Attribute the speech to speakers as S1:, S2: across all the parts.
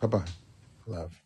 S1: Bye bye. Love.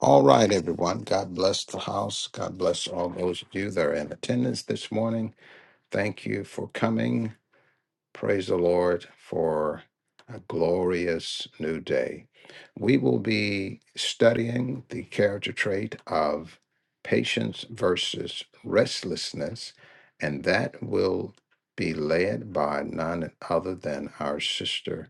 S1: All right, everyone. God bless the house. God bless all those of you that are in attendance this morning. Thank you for coming. Praise the Lord for a glorious new day. We will be studying the character trait of patience versus restlessness, and that will be led by none other than our sister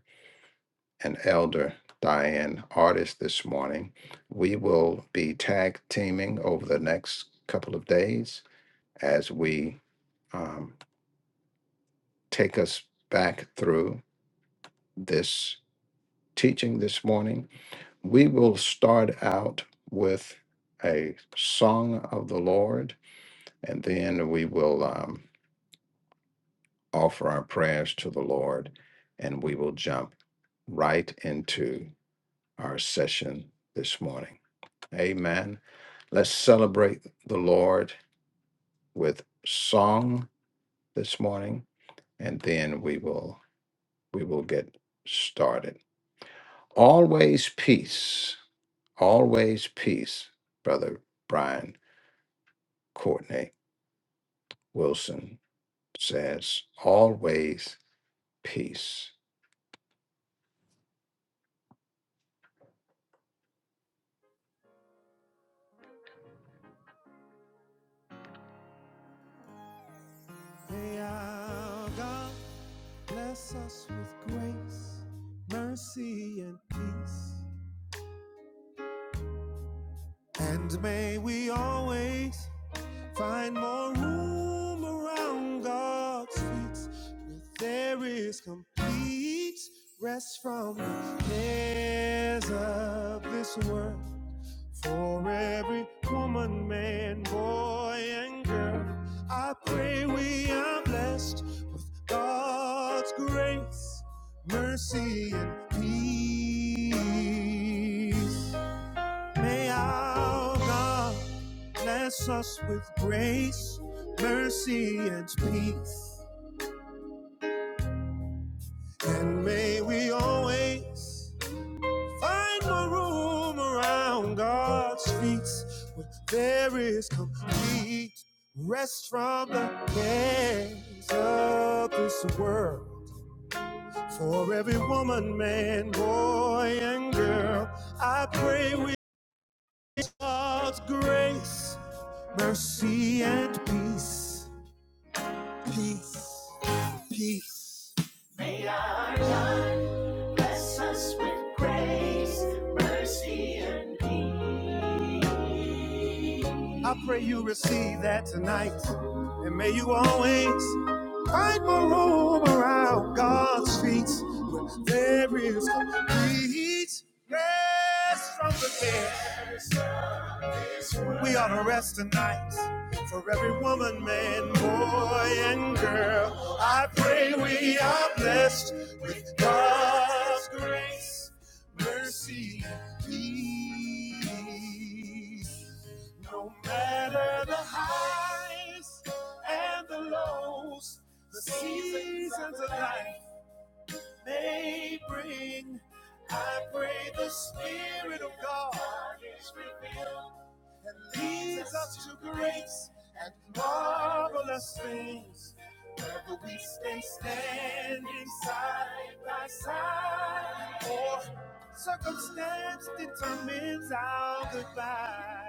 S1: and Elder Diane Artist this morning. We will be tag teaming over the next couple of days as we um, take us back through this teaching this morning. We will start out with a song of the Lord, and then we will um, offer our prayers to the Lord, and we will jump right into our session this morning. Amen. Let's celebrate the Lord with song this morning, and then we will we will get started. Always peace, always peace, brother Brian Courtney Wilson says, always peace.
S2: May our God bless us with grace, mercy, and peace. And may we always find more room around God's feet where there is complete rest from the cares of this world. For every woman, man, boy, and girl, I pray we are blessed with God's grace, mercy, and peace. May our God bless us with grace, mercy, and peace. And may we always Find my room around God's feet where there is complete rest from the cares of this world. For every woman, man, boy, and girl, I pray with God's grace, mercy, and peace. Peace, peace. May our God bless us with grace, mercy, and peace. I pray you receive that tonight. And may you always find more room around God's feet. Where there is complete rest from the cares. Yes, We ought to rest tonight for every woman, man, boy, and girl. I pray we are blessed with God's grace, mercy, and peace. No matter the highs and the lows, the seasons of life they bring. I pray the Spirit of God is revealed and leads us to great and marvelous things. Whether we stay standing side by side or circumstance determines our goodbye.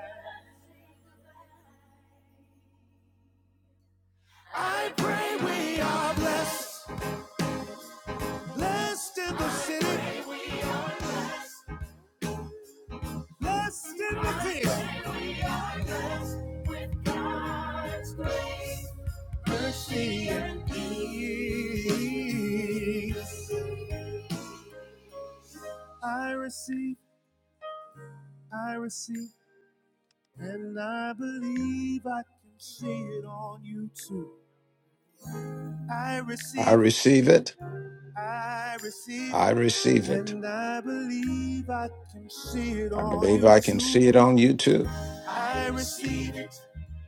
S2: I pray we are blessed, blessed in the city, Blessed in the field. We are blessed with God's grace, Mercy and peace. I receive, I receive, and I believe I can see it on you too. I
S1: I
S2: receive,
S1: receive it.
S2: I receive,
S1: I receive it.
S2: and I believe I can see it
S1: I
S2: on
S1: believe
S2: you
S1: I can
S2: too.
S1: see it on you too.
S2: I receive it,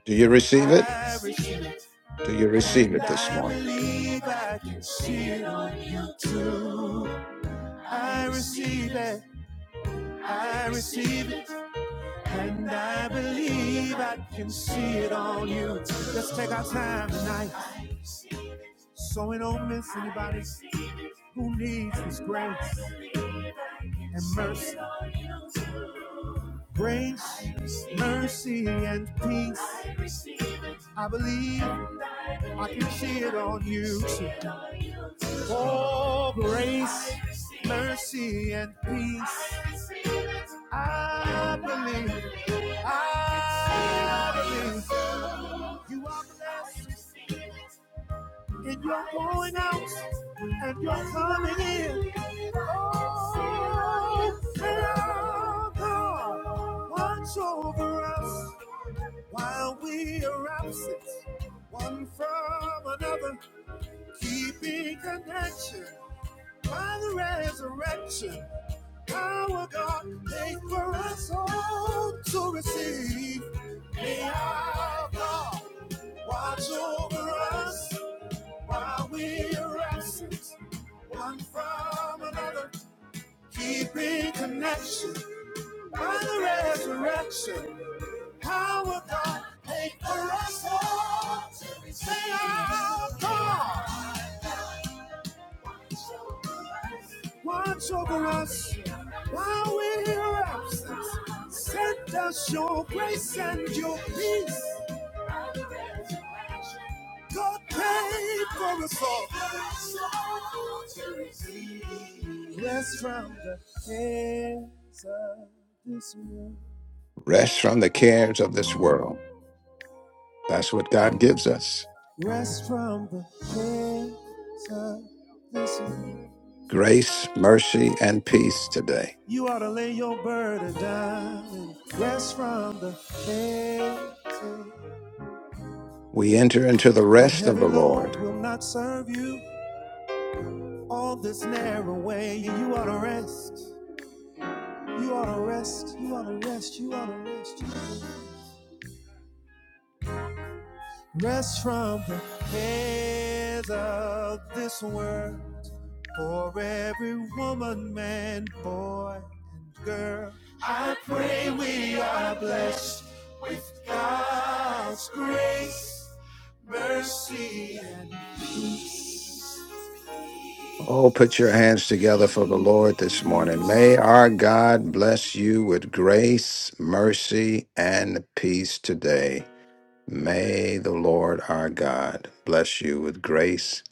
S1: Do you receive it?
S2: I receive it.
S1: Do you receive
S2: And
S1: it this
S2: I
S1: morning?
S2: believe I can see it on you too. I receive it, I receive it. And I believe I can see it on you too. Let's take our time tonight so we don't miss anybody who needs His grace and mercy. Grace, mercy, and peace. I receive it. I believe I can see it on you. too. Oh, grace, mercy, and peace. I believe, I believe you are blessed. And you're going out and you're coming in. Oh, tell God, watch over us while we are absent, one from another, keeping connection by the resurrection. Power God make for us all to receive. May our God watch over us while we are absent one from another, keeping connection by the resurrection. Power God, paid for us all. to receive. Say, our God, watch over us while we're in your absence. Send us your grace and your peace. God paid for us all. Rest from the cares of this world.
S1: Rest from the cares of this world That's what God gives us
S2: Rest from the cares of this world.
S1: grace, mercy, and peace today.
S2: You ought to lay your burden down and rest from the cares of
S1: We enter into the
S2: that
S1: rest of
S2: heavy
S1: the
S2: load
S1: Lord.
S2: will not serve you all this narrow way. You ought to rest. You ought to rest. You ought to rest. You ought to rest. You ought to rest. Rest from the cares of this world. for every woman, man, boy, and girl. I pray we are blessed with God's grace, mercy, and
S1: Oh, put your hands together for the Lord this morning. May our God bless you with grace, mercy, and peace today. May the Lord our God bless you with grace,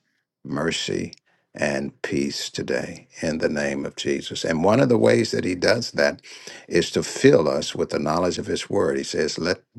S1: mercy, and peace today in the name of Jesus. And one of the ways that he does that is to fill us with the knowledge of his word. He says, Let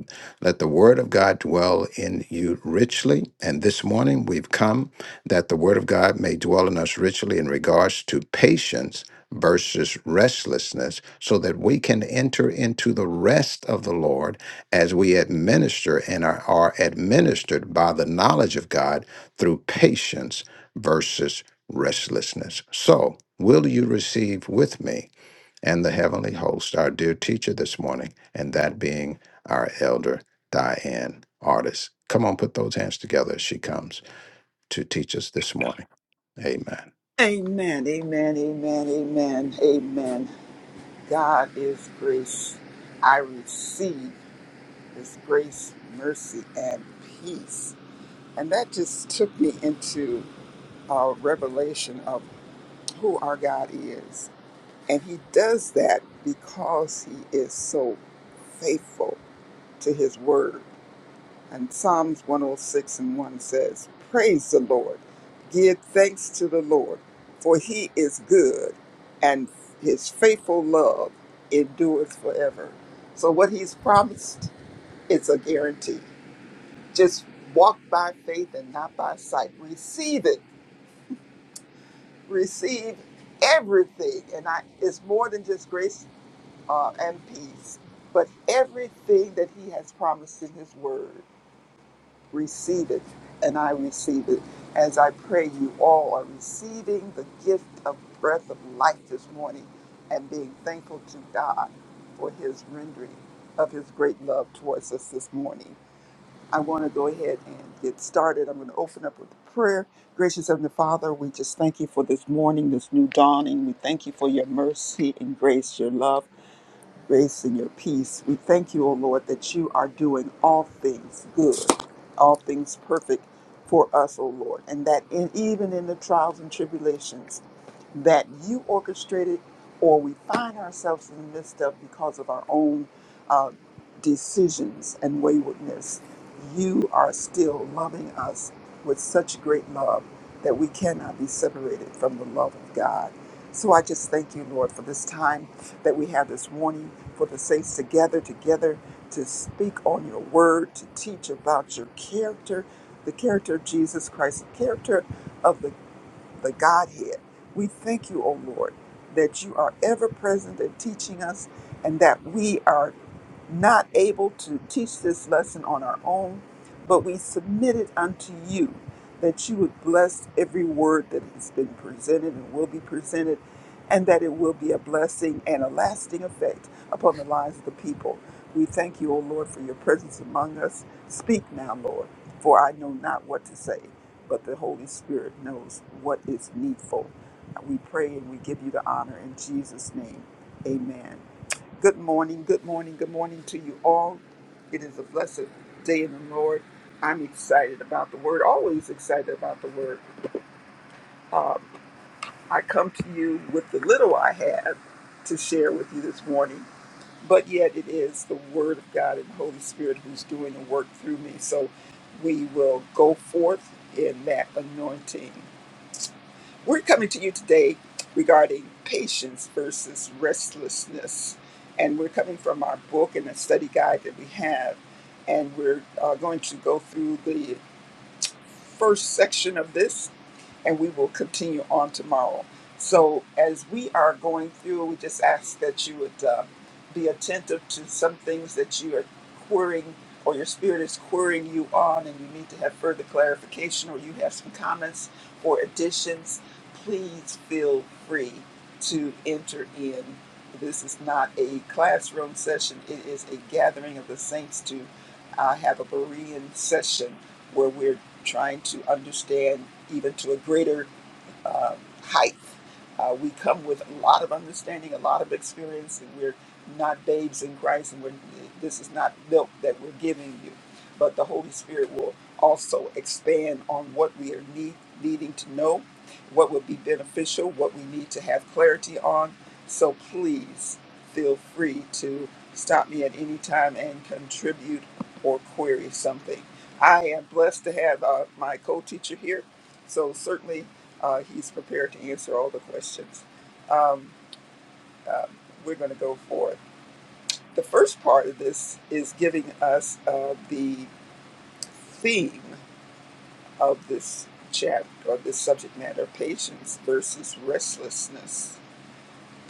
S1: Let the word of God dwell in you richly. And this morning we've come that the word of God may dwell in us richly in regards to patience versus restlessness so that we can enter into the rest of the Lord as we administer and are, are administered by the knowledge of God through patience versus restlessness. So, will you receive with me? and the heavenly host, our dear teacher this morning, and that being our elder, Diane Artis. Come on, put those hands together as she comes to teach us this morning. Amen.
S3: Amen, amen, amen, amen, amen. God is grace. I receive His grace, mercy, and peace. And that just took me into a revelation of who our God is. And He does that because He is so faithful to His word. And Psalms 106 and 1 says, Praise the Lord. Give thanks to the Lord, for he is good, and his faithful love endures forever. So, what he's promised is a guarantee. Just walk by faith and not by sight. Receive it. Receive everything. And I, it's more than just grace uh, and peace, but everything that he has promised in his word. receive it, and I receive it. As I pray, you all are receiving the gift of breath of life this morning and being thankful to God for his rendering of his great love towards us this morning. I want to go ahead and get started. I'm going to open up with a prayer. Gracious Heavenly Father, we just thank you for this morning, this new dawning. We thank you for your mercy and grace, your love grace and your peace. We thank you, O Lord, that you are doing all things good, all things perfect for us, O Lord, and that in, even in the trials and tribulations, that you orchestrated or we find ourselves in the midst of because of our own uh, decisions and waywardness, you are still loving us with such great love that we cannot be separated from the love of God. So I just thank you, Lord, for this time that we have this morning, for the saints to gather together to speak on your word, to teach about your character, the character of Jesus Christ, the character of the the Godhead. We thank you, O Lord, that you are ever present in teaching us and that we are not able to teach this lesson on our own, but we submit it unto you that you would bless every word that has been presented and will be presented, and that it will be a blessing and a lasting effect upon the lives of the people. We thank you, O Lord, for your presence among us. Speak now, Lord, for I know not what to say but the Holy Spirit knows what is needful. We pray and we give you the honor in Jesus' name. Amen. Good morning, good morning, good morning to you all. It is a blessed day in the Lord. I'm excited about the word, always excited about the word. Um, I come to you with the little I have to share with you this morning, but yet it is the word of God and the Holy Spirit who's doing the work through me. So we will go forth in that anointing We're coming to you today regarding patience versus restlessness. And we're coming from our book and a study guide that we have. And we're uh, going to go through the first section of this and we will continue on tomorrow. So, as we are going through, we just ask that you would uh, be attentive to some things that you are querying or your spirit is querying you on, and you need to have further clarification or you have some comments or additions. Please feel free to enter in. This is not a classroom session, it is a gathering of the saints to uh, have a Berean session where we're trying to understand even to a greater uh, height. Uh, we come with a lot of understanding, a lot of experience, and we're not babes in Christ, and we're, this is not milk that we're giving you. But the Holy Spirit will also expand on what we are need, needing to know, what would be beneficial, what we need to have clarity on. So please feel free to stop me at any time and contribute or query something. I am blessed to have uh, my co teacher here. So certainly uh, he's prepared to answer all the questions. Um, uh, we're going to go forth. The first part of this is giving us uh, the theme of this chapter, or this subject matter patience versus restlessness.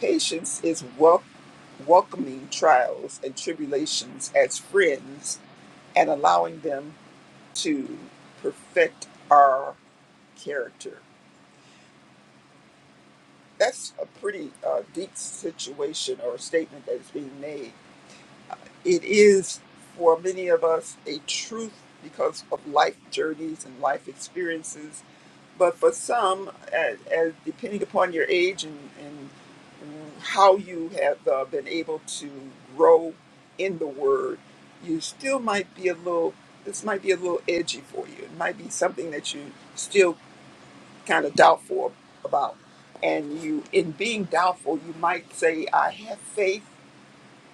S3: Patience is wel- welcoming trials and tribulations as friends and allowing them to perfect our character. That's a pretty uh, deep situation or statement that is being made it is for many of us a truth because of life journeys and life experiences. But for some, as, as depending upon your age and, and how you have uh, been able to grow in the Word, you still might be a little. This might be a little edgy for you. It might be something that you still kind of doubtful about. And you, in being doubtful, you might say, "I have faith,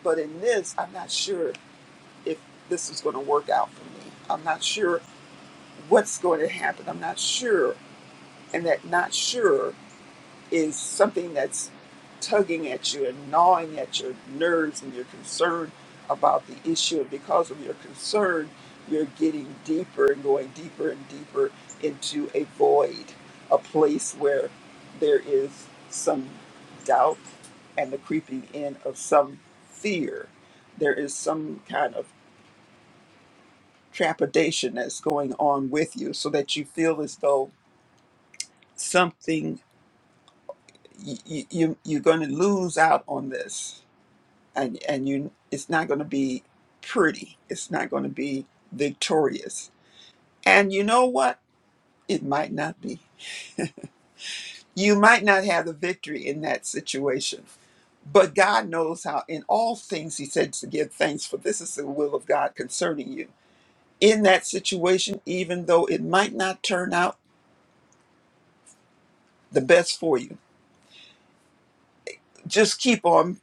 S3: but in this, I'm not sure." if this is going to work out for me. I'm not sure what's going to happen. I'm not sure. And that not sure is something that's tugging at you and gnawing at your nerves and your concern about the issue. And because of your concern, you're getting deeper and going deeper and deeper into a void, a place where there is some doubt and the creeping in of some fear. There is some kind of trepidation that's going on with you so that you feel as though something you, you you're going to lose out on this and and you it's not going to be pretty it's not going to be victorious and you know what it might not be you might not have the victory in that situation but God knows how in all things he said to give thanks for this is the will of God concerning you in that situation even though it might not turn out the best for you just keep on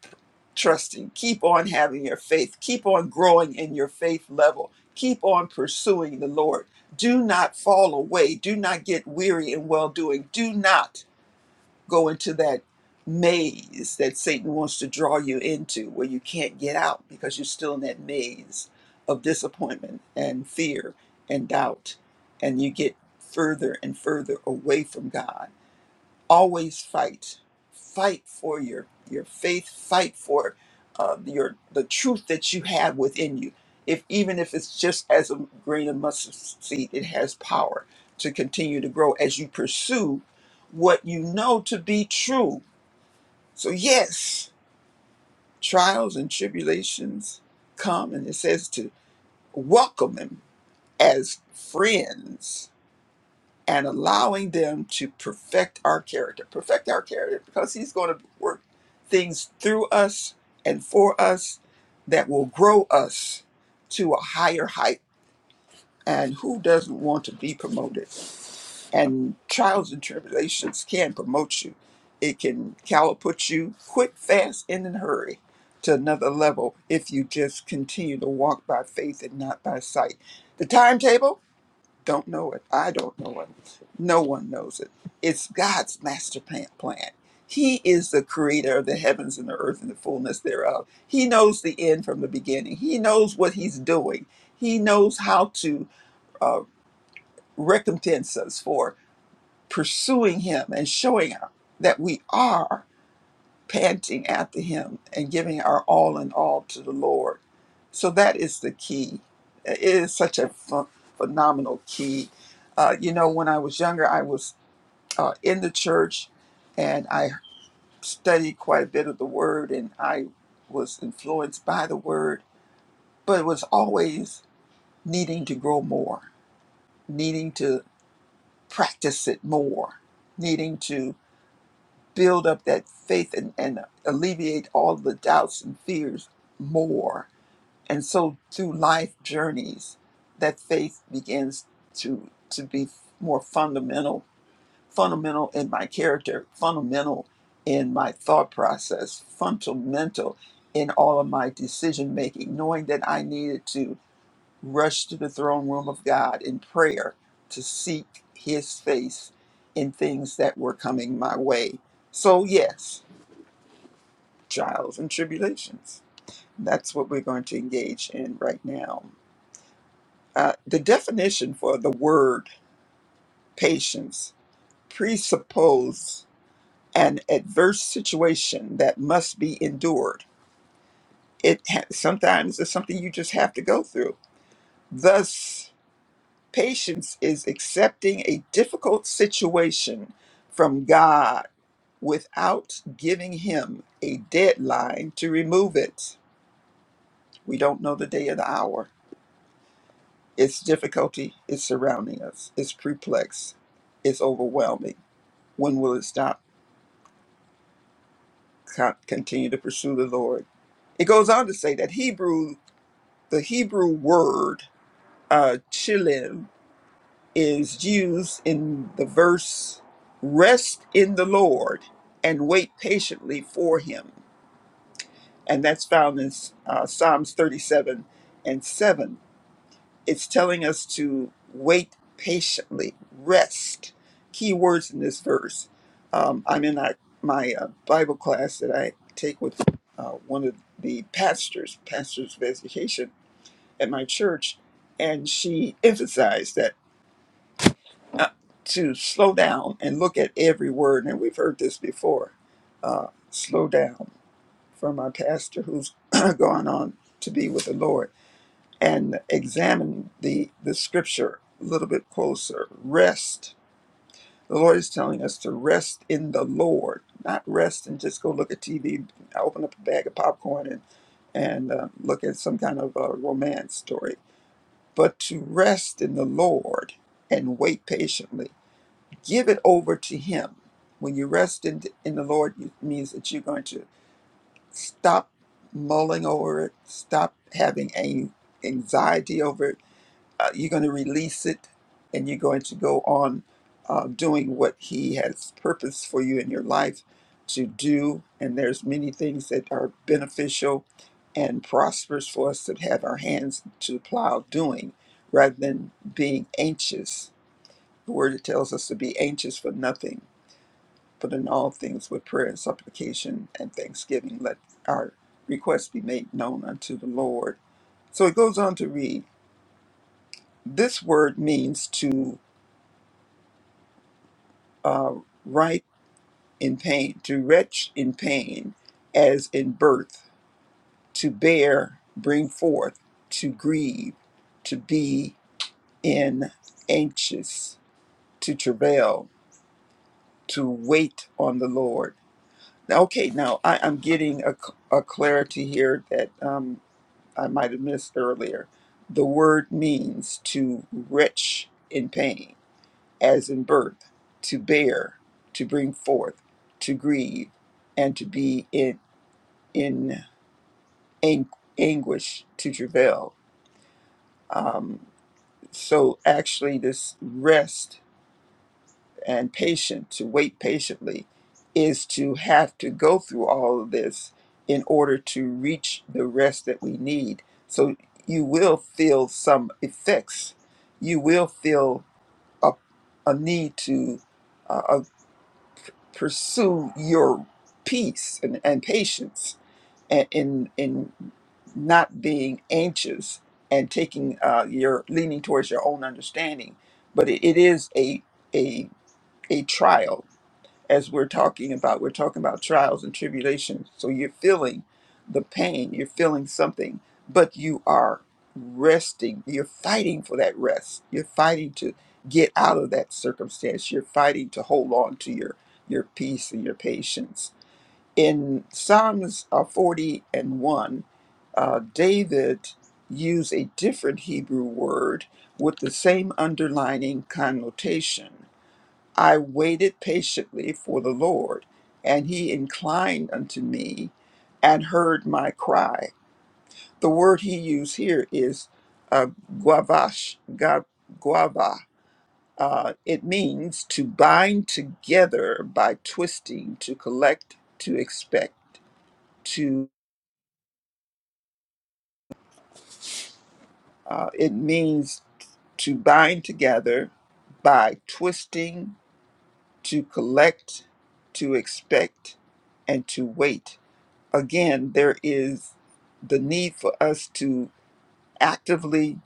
S3: trusting, keep on having your faith, keep on growing in your faith level, keep on pursuing the Lord. Do not fall away, do not get weary in well doing, do not go into that maze that Satan wants to draw you into where you can't get out because you're still in that maze of disappointment and fear and doubt, and you get further and further away from God always fight fight for your your faith fight for uh, your the truth that you have within you if even if it's just as a grain of mustard seed it has power to continue to grow as you pursue what you know to be true so yes trials and tribulations come and it says to welcome them as friends and allowing them to perfect our character. Perfect our character because He's going to work things through us and for us that will grow us to a higher height. And who doesn't want to be promoted? And trials and tribulations can promote you. It can catapult you quick, fast, and in a hurry to another level if you just continue to walk by faith and not by sight. The timetable don't know it. I don't know it. No one knows it. It's God's master plan. plan. He is the creator of the heavens and the earth and the fullness thereof. He knows the end from the beginning. He knows what he's doing. He knows how to uh, recompense us for pursuing him and showing us that we are panting after him and giving our all in all to the Lord so that is the key. It is such a ph- phenomenal key. Uh, you know, when I was younger, I was uh, in the church and I studied quite a bit of the word and I was influenced by the word, but it was always needing to grow more, needing to practice it more, needing to build up that faith and, and alleviate all the doubts and fears more And so through life journeys, that faith begins to to be more fundamental, fundamental in my character, fundamental in my thought process, fundamental in all of my decision making, knowing that I needed to rush to the throne room of God in prayer to seek his face in things that were coming my way. So yes, trials and tribulations. That's what we're going to engage in right now. Uh, the definition for the word patience presupposes an adverse situation that must be endured. It ha- sometimes is something you just have to go through. Thus, patience is accepting a difficult situation from God without giving Him a deadline to remove it. We don't know the day or the hour. Its difficulty is surrounding us. It's perplex. It's overwhelming. When will it stop? co- continue to pursue the Lord. It goes on to say that Hebrew, the Hebrew word uh, chilim, is used in the verse, "Rest in the Lord and wait patiently for Him," and that's found in uh, Psalms 37 and 7 It's telling us to wait patiently, rest. Key words in this verse. Um, I'm in our, my uh, Bible class that I take with uh, one of the pastors, pastors of education at my church, and she emphasized that uh, to slow down and look at every word. And we've heard this before. Uh, slow down from our pastor who's gone on to be with the Lord and examine the, the scripture a little bit closer. Rest. The Lord is telling us to rest in the Lord, not rest and just go look at TV, open up a bag of popcorn and, and uh, look at some kind of uh romance story, but to rest in the Lord and wait patiently. Give it over to Him. When you rest in, in the Lord, it means that you're going to stop mulling over it, stop having a anxiety over it uh, you're going to release it and you're going to go on uh, doing what he has purpose for you in your life to do and there's many things that are beneficial and prosperous for us to have our hands to the plow doing rather than being anxious the word tells us to be anxious for nothing but in all things with prayer and supplication and thanksgiving let our requests be made known unto the lord so it goes on to read this word means to uh, right in pain, to retch in pain as in birth, to bear, bring forth, to grieve, to be in anxious, to travail, to wait on the Lord. Now, okay, now I, I'm getting a, c- a clarity here that um, I might have missed earlier. The word means to retch in pain as in birth, to bear, to bring forth, to grieve, and to be in in ang- anguish, to travail. So actually, this rest and patient to wait patiently is to have to go through all of this in order to reach the rest that we need. So you will feel some effects. You will feel a, a need to, uh, pursue your peace and, and patience and in in not being anxious and taking uh, your leaning towards your own understanding but it, it is a a a trial as we're talking about. We're talking about trials and tribulations. So you're feeling the pain, you're feeling something, but you are resting. You're fighting for that rest. You're fighting to get out of that circumstance. You're fighting to hold on to your your peace and your patience. In Psalms uh, 40 and 1, uh, David used a different Hebrew word with the same underlining connotation I waited patiently for the Lord, and he inclined unto me and heard my cry. The word he used here is uh, guavash, ga- guava. Uh, it means to bind together by twisting, to collect, to expect, to, uh, it means to bind together by twisting, to collect, to expect, and to wait again, there is the need for us to actively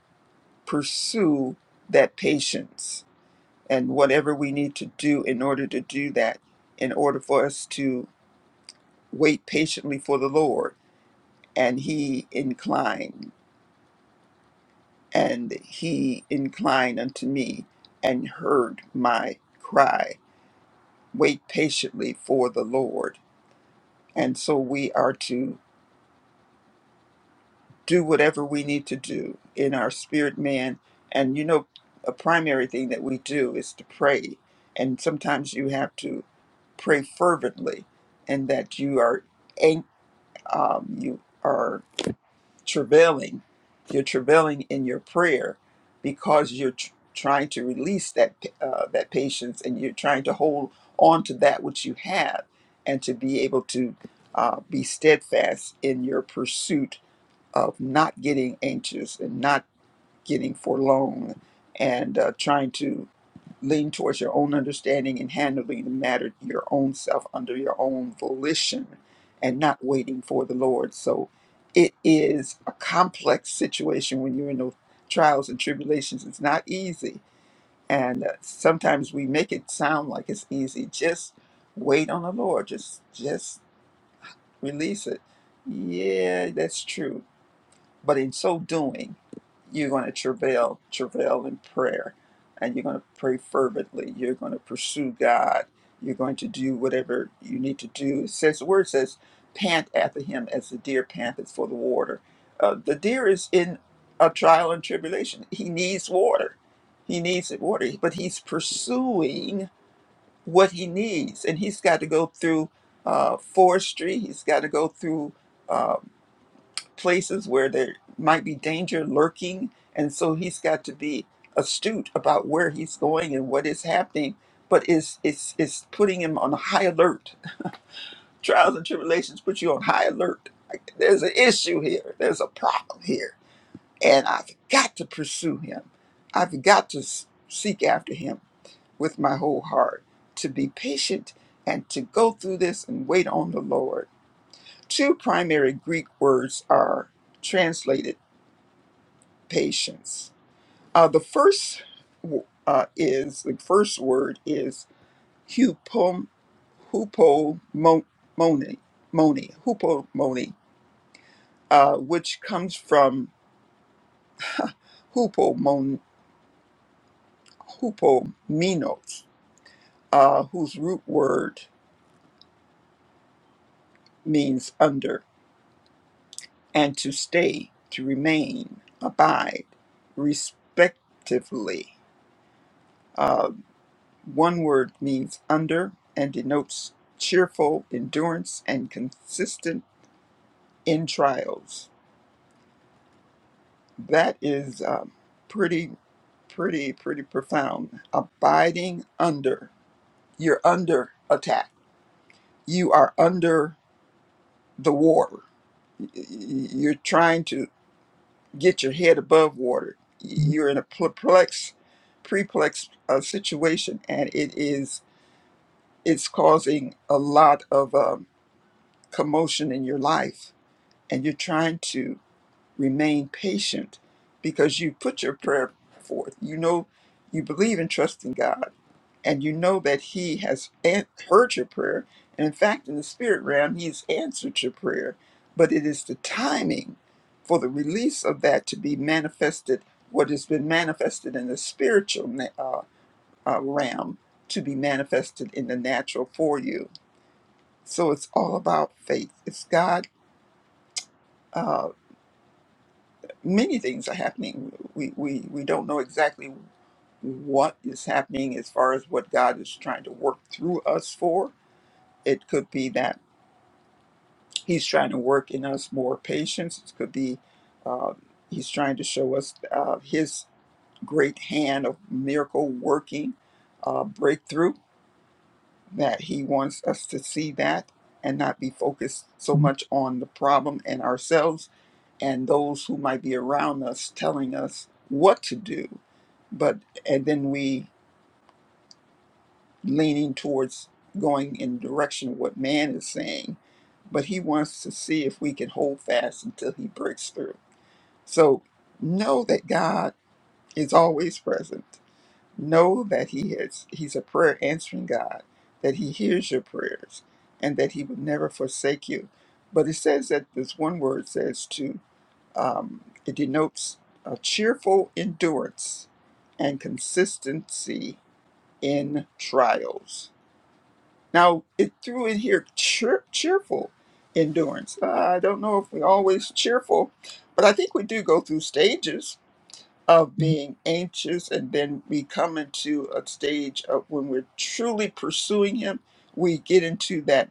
S3: pursue that patience and whatever we need to do in order to do that, in order for us to wait patiently for the Lord. And he inclined, and he inclined unto me and heard my cry. Wait patiently for the Lord. And so we are to do whatever we need to do in our spirit man and you know a primary thing that we do is to pray and sometimes you have to pray fervently and that you are an- um, you are travailing you're travailing in your prayer because you're tr- trying to release that uh, that patience and you're trying to hold on to that which you have and to be able to uh, be steadfast in your pursuit of not getting anxious and not getting forlorn and uh, trying to lean towards your own understanding and handling the matter your own self under your own volition and not waiting for the Lord. So it is a complex situation when you're in those trials and tribulations. It's not easy. And uh, sometimes we make it sound like it's easy. Just wait on the Lord. Just just release it. Yeah, that's true but in so doing, you're going to travail, travail in prayer, and you're going to pray fervently. You're going to pursue God. You're going to do whatever you need to do. It says the word says, "Pant after Him as the deer panteth for the water." Uh, the deer is in a trial and tribulation. He needs water. He needs it water, but he's pursuing what he needs, and he's got to go through uh, forestry. He's got to go through. Uh, places where there might be danger lurking. And so he's got to be astute about where he's going and what is happening. But it's, it's, it's putting him on high alert. Trials and tribulations put you on high alert. Like, There's an issue here, there's a problem here. And I've got to pursue him, I've got to s- seek after him with my whole heart, to be patient and to go through this and wait on the Lord. Two primary Greek words are translated patience. Uh, the first w- uh, is the first word is hupom hupomone moni hupomone, uh, which comes from hupomon hupominos, uh, whose root word means under and to stay, to remain, abide, respectively. Uh, one word means under and denotes cheerful endurance and consistent in trials. That is uh, pretty, pretty, pretty profound. Abiding under, you're under attack. You are under the water. Y- y- You're trying to get your head above water. You're in a perplex, preplex uh, situation, and it is it's causing a lot of um, commotion in your life, and you're trying to Remain patient because you put your prayer forth. You know, you believe and trust in God, and you know that He has an- heard your prayer. And in fact, in the spirit realm, He's answered your prayer. But it is the timing for the release of that to be manifested, what has been manifested in the spiritual na- uh, uh, realm to be manifested in the natural for you. So it's all about faith. It's God. Uh, many things are happening. We, we, we don't know exactly what is happening as far as what God is trying to work through us for. It could be that He's trying to work in us more patience. It could be uh, He's trying to show us uh, His great hand of miracle working uh, breakthrough, that He wants us to see that and not be focused so much on the problem and ourselves and those who might be around us telling us what to do but and then we leaning towards going in the direction of what man is saying but he wants to see if we can hold fast until he breaks through so know that god is always present know that he is he's a prayer answering god that he hears your prayers and that he would never forsake you but it says that this one word says to Um, it denotes a cheerful endurance and consistency in trials. Now, it threw in here cheer, cheerful endurance. Uh, I don't know if we're always cheerful, but I think we do go through stages of being anxious, and then we come into a stage of when we're truly pursuing Him, we get into that.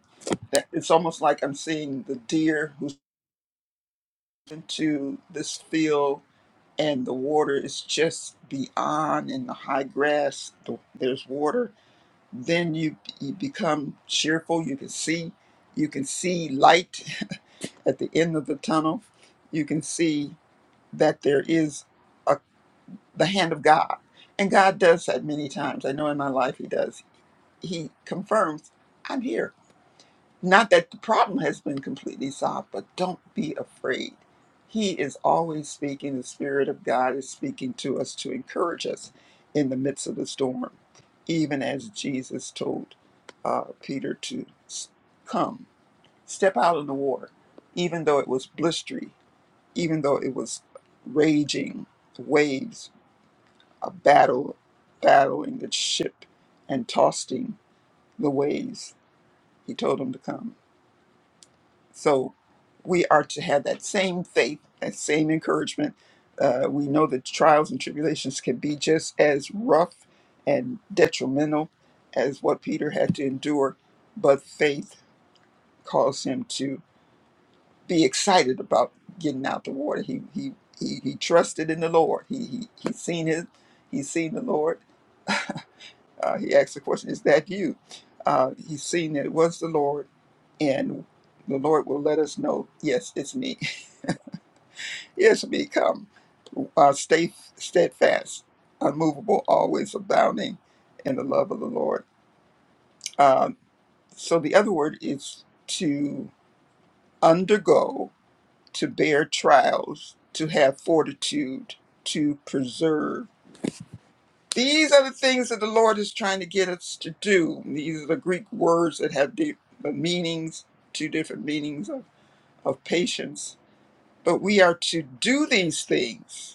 S3: That it's almost like I'm seeing the deer who's into this field and the water is just beyond in the high grass the, there's water then you, you become cheerful you can see you can see light at the end of the tunnel you can see that there is a, the hand of god and god does that many times i know in my life he does he confirms i'm here not that the problem has been completely solved, but don't be afraid. He is always speaking. The Spirit of God is speaking to us to encourage us in the midst of the storm, even as Jesus told uh, Peter to s- come, step out in the water, even though it was blistery, even though it was raging waves, a battle, battling the ship and tossing the waves. He told him to come. So we are to have that same faith, that same encouragement. Uh, we know that trials and tribulations can be just as rough and detrimental as what Peter had to endure, but faith caused him to be excited about getting out the water. He he he, he trusted in the Lord. He he he seen his he seen the Lord. Uh, he asked the question, "Is that you?" Uh, he seen that it was the Lord, and the Lord will let us know, "Yes, it's me." Yes, become uh, stay steadfast, unmovable, always abounding in the love of the Lord. Uh, so the other word is to undergo, to bear trials, to have fortitude, to preserve. These are the things that the Lord is trying to get us to do. These are the Greek words that have the the meanings, two different meanings of, of patience. But we are to do these things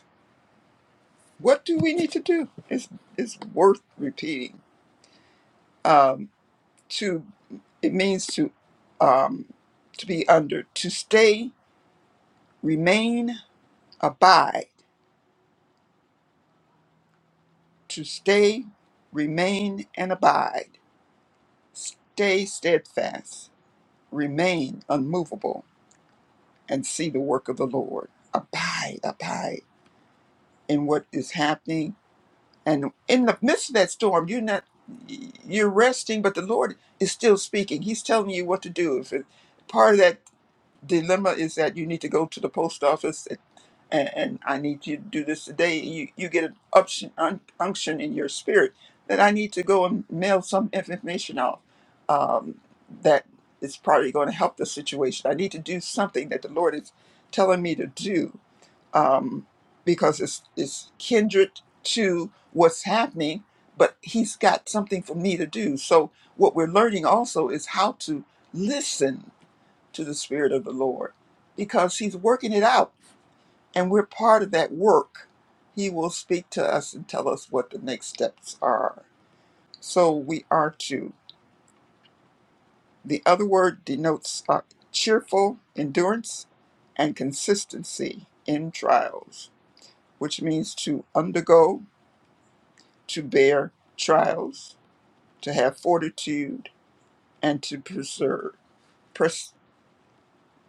S3: what do we need to do? It's it's worth repeating. Um, to it means to um, to be under, to stay, remain, abide, to stay, remain, and abide, stay steadfast, remain unmovable, and see the work of the Lord. Abide, abide in what is happening And in the midst of that storm, you're not you're resting, but the Lord is still speaking. He's telling you what to do. If it, part of that dilemma is that you need to go to the post office and, and I need you to do this today, you, you get an unction, un, unction in your spirit that I need to go and mail some information out um, that is probably going to help the situation. I need to do something that the Lord is telling me to do um, because it's, it's kindred to what's happening, but he's got something for me to do. So, what we're learning also is how to listen to the Spirit of the Lord because he's working it out and we're part of that work. He will speak to us and tell us what the next steps are. So, we are to. The other word denotes uh, cheerful endurance and consistency in trials, which means to undergo to bear trials, to have fortitude, and to preserve, pres,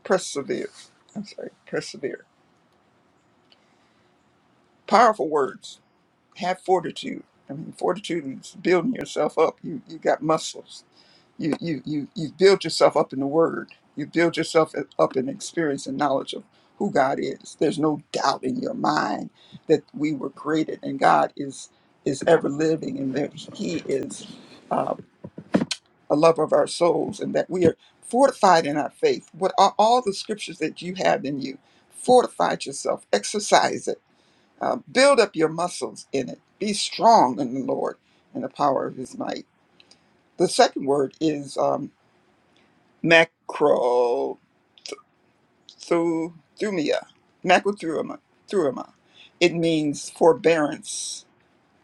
S3: persevere. I'm sorry, persevere. Powerful words. Have fortitude. I mean, fortitude is building yourself up. You you got muscles. You you you you build yourself up in the Word. You build yourself up in experience and knowledge of who God is. There's no doubt in your mind that we were created and God is is ever living and that He is. um, a love of our souls, and that we are fortified in our faith. What are all the scriptures that you have in you? Fortify yourself, exercise it, uh, build up your muscles in it. Be strong in the Lord and the power of his might. The second word is um, macrothumia, macrothumia. thumia. It means forbearance,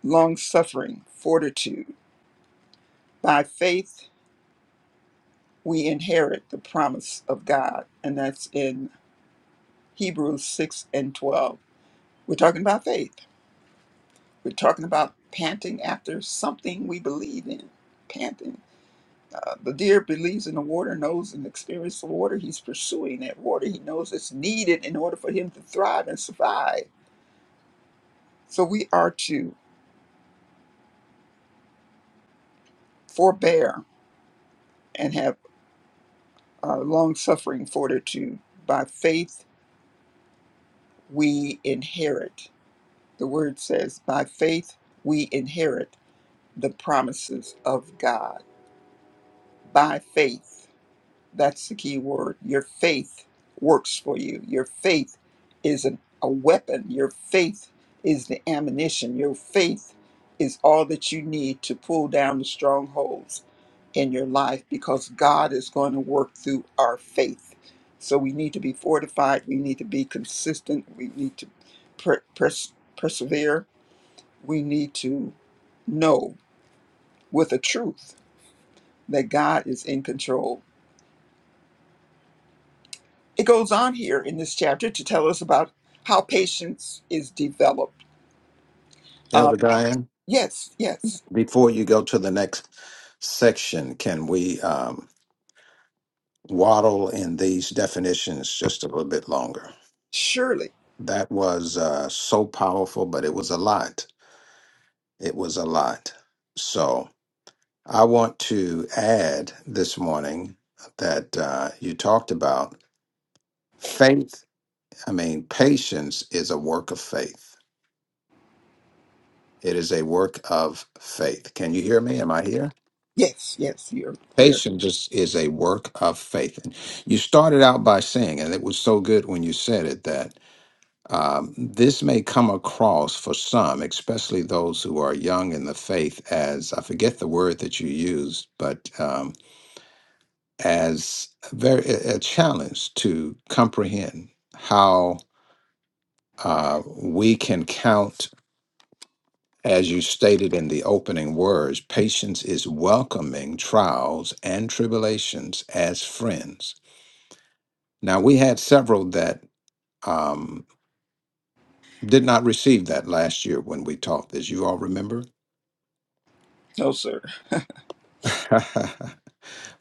S3: long suffering, fortitude. By faith, we inherit the promise of God, and that's in Hebrews 6 and 12. We're talking about faith. We're talking about panting after something we believe in. Panting. Uh, the deer believes in the water, knows and experiences the water. He's pursuing that water. He knows it's needed in order for him to thrive and survive. So we are to forbear and have uh, long suffering fortitude. By faith, we inherit. The word says, by faith, we inherit the promises of God. By faith. That's the key word. Your faith works for you. Your faith is an, a weapon. Your faith is the ammunition. Your faith is all that you need to pull down the strongholds in your life because God is going to work through our faith. So we need to be fortified. We need to be consistent. We need to per- pers- persevere. We need to know with a truth that God is in control It goes on here in this chapter to tell us about how patience is developed. Uh,
S1: Elder Diane,
S3: yes, yes,
S1: before you go to the next section, can we um, waddle in these definitions just a little bit longer?
S3: surely.
S1: That was uh, so powerful, but it was a lot. It was a lot. So. I want to add this morning that uh, you talked about faith. I mean, patience is a work of faith. It is a work of faith. Can you hear me? Am I here?
S3: Yes, yes, you're clear.
S1: Patience is, is a work of faith. And you started out by saying, and it was so good when you said it, that um, this may come across for some, especially those who are young in the faith, as I forget the word that you used, but. Um, as a very a a challenge to comprehend how uh, we can count, as you stated in the opening words, patience is welcoming trials and tribulations as friends. Now we had several that um, did not receive that last year when we taught this. You all remember?
S3: No, sir.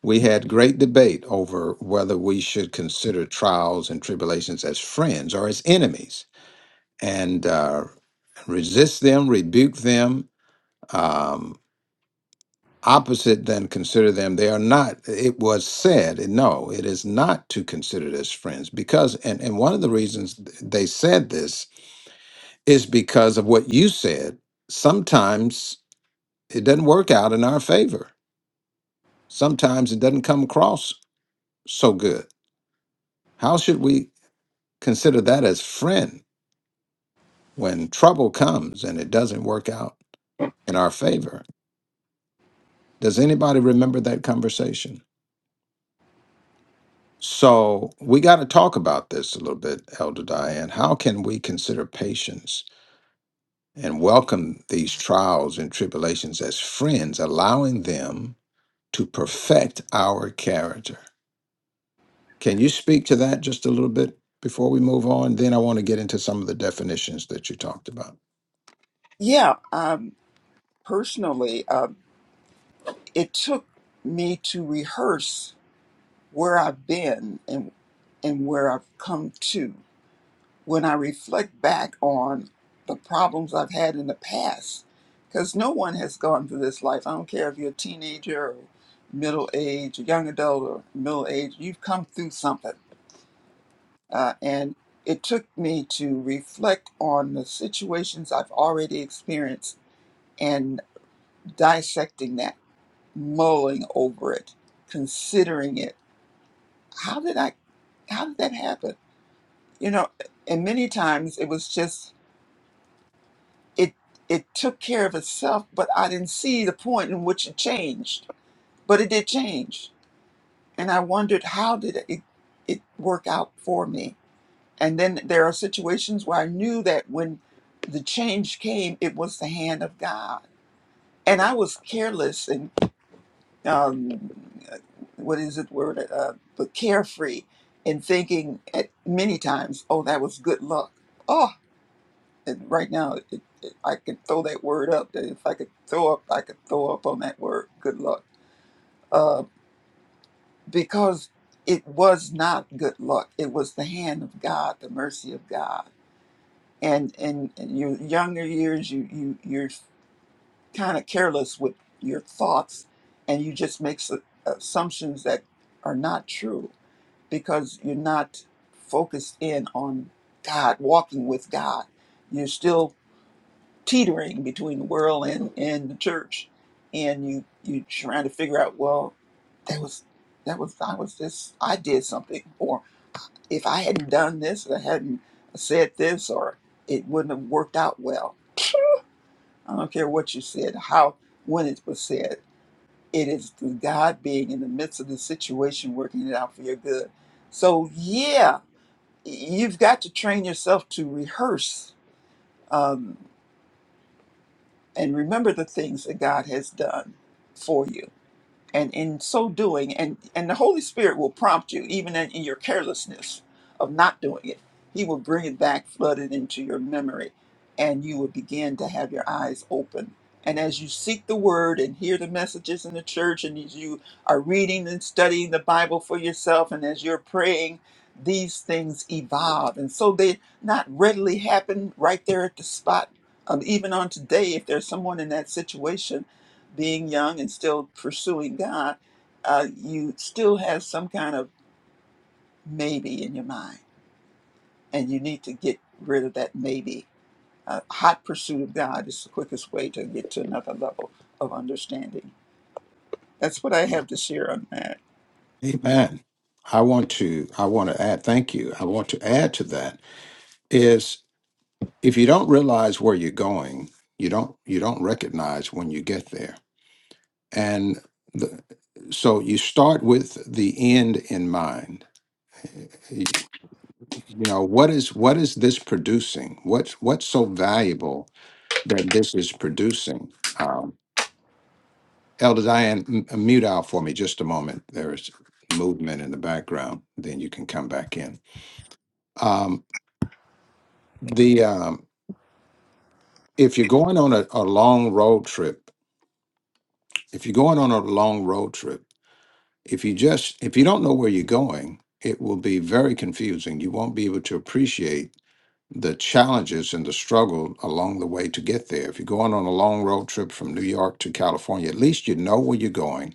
S1: we had great debate over whether we should consider trials and tribulations as friends or as enemies and uh, resist them, rebuke them, um, opposite than consider them. They are not, it was said, no, it is not to consider it as friends because, and, and one of the reasons they said this is because of what you said. Sometimes it doesn't work out in our favor, sometimes it doesn't come across so good. How should we consider that as friend when trouble comes and it doesn't work out in our favor? Does anybody remember that conversation? So we got to talk about this a little bit, Elder Diane. How can we consider patience and welcome these trials and tribulations as friends, allowing them to perfect our character? Can you speak to that just a little bit before we move on? Then I want to get into some of the definitions that you talked about.
S3: Yeah, um, personally, um, it took me to rehearse where I've been and and where I've come to. when I reflect back on the problems I've had in the past, because no one has gone through this life. I don't care if you're a teenager or middle age, young adult or middle age, you've come through something. Uh, and it took me to reflect on the situations I've already experienced and dissecting that, mulling over it, considering it. How did I, how did that happen? You know, and many times it was just it it took care of itself, but I didn't see the point in which it changed. But it did change, and I wondered how did it it work out for me. And then there are situations where I knew that when the change came, it was the hand of God, and I was careless and um, what is it word uh, but carefree in thinking at many times, oh that was good luck. Oh, and right now it, it, I can throw that word up. that If I could throw up, I could throw up on that word. Good luck, uh, because it was not good luck. It was the hand of God, the mercy of God. And in, in your younger years, you you you're kind of careless with your thoughts, and you just make su- assumptions that are not true because you're not focused in on God, walking with God. You're still teetering between the world and, and the church and you you trying to figure out well that was that was i was this i did something or if i hadn't done this i hadn't said this or it wouldn't have worked out well i don't care what you said how when it was said it is the god being in the midst of the situation working it out for your good so yeah you've got to train yourself to rehearse Um, and remember the things that God has done for you and in so doing and and the holy spirit will prompt you even in, in your carelessness of not doing it he will bring it back flooded into your memory and you will begin to have your eyes open and as you seek the word and hear the messages in the church and as you are reading and studying the bible for yourself and as you're praying these things evolve and so they not readily happen right there at the spot um, even on today if there's someone in that situation being young and still pursuing God, uh, you still have some kind of maybe in your mind, and you need to get rid of that maybe. Uh, hot pursuit of God is the quickest way to get to another level of understanding. That's what I have to share on that.
S1: Amen. I want to I want to add thank you. I want to add to that is if you don't realize where you're going, you don't you don't recognize when you get there. And the, so you start with the end in mind. you know what is what is this producing what's what's so valuable that this is producing um elder diane m- uh, mute out for me just a moment there's movement in the background then you can come back in um the um if you're going on a, a long road trip if you're going on a long road trip if you just if you don't know where you're going it will be very confusing you won't be able to appreciate the challenges and the struggle along the way to get there. If you're going on a long road trip from New York to California, at least you know where you're going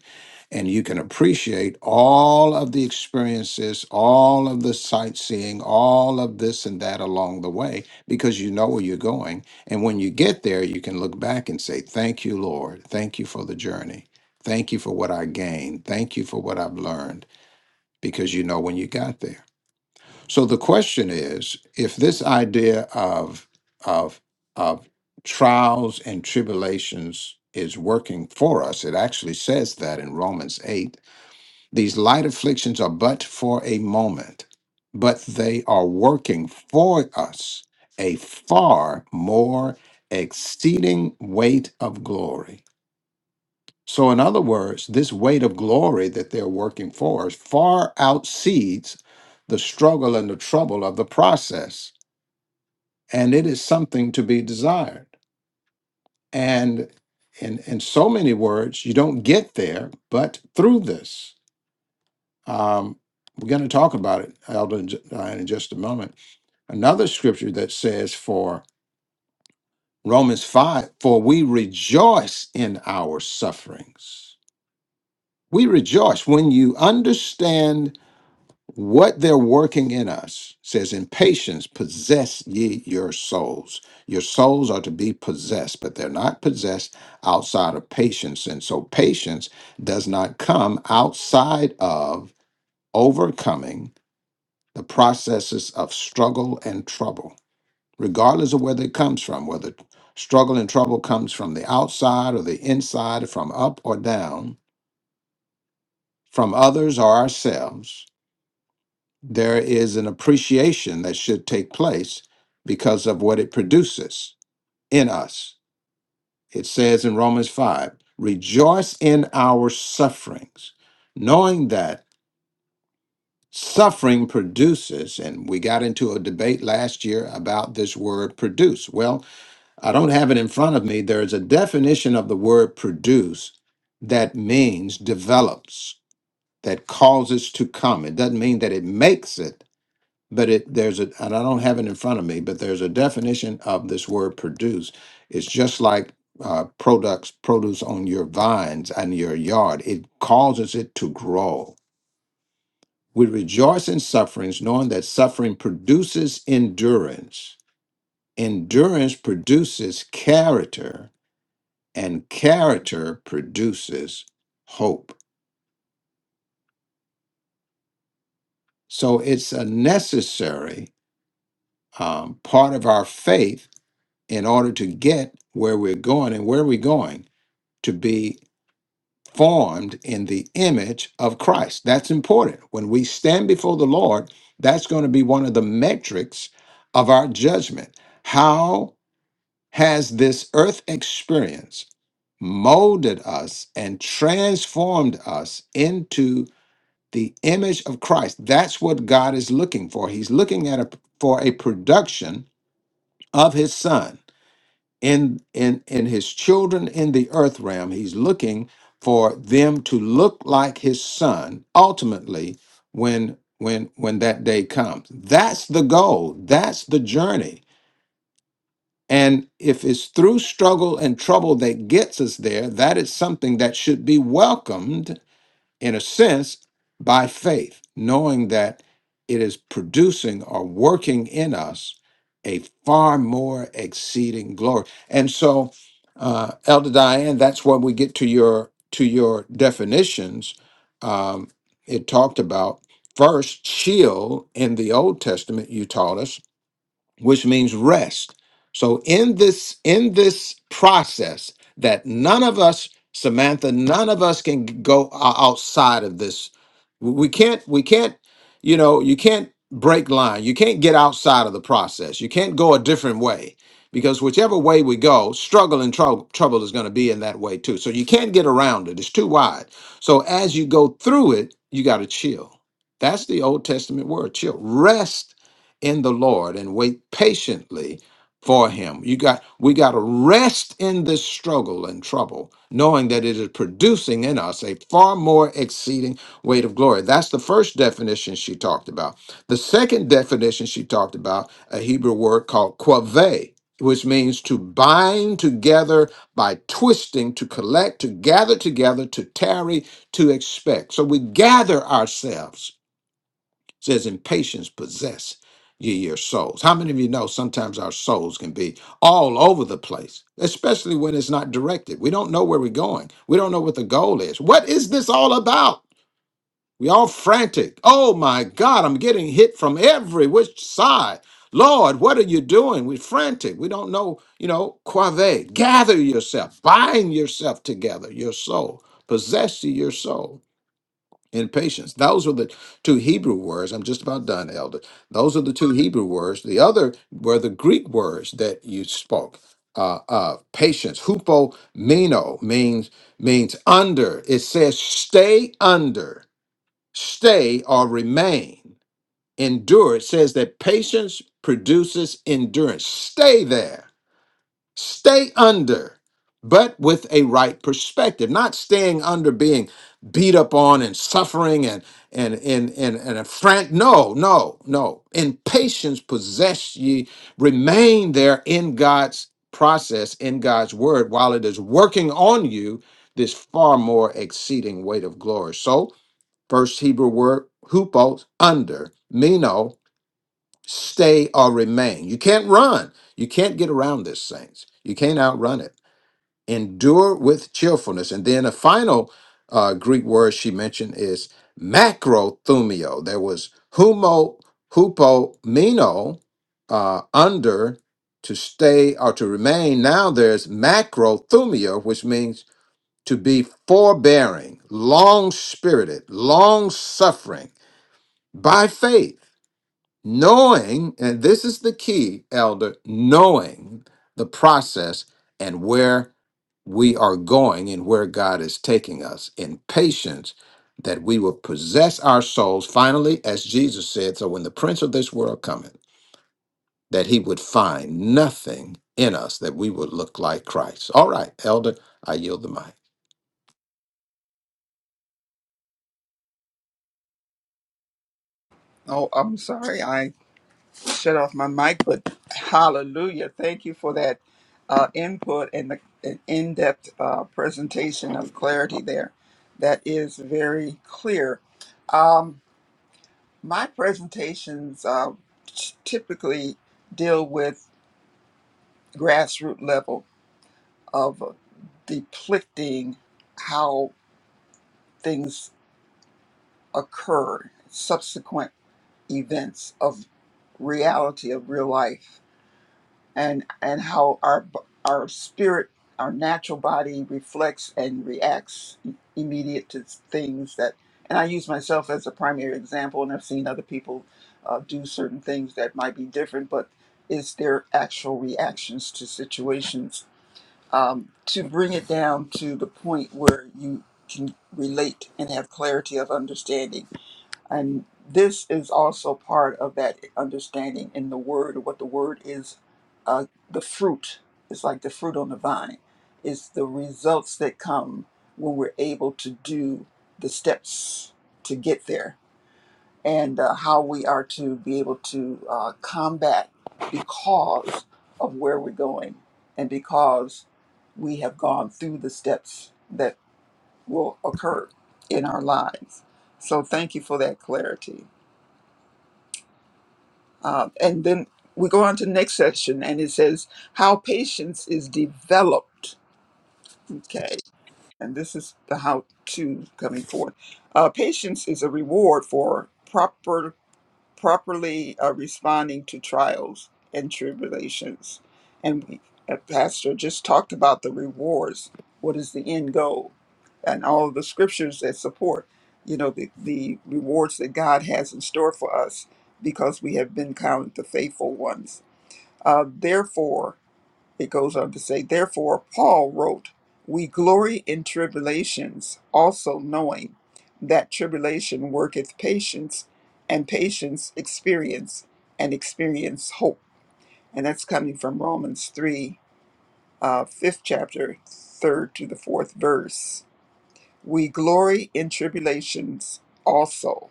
S1: and you can appreciate all of the experiences, all of the sightseeing, all of this and that along the way because you know where you're going. And when you get there, you can look back and say, Thank you, Lord. Thank you for the journey. Thank you for what I gained. Thank you for what I've learned because you know when you got there. So the question is, if this idea of of of trials and tribulations is working for us, it actually says that in Romans 8, these light afflictions are but for a moment, but they are working for us a far more exceeding weight of glory. So, in other words, this weight of glory that they're working for is far outseeds the struggle and the trouble of the process. And it is something to be desired. And in, in so many words, you don't get there, but through this. Um, we're going to talk about it, Elder, in ju- uh, in just a moment. Another scripture that says, for Romans 5, for we rejoice in our sufferings. We rejoice when you understand What they're working in us says, In patience, possess ye your souls. Your souls are to be possessed, but they're not possessed outside of patience. And so patience does not come outside of overcoming the processes of struggle and trouble, regardless of where it comes from, whether struggle and trouble comes from the outside or the inside, from up or down, from others or ourselves. there is an appreciation that should take place because of what it produces in us. It says in Romans 5 rejoice in our sufferings, knowing that suffering produces, and we got into a debate last year about this word produce. Well, I don't have it in front of me. There is a definition of the word produce that means develops, that causes to come. It doesn't mean that it makes it but it there's a and I don't have it in front of me, but there's a definition of this word produce. It's just like uh, products produce on your vines and your yard. It causes it to grow. We rejoice in sufferings, knowing that suffering produces endurance. Endurance produces character, and character produces hope. So it's a necessary um, part of our faith in order to get where we're going and where are we going to be formed in the image of Christ. That's important. When we stand before the Lord, that's going to be one of the metrics of our judgment. How has this earth experience molded us and transformed us into the image of Christ? That's what God is looking for. He's looking at a, for a production of his son. in in in his children in the earth realm he's looking for them to look like his son ultimately when when when that day comes that's the goal that's the journey and if it's through struggle and trouble that gets us there that is something that should be welcomed in a sense, by faith, knowing that it is producing or working in us a far more exceeding glory. And so, uh, Elder Diane, that's when we get to your to your definitions. Um, it talked about first shield in the Old Testament. You taught us which means rest. So in this in this process that none of us Samantha none of us can go o- outside of this we can't we can't you know you can't break line you can't get outside of the process you can't go a different way because whichever way we go struggle and trou- trouble is going to be in that way too so you can't get around it it's too wide so as you go through it you got to chill that's the old testament word chill rest in the Lord and wait patiently for him. You got we got to rest in this struggle and trouble, knowing that it is producing in us a far more exceeding weight of glory. That's the first definition she talked about. The second definition she talked about, a Hebrew word called quave, which means to bind together by twisting, to collect, to gather together, to tarry, to expect. So we gather ourselves says in patience possess ye your souls how many of you know sometimes our souls can be all over the place especially when it's not directed we don't know where we're going we don't know what the goal is what is this all about we all frantic oh my god i'm getting hit from every which side lord what are you doing we're frantic we don't know you know quave gather yourself bind yourself together your soul possess ye your soul and patience. Those are the two Hebrew words. I'm just about done, Elder. Those are the two Hebrew words. The other were the Greek words that you spoke. Uh, of patience, hupomeno means means under. It says stay under, stay or remain. Endure. It says that patience produces endurance. Stay there. Stay under, but with a right perspective, not staying under being beat up on and suffering and and and and, and a friend. No, no, no. In patience possess ye, remain there in God's process, in God's word, while it is working on you this far more exceeding weight of glory. So, first Hebrew word, hupos, under, meno, stay or remain. You can't run. You can't get around this, saints. You can't outrun it. Endure with cheerfulness. And then a final uh, Greek word she mentioned is macrothumio. There was humo, hupomeno, uh, under, to stay or to remain. Now there's macrothumio, which means to be forbearing, long spirited, long suffering by faith knowing, and this is the key, elder, knowing the process and where we are going and where God is taking us in patience that we will possess our souls finally, as Jesus said. So when the prince of this world cometh, that he would find nothing in us that we would look like Christ. All right, elder, I yield the mic.
S3: Oh, I'm sorry, I shut off my mic, but hallelujah! Thank you for that uh, input and the an in-depth uh, presentation of clarity there. That is very clear. Um, My presentations uh, t- typically deal with grassroots level of depicting how things occur, subsequent events of reality of real life. and and how our b- our spirit our natural body reflects and reacts immediate to things that and i use myself as a primary example and i've seen other people uh, do certain things that might be different but it's their actual reactions to situations um, to bring it down to the point where you can relate and have clarity of understanding and this is also part of that understanding in the word, what the word is, uh, the fruit. It's like the fruit on the vine. It's the results that come when we're able to do the steps to get there and uh, how we are to be able to uh, combat because of where we're going and because we have gone through the steps that will occur in our lives. So thank you for that clarity. Uh, and then we go on to the next section, and it says how patience is developed. Okay, and this is the how to coming forward. Uh, patience is a reward for proper properly uh, responding to trials and tribulations. And we, uh, Pastor just talked about the rewards. What is the end goal? And all of the scriptures that support, you know, the, the rewards that God has in store for us because we have been counted the faithful ones uh, therefore, it goes on to say, therefore, Paul wrote, We glory in tribulations, also knowing that tribulation worketh patience, and patience experience, and experience hope. And that's coming from Romans 3, uh, 5th chapter, 3rd to the 4th verse. We glory in tribulations also,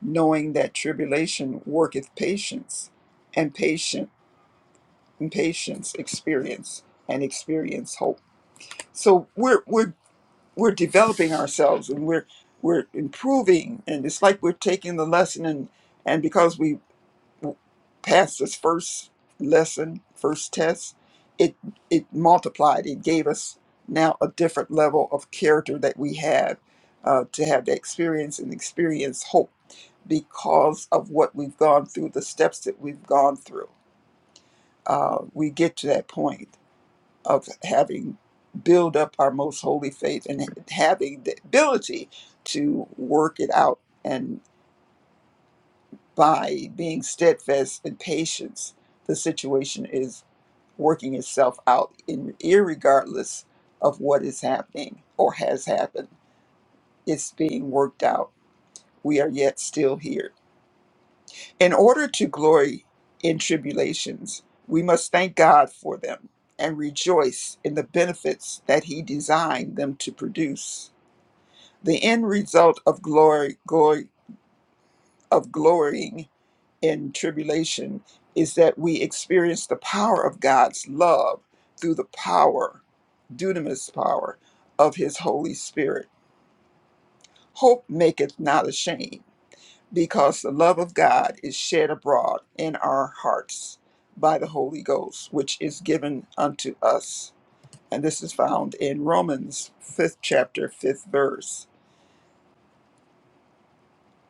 S3: knowing that tribulation worketh patience and patience patience, experience, and experience hope. So we're we're we're developing ourselves and we're we're improving, and it's like we're taking the lesson and and because we w- passed this first lesson, first test, it it multiplied. It gave us now a different level of character that we have uh, to have the experience and experience hope because of what we've gone through, the steps that we've gone through. Uh, we get to that point of having build up our most holy faith and having the ability to work it out and by being steadfast in patience the situation is working itself out in irregardless of what is happening or has happened it's being worked out we are yet still here in order to glory in tribulations we must thank god for them and rejoice in the benefits that he designed them to produce The end result of glory, glory of glorying in tribulation is that we experience the power of God's love through the power, dunamis power of his Holy Spirit. Hope maketh not ashamed, because the love of God is shed abroad in our hearts by the Holy Ghost, which is given unto us. And this is found in Romans fifth chapter, fifth verse.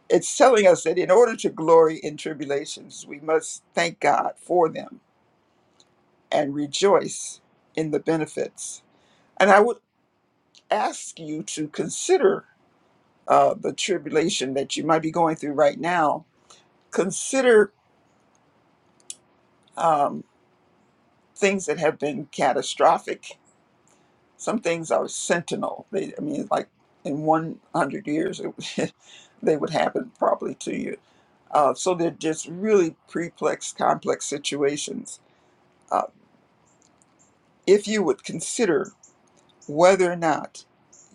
S3: it's telling us that in order to glory in tribulations, we must thank God for them and rejoice in the benefits. And I would ask you to consider uh, the tribulation that you might be going through right now. Consider um, things that have been catastrophic. Some things are sentinel. They, I mean, like in 100 years, it, would- they would happen probably to you. Uh, so they're just really preplex, complex situations Uh, if you would consider whether or not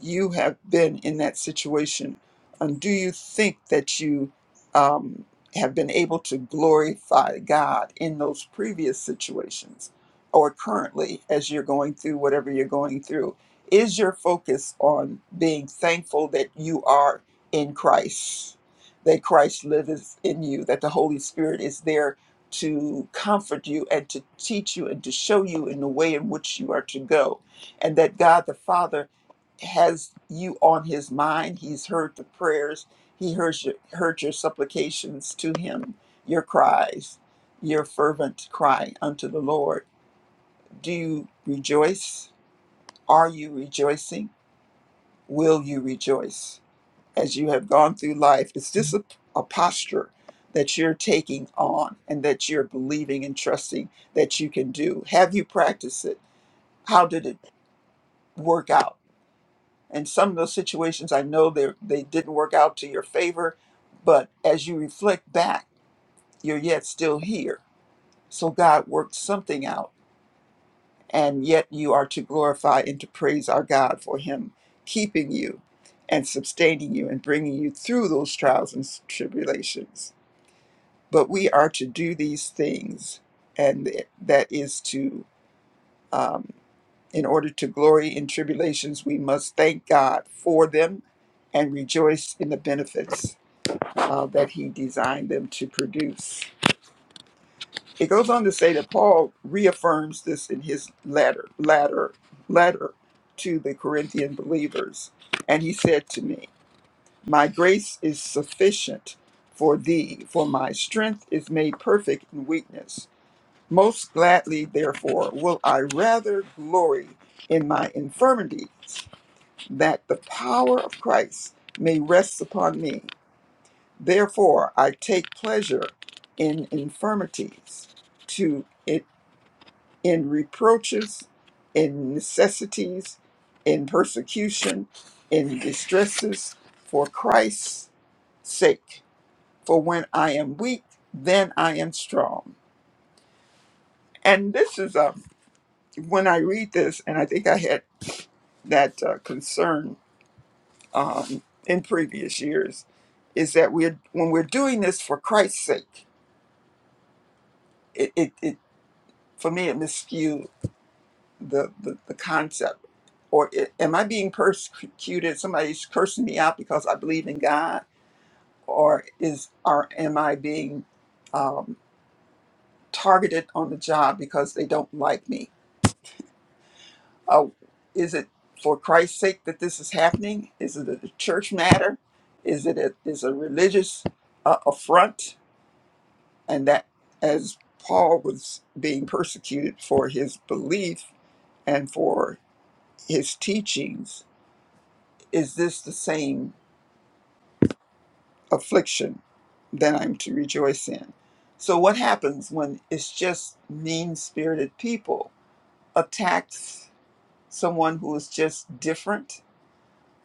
S3: you have been in that situation, and do you think that you um, have been able to glorify God in those previous situations or currently as you're going through whatever you're going through? Is your focus on being thankful that you are in Christ, that Christ lives in you, that the Holy Spirit is there to comfort you and to teach you and to show you in the way in which you are to go? and that God the Father has you on his mind. He's heard the prayers, he heard your, heard your supplications to him, your cries, your fervent cry unto the Lord. Do you rejoice? Are you rejoicing? Will you rejoice as you have gone through life? Is this a, a posture that you're taking on and that you're believing and trusting that you can do? Have you practiced it? How did it work out? and some of those situations i know they they didn't work out to your favor but as you reflect back you're yet still here so god worked something out and yet you are to glorify and to praise our god for him keeping you and sustaining you and bringing you through those trials and tribulations but we are to do these things and that is to um, In order to glory in tribulations, we must thank God for them and rejoice in the benefits uh, that He designed them to produce. It goes on to say that Paul reaffirms this in his letter, letter, letter to the Corinthian believers. And he said to me, My grace is sufficient for thee, for my strength is made perfect in weakness. Most gladly, therefore, will I rather glory in my infirmities that the power of Christ may rest upon me. Therefore, I take pleasure in infirmities, to in, in reproaches, in necessities, in persecution, in distresses, for Christ's sake. For when I am weak, then I am strong. And this is um, when I read this, and I think I had that uh, concern um, in previous years is that we're when we're doing this for Christ's sake, it, it, it for me it miscued the, the the concept. Or it, am I being persecuted? Somebody's cursing me out because I believe in God, or is or am I being um, targeted on the job because they don't like me? Uh, is it for Christ's sake that this is happening? Is it a church matter? Is it a, is a religious uh, affront? and that as Paul was being persecuted for his belief and for his teachings, is this the same affliction that I'm to rejoice in? So, what happens when it's just mean spirited people attacks someone who is just different?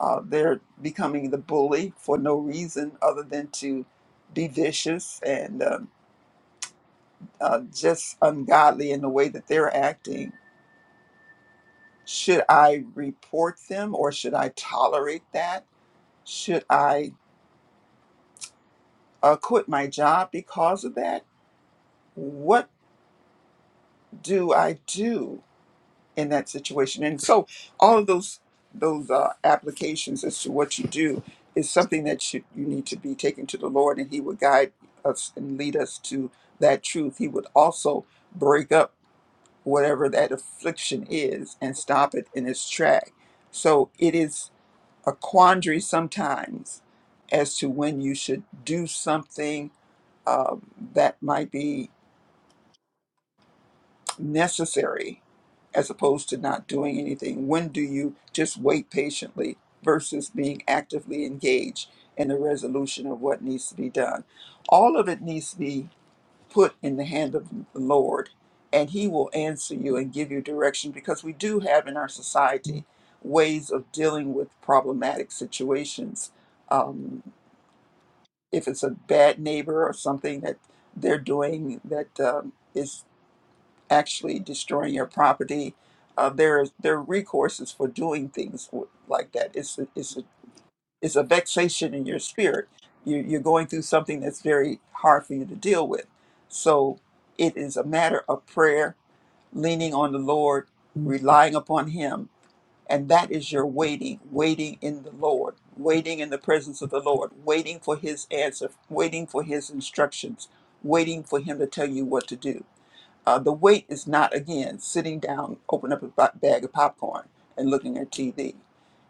S3: Uh, they're becoming the bully for no reason other than to be vicious and um, uh, just ungodly in the way that they're acting Should I report them or should I tolerate that? Should I uh, quit my job because of that? What do I do in that situation? And so, all of those those uh, applications as to what you do is something that you, you need to be taken to the Lord, and He would guide us and lead us to that truth. He would also break up whatever that affliction is and stop it in its track. So it is a quandary sometimes as to when you should do something um, that might be necessary as opposed to not doing anything. When do you just wait patiently versus being actively engaged in the resolution of what needs to be done? All of it needs to be put in the hand of the Lord, and He will answer you and give you direction because we do have in our society ways of dealing with problematic situations um, if it's a bad neighbor or something that they're doing that um, is actually destroying your property, uh, there is- there are recourses for doing things w- like that. It's a, it's a, it's a vexation in your spirit. You, you're going through something that's very hard for you to deal with. So it is a matter of prayer, leaning on the Lord, relying upon Him and that is your waiting, waiting in the Lord, waiting in the presence of the Lord, waiting for his answer, waiting for his instructions, waiting for him to tell you what to do uh, the wait is not, again, sitting down, open up a ba- bag of popcorn and looking at TV.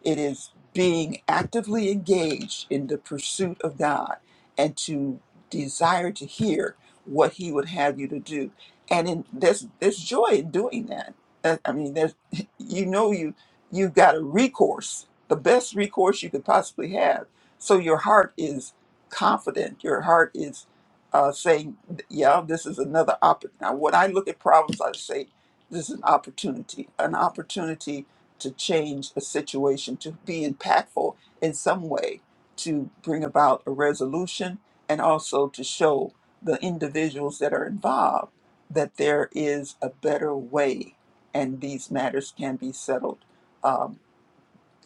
S3: It is being actively engaged in the pursuit of God and to desire to hear what He would have you to do. And in, there's, there's joy in doing that. Uh, I mean, there's, you know, you, you've got a recourse, the best recourse you could possibly have. So your heart is confident. Your heart is uh, saying, yeah, this is another opportunity. Now, when I look at problems, I say this is an opportunity, an opportunity to change a situation, to be impactful in some way, to bring about a resolution, and also to show the individuals that are involved that there is a better way and these matters can be settled um,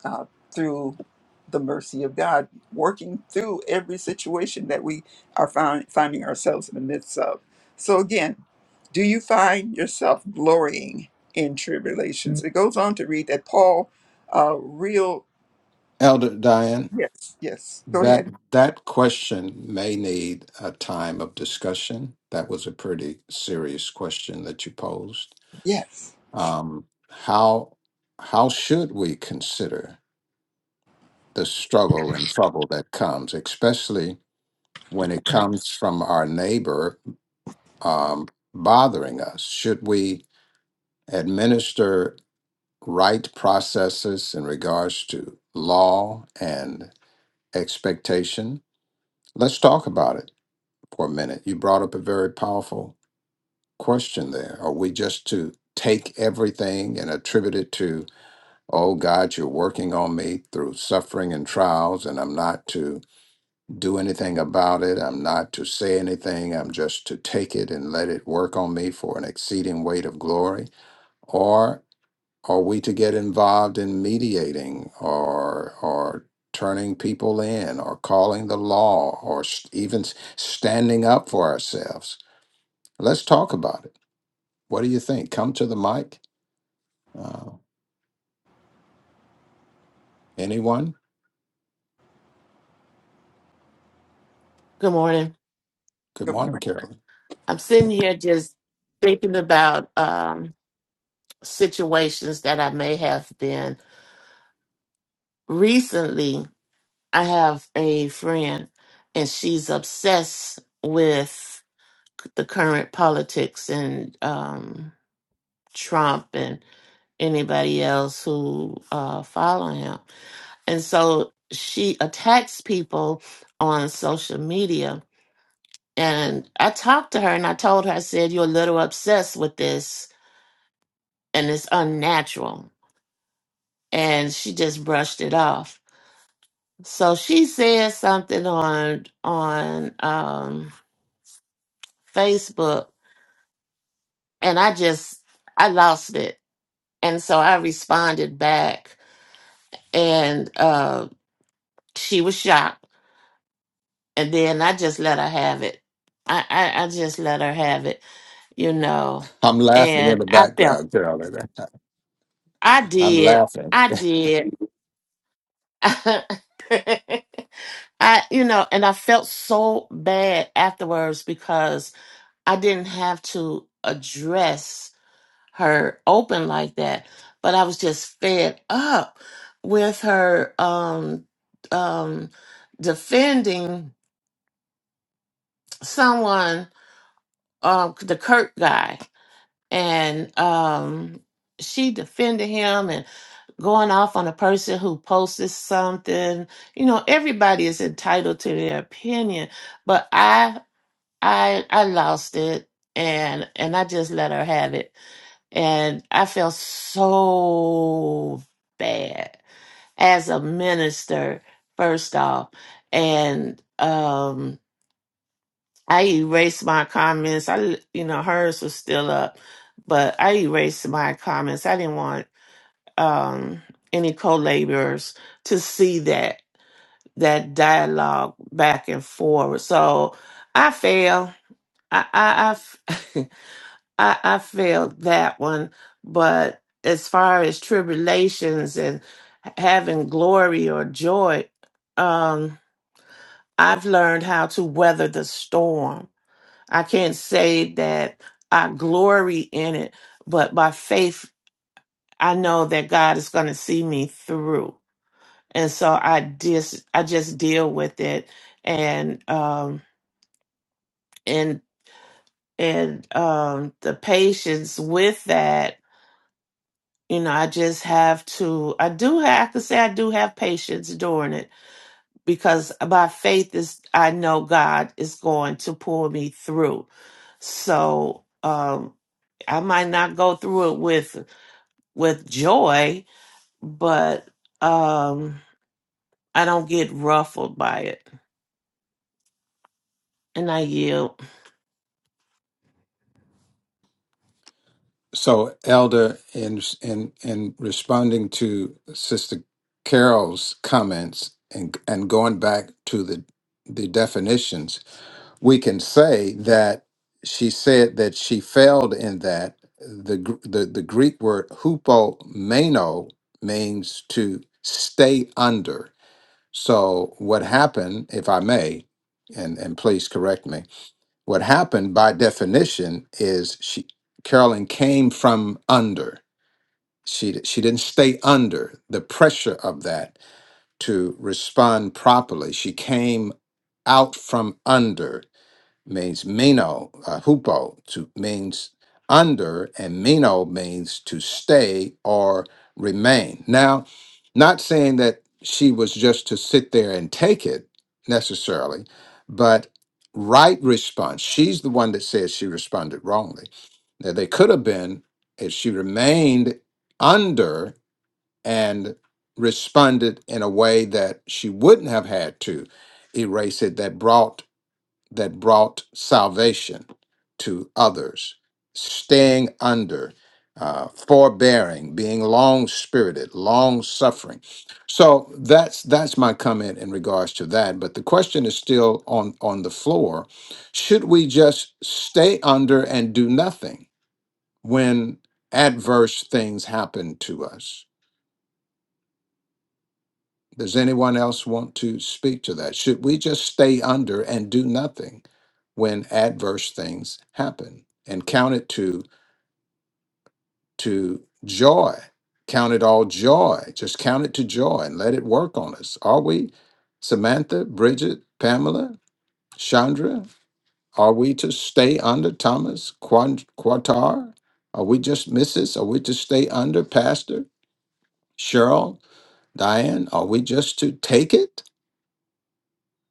S3: uh, through the mercy of God, working through every situation that we are find, finding ourselves in the midst of. So, again, do you find yourself glorying in tribulations? It goes on to read that Paul, uh, real,
S1: Elder Diane.
S3: yes, yes, go
S1: That
S3: ahead.
S1: that question may need a time of discussion. That was a pretty serious question that you posed.
S3: Yes,
S1: Um, how how should we consider the struggle and trouble that comes, especially when it comes from our neighbor um, bothering us? Should we administer right processes in regards to law and expectation? Let's talk about it. for a minute. You brought up a very powerful question there. Are we just to take everything and attribute it to, oh God, you're working on me through suffering and trials, and I'm not to do anything about it? I'm not to say anything. I'm just to take it and let it work on me for an exceeding weight of glory? Or are we to get involved in mediating or, or turning people in or calling the law or s- even s- standing up for ourselves? Let's talk about it. What do you think? Come to the mic. Uh, anyone?
S4: Good morning.
S1: Good
S3: good
S1: morning,
S3: morning.
S1: Carolyn.
S4: I'm sitting here just thinking about um, situations that I may have been. Recently, I have a friend, and she's obsessed with the current politics and um, Trump and anybody else who uh, follow him. And so she attacks people on social media. And I talked to her and I told her, I said, You're a little obsessed with this and it's unnatural. And she just brushed it off. So she said something on on um, Facebook, and I just I lost it. And so I responded back, and uh, she was shocked. And then I just let her have it. I, I I just let her have it, you know.
S1: I'm laughing in
S4: And
S1: the
S4: I felt
S1: background, Carolyn.
S4: I
S1: I'm
S4: did,
S1: laughing.
S4: I did. I, you know, and I felt so bad afterwards because I didn't have to address her open like that, but I was just fed up with her um um defending someone um the Kirk guy and um she defended him and going off on a person who posted something. You know, everybody is entitled to their opinion, but I I I lost it and and I just let her have it and I felt so bad as a minister first off and um I erased my comments I you know hers was still up but I erased my comments I didn't want um any co-laborers to see that that dialogue back and forward so I failed I I I f- I, I failed that one, but as far as tribulations and having glory or joy, um, I've learned how to weather the storm. I can't say that I glory in it, but by faith, I know that God is going to see me through, and so I just I just deal with it, and um, and and um, the patience with that you know, I just have to, I do have to say, I do have patience during it because by faith is, I know God is going to pull me through. So, um, I might not go through it with, with joy, but, um, I don't get ruffled by it and I yield.
S1: So, Elder, in in in responding to Sister Carol's comments and and going back to the the definitions, we can say that she said that she failed in that the Gr- the, the Greek word hupomeno means to stay under So what happened, if I may, and and please correct me, what happened by definition is she Carolyn came from under. She d- she didn't stay under the pressure of that to respond properly. She came out from under means meno, uh, hupo, to means under, and meno means to stay or remain. Now, not saying that she was just to sit there and take it necessarily, but right response. She's the one that says she responded wrongly. Now, they could have been if she remained under and responded in a way that she wouldn't have had to erase it that brought that brought salvation to others, staying under, uh, forbearing, being long spirited, long suffering. So that's that's my comment in regards to that. But the question is still on on the floor: Should we just stay under and do nothing when adverse things happen to us? Does anyone else want to speak to that? Should we just stay under and do nothing when adverse things happen and count it to to joy? Count it all joy. Just count it to joy and let it work on us. Are we Samantha, Bridget, Pamela, Chandra? Are we to stay under Thomas Quan- Quatar? Are we just Mrs.? Are we to stay under Pastor Cheryl, Diane? Are we just to take it?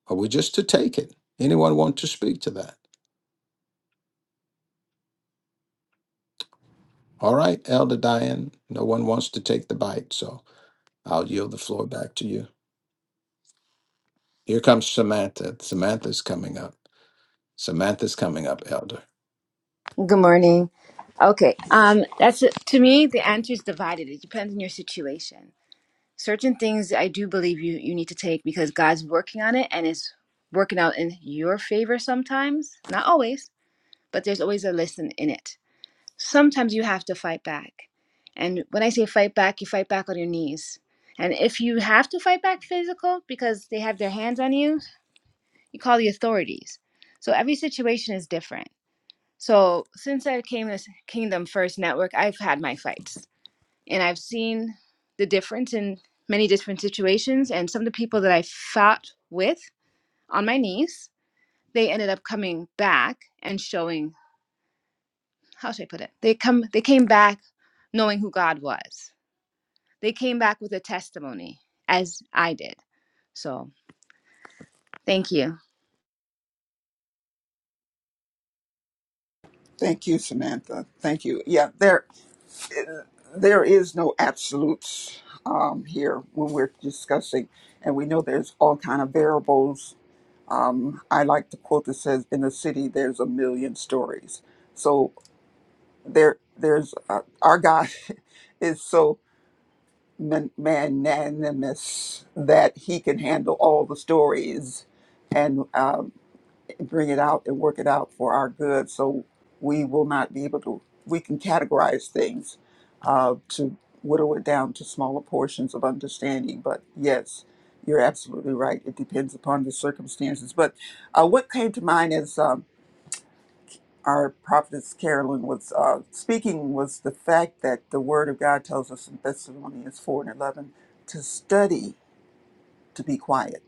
S1: Are we just to take it? Anyone want to speak to that? All right, Elder Diane, no one wants to take the bite, so I'll yield the floor back to you. Here comes Samantha. Samantha's coming up. Samantha's coming up, Elder.
S5: Good morning. Okay, um, that's to me. The answer is divided. It depends on your situation. Certain things I do believe you you need to take because God's working on it and it's working out in your favor sometimes. Not always, but there's always a lesson in it. Sometimes you have to fight back, and when I say fight back, you fight back on your knees. And if you have to fight back physical because they have their hands on you, you call the authorities. So every situation is different. So since I came to Kingdom First Network, I've had my fights and I've seen the difference in many different situations. And some of the people that I fought with on my knees, they ended up coming back and showing how should I put it? They come they came back knowing who God was. They came back with a testimony, as I did. So thank you.
S3: Thank you, Samantha. Thank you. Yeah, there, uh, there is no absolutes um, here when we're discussing, and we know there's all kind of variables Um, I like the quote that says, "In a city, there's a million stories." So there, there's uh, our God is so man- magnanimous that He can handle all the stories and um, bring it out and work it out for our good. So we will not be able to. We can categorize things uh, to whittle it down to smaller portions of understanding. But yes, you're absolutely right. It depends upon the circumstances. But uh, what came to mind is. Um, our prophetess Carolyn was uh, speaking was the fact that the Word of God tells us in Thessalonians 4 and 11 to study to be quiet.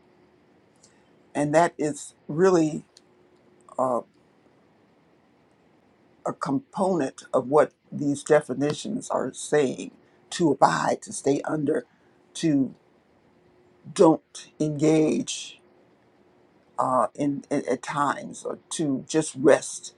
S3: And that is really uh, a component of what these definitions are saying to abide, to stay under, to don't engage. uh, in, in at times or to just rest,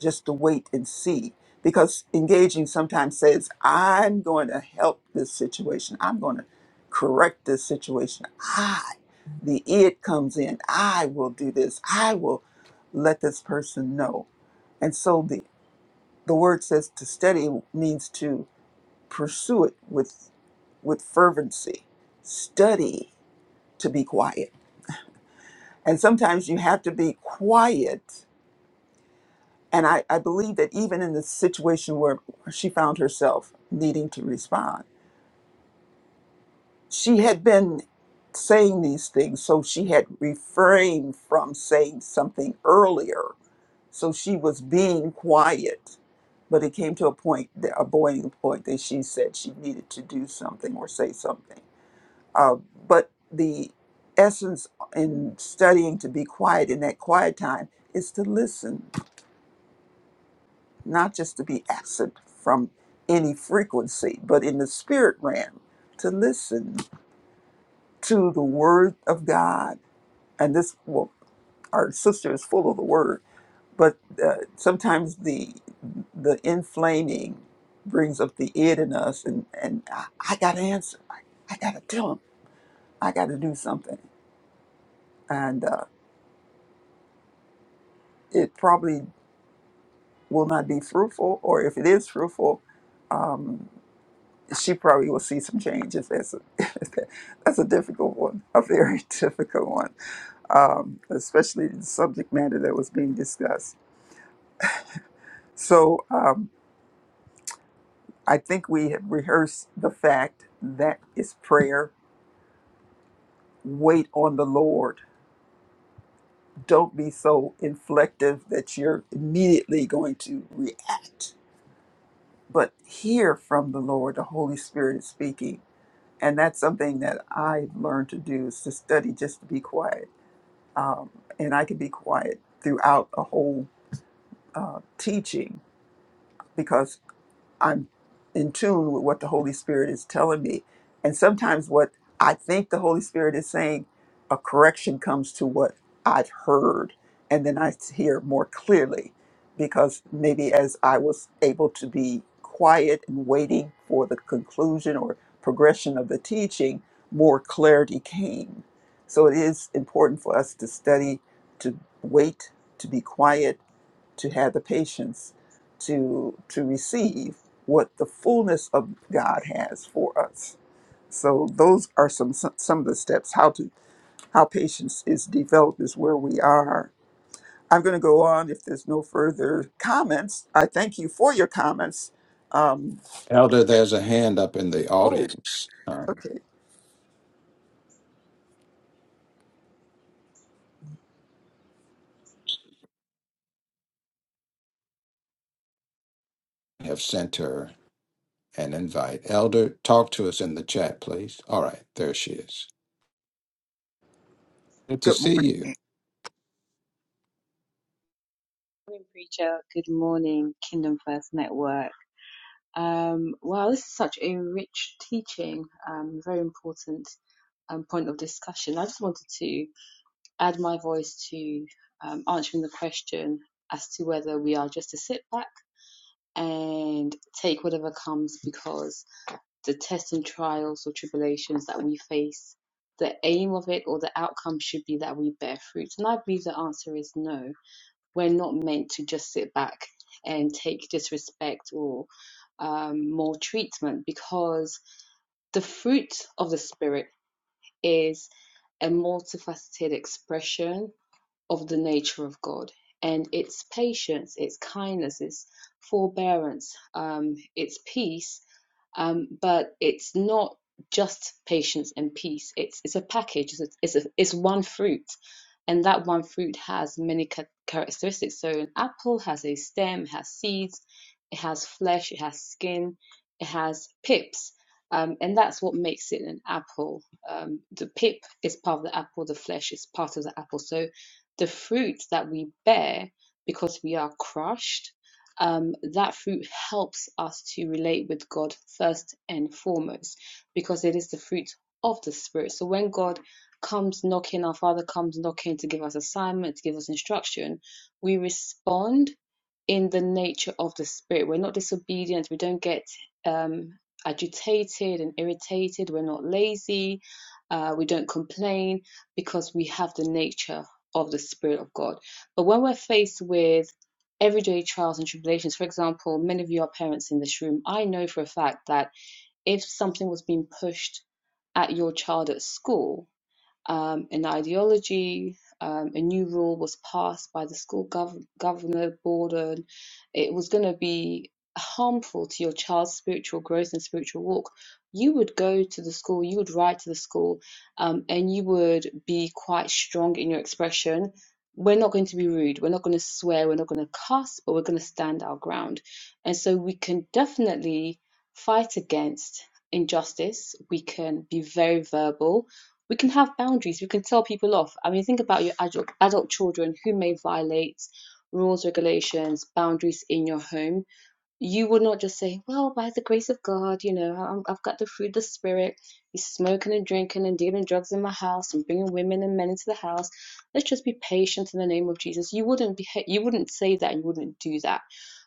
S3: just to wait and see. Because engaging sometimes says, "I'm going to help this situation. I'm going to correct this situation. I." The it comes in. I will do this. I will let this person know. And so the the word says to study means to pursue it with with fervency. Study to be quiet. And sometimes you have to be quiet And I, I believe that even in the situation where she found herself needing to respond, she had been saying these things, so she had refrained from saying something earlier. So she was being quiet. But it came to a point, that, a boiling point, that she said she needed to do something or say something. Uh, but the essence in studying to be quiet in that quiet time is to listen not just to be absent from any frequency, but in the spirit realm, to listen to the word of God. And this, well, our sister is full of the word, but uh, sometimes the the inflaming brings up the id in us, and and I, I got to answer. I, I got to tell him. I got to do something, and uh, it probably will not be fruitful, or if it is fruitful. um, she probably will see some changes. That's a, that's a difficult one, a very difficult one, um, especially the subject matter that was being discussed. So um, I think we have rehearsed the fact that is prayer. Wait on the Lord. Don't be so inflective that you're immediately going to react, but hear from the Lord. The Holy Spirit is speaking. And that's something that I've learned to do is to study just to be quiet um, and I could be quiet throughout a whole uh, teaching because I'm in tune with what the Holy Spirit is telling me. And sometimes what I think the Holy Spirit is saying, a correction comes to what I've heard. And then I hear more clearly because maybe as I was able to be quiet and waiting for the conclusion or progression of the teaching, more clarity came. So it is important for us to study, to wait, to be quiet to have the patience to to receive what the fullness of God has for us. So those are some some of the steps how to how patience is developed is where we are. I'm going to go on if there's no further comments. I thank you for your comments. Um,
S1: Elder, there's a hand up in the
S3: oh,
S1: audience. Um,
S3: okay.
S1: I have sent her an invite. Elder, talk to us in the chat, please. All right, there she is. Good to
S3: Good
S1: see you,
S3: morning.
S6: morning, preacher. Good morning, Kingdom First Network. Um, wow, this is such a rich teaching, um, very important um, point of discussion. I just wanted to add my voice to um, answering the question as to whether we are just to sit back and take whatever comes because the tests and trials or tribulations that we face, the aim of it or the outcome should be that we bear fruit. And I believe the answer is no we're not meant to just sit back and take disrespect or um, more treatment because the fruit of the spirit is a multifaceted expression of the nature of God and its patience, its kindness, its forbearance, um, its peace. Um, but it's not just patience and peace. It's it's a package. It's it's, a, it's one fruit, and that one fruit has many cha- characteristics. So an apple has a stem, has seeds, it has flesh, it has skin, it has pips. Um, and that's what makes it an apple. Um, the pip is part of the apple, the flesh is part of the apple. So the fruit that we bear because we are crushed, um, that fruit helps us to relate with God first and foremost because it is the fruit of the Spirit. So when God comes knocking, our Father comes knocking to give us assignment, to give us instruction, we respond in the nature of the Spirit. We're not disobedient, we don't get um, agitated and irritated, we're not lazy, uh, we don't complain because we have the nature of the Spirit of God. But when we're faced with everyday trials and tribulations, for example, many of you are parents in this room, I know for a fact that if something was being pushed at your child at school, um, an ideology. Um, a new rule was passed by the school gov- governor Borden. It was going to be harmful to your child's spiritual growth and spiritual walk. You would go to the school, you would write to the school, um, and you would be quite strong in your expression. We're not going to be rude, we're not going to swear, we're not going to cuss, but we're going to stand our ground. And so we can definitely fight against injustice, we can be very verbal we can have boundaries. We can tell people off. I mean, think about your adult, adult children who may violate rules, regulations, boundaries in your home you would not just say, Well, by the grace of God, you know, I'm, I've got the fruit of the Spirit. He's smoking and drinking and dealing drugs in my house and bringing women and men into the house. Let's just be patient in the name of Jesus. You wouldn't be, you wouldn't say that. You wouldn't do that.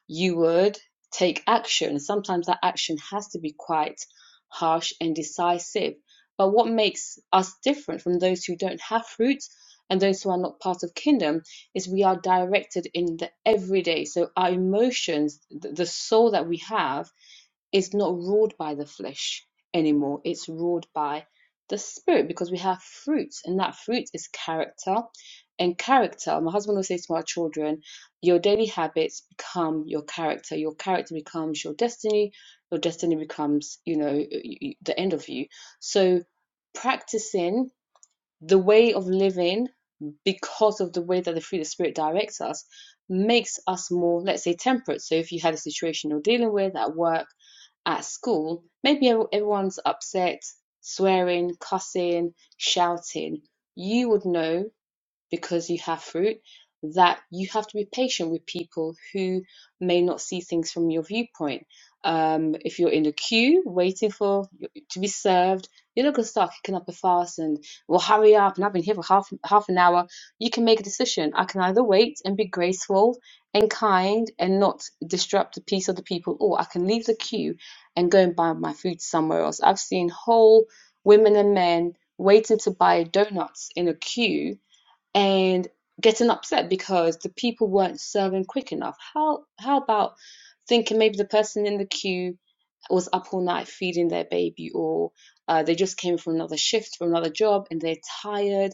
S6: You would take action. Sometimes that action has to be quite harsh and decisive. But what makes us different from those who don't have fruit and those who are not part of kingdom? is we are directed in the everyday. So our emotions, th- the soul that we have, is not ruled by the flesh anymore. It's ruled by the spirit because we have fruit, and that fruit is character. And character, my husband will say to my children, your daily habits become your character. Your character becomes your destiny. Your destiny becomes, you know, y- y- the end of you. So practicing the way of living because of the way that the fruit of the Spirit directs us, makes us more, let's say, temperate. So if you had a situation you're dealing with at work, at school, maybe everyone's upset, swearing, cussing, shouting. You would know because you have fruit, that you have to be patient with people who may not see things from your viewpoint. Um, if you're in a queue waiting for to be served, you're not gonna start kicking up a fuss and well hurry up and I've been here for half half an hour. You can make a decision. I can either wait and be graceful and kind and not disrupt the peace of the people, or I can leave the queue and go and buy my food somewhere else. I've seen whole women and men waiting to buy donuts in a queue and getting upset because the people weren't serving quick enough. How how about thinking maybe the person in the queue was up all night feeding their baby, or uh, they just came from another shift, from another job, and they're tired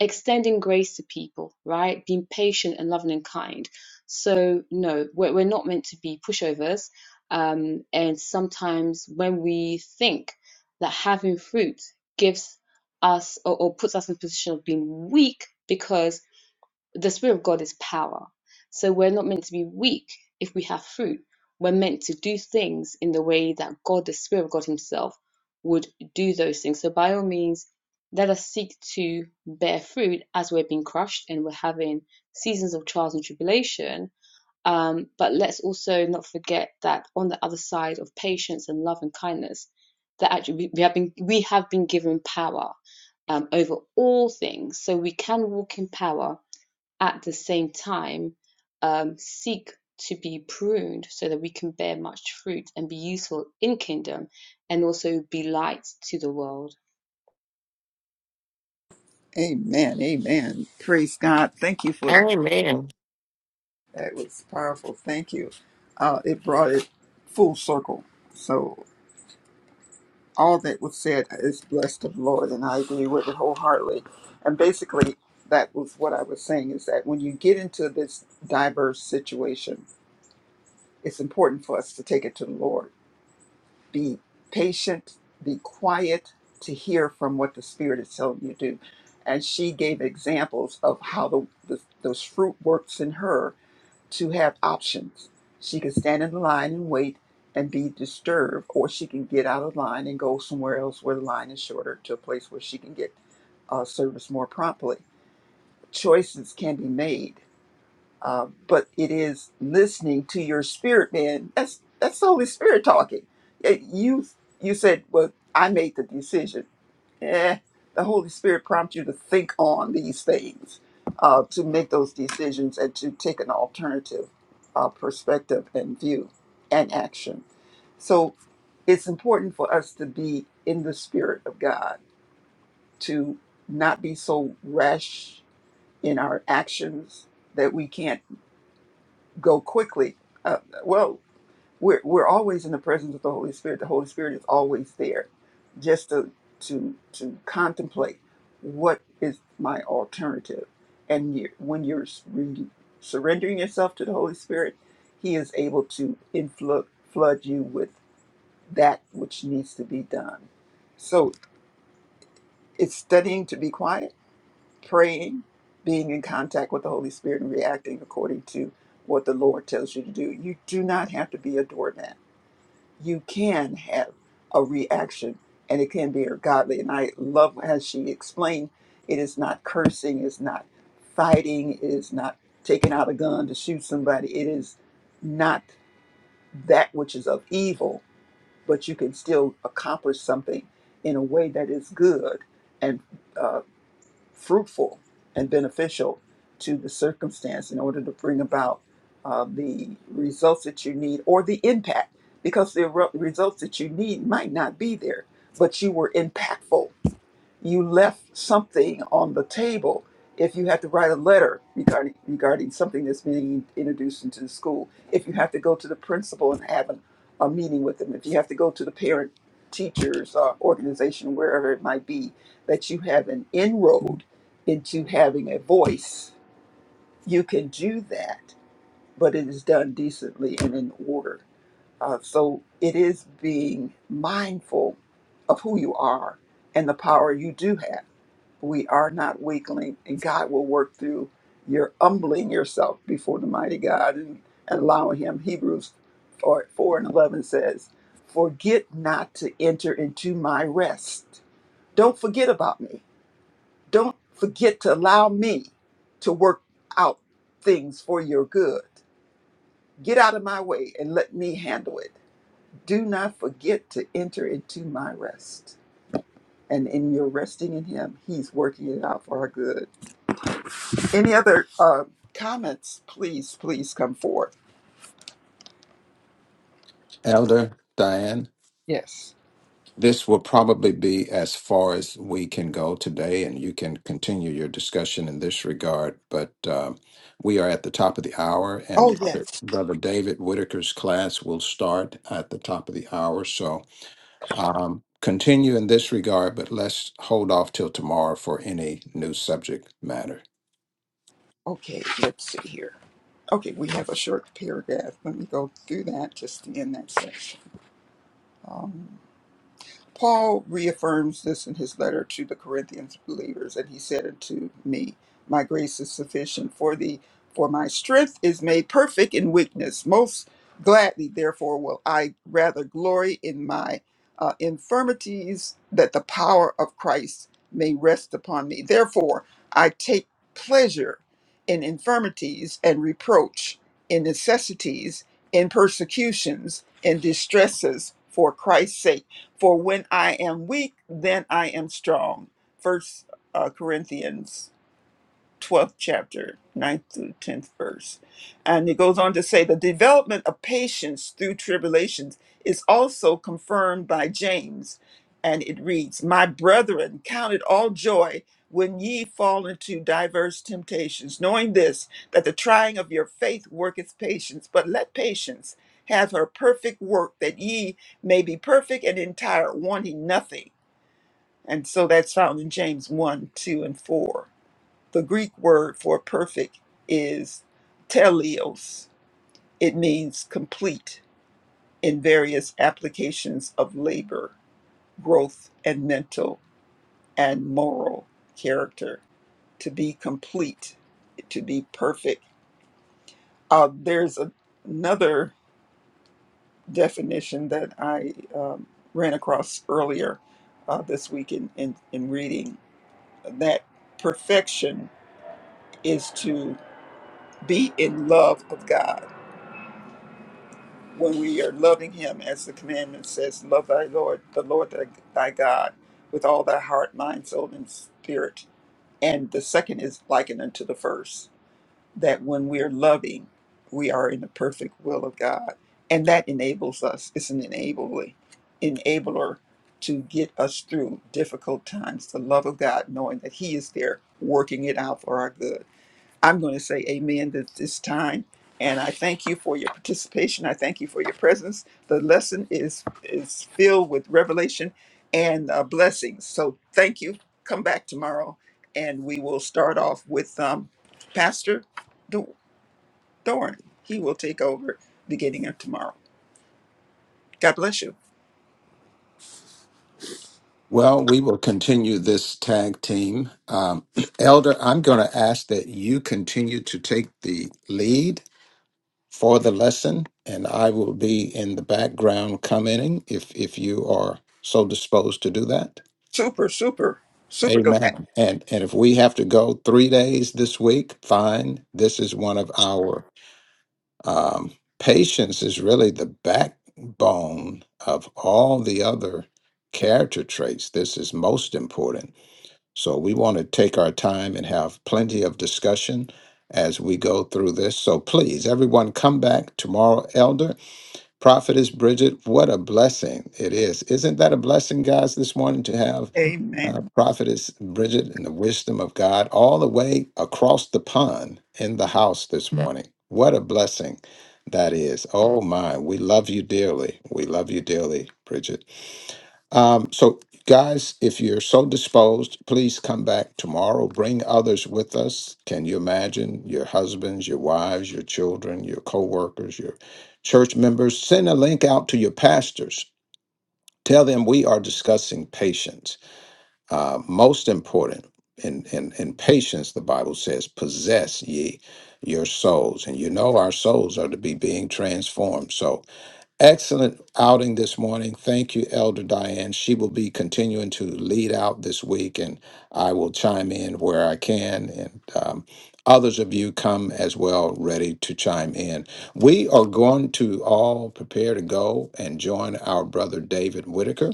S6: extending grace to people, right? Being patient and loving and kind. So, no, we're, we're not meant to be pushovers. Um, and sometimes when we think that having fruit gives us or, or puts us in a position of being weak because the Spirit of God is power. So we're not meant to be weak if we have fruit. We're meant to do things in the way that God, the Spirit of God Himself, would do those things. So by all means, let us seek to bear fruit as we're being crushed and we're having seasons of trials and tribulation. Um, but let's also not forget that on the other side of patience and love and kindness, that actually we we have been we have been given power um, over all things, so we can walk in power at the same time um, seek to be pruned so that we can bear much fruit and be useful in kingdom and also be light to the world
S3: Amen. Amen. Praise God. Thank you for
S4: Amen.
S3: that. was powerful. Thank you. Uh, it brought it full circle. So all that was said is blessed of the Lord, and I agree with it wholeheartedly. And basically, that was what I was saying is that when you get into this diverse situation, it's important for us to take it to the Lord. Be patient, be quiet to hear from what the Spirit is telling you to do. And she gave examples of how the, the, those fruit works in her to have options. She can stand in the line and wait and be disturbed, or she can get out of line and go somewhere else where the line is shorter to a place where she can get uh, service more promptly. Choices can be made, uh, but it is listening to your spirit, man. That's that's the Holy Spirit talking. Uh, You you said, "Well, I made the decision." eh, the Holy Spirit prompts you to think on these things, uh, to make those decisions, and to take an alternative uh, perspective and view and action. So it's important for us to be in the Spirit of God, to not be so rash in our actions that we can't go quickly. Uh, well, we're we're always in the presence of the Holy Spirit. The Holy Spirit is always there, just to to to contemplate what is my alternative. And you, when you're s- surrendering yourself to the Holy Spirit, He is able to influ- flood you with that which needs to be done. So it's studying to be quiet, praying, being in contact with the Holy Spirit, and reacting according to what the Lord tells you to do. You do not have to be a doormat you can have a reaction and it can be a godly. And I love as she explained it is not cursing, it's not fighting, it is not taking out a gun to shoot somebody. It is not that which is of evil, but you can still accomplish something in a way that is good. And uh, fruitful and beneficial to the circumstance in order to bring about uh, the results that you need or the impact because the re- results that you need might not be there, but you were impactful you left something on the table if you have to write a letter regarding regarding something that's being introduced into the school if you have to go to the principal and have an, a meeting with them if you have to go to the parent teachers uh, organization wherever it might be that you have an inroad into having a voice you can do that but it is done decently and in order uh, so it is being mindful of who you are and the power you do have we are not weakling, and God will work through your humbling yourself before the mighty God and, and allowing Him. Hebrews 4, 4 and 11 says, Forget not to enter into my rest. Don't forget about me. Don't forget to allow me to work out things for your good. Get out of my way and let me handle it. Do not forget to enter into my rest. And in your resting in Him, He's working it out for our good. Any other uh, comments? Please, please come forward.
S1: Elder Diane.
S3: Yes.
S1: This will probably be as far as we can go today, and you can continue your discussion in this regard. But um, we are at the top of the hour, and
S3: Oh,
S1: Okay.
S3: yes.
S1: Brother David Whitaker's class will start at the top of the hour. So um, continue in this regard, but let's hold off till tomorrow for any new subject matter.
S3: Okay, let's see here. Okay, we have a short paragraph. Let me go through that just to end that section. Paul reaffirms this in his letter to the Corinthians believers, and he said unto me, My grace is sufficient for thee, for my strength is made perfect in weakness. Most gladly, therefore, will I rather glory in my uh, infirmities, that the power of Christ may rest upon me. Therefore, I take pleasure in infirmities and reproach, in necessities, in persecutions, in distresses, for Christ's sake. For when I am weak, then I am strong. First uh, Corinthians 12th chapter, ninth through 10th verse. And it goes on to say the development of patience through tribulations is also confirmed by James. And it reads, My brethren, count it all joy when ye fall into diverse temptations, knowing this, that the trying of your faith worketh patience. But let patience have her perfect work, that ye may be perfect and entire, wanting nothing. And so that's found in James 1, 2, and 4 the Greek word for perfect is teleos. It means complete in various applications of labor, growth, and mental and moral character. To be complete, to be perfect. Uh, there's a, another definition that I um, ran across earlier uh, this week in, in, in reading that perfection is to be in love of God when we are loving him as the commandment says love thy lord the lord thy, thy god with all thy heart mind soul and spirit and the second is likened unto the first that when we're loving we are in the perfect will of god and that enables us it's an enabler enabler to get us through difficult times the love of god knowing that he is there working it out for our good I'm going to say amen at this time. And I thank you for your participation. I thank you for your presence. The lesson is is filled with revelation and uh, blessings. So thank you. Come back tomorrow, and we will start off with um, Pastor Do- Doran. He will take over beginning of tomorrow. God bless you.
S1: Well, we will continue this tag team. Um, Elder, I'm going to ask that you continue to take the lead for the lesson, and I will be in the background commenting if if you are so disposed to do that.
S3: Super, super, super glad.
S1: Amen. And and if we have to go three days this week, fine. This is one of our um, patience is really the backbone of all the other character traits. This is most important. So we want to take our time and have plenty of discussion as we go through this. So please, everyone, come back tomorrow, Elder Prophetess Bridget, what a blessing it is. Isn't that a blessing, guys, this morning to have uh,
S3: Amen.
S1: Prophetess Bridget and the wisdom of God all the way across the pond in the house this morning? What a blessing that is. Oh, my. We love you dearly. We love you dearly, Bridget. Um, so, guys, if you're so disposed, please come back tomorrow. Bring others with us. Can you imagine your husbands, your wives, your children, your co workers, your church members? Send a link out to your pastors. Tell them we are discussing patience. Uh, most important, in, in, in patience, the Bible says, possess ye your souls. And you know our souls are to be being transformed. So, Excellent outing this morning. Thank you, Elder Diane. She will be continuing to lead out this week, and I will chime in where I can. And um, others of you come as well, ready to chime in. We are going to all prepare to go and join our brother David Whitaker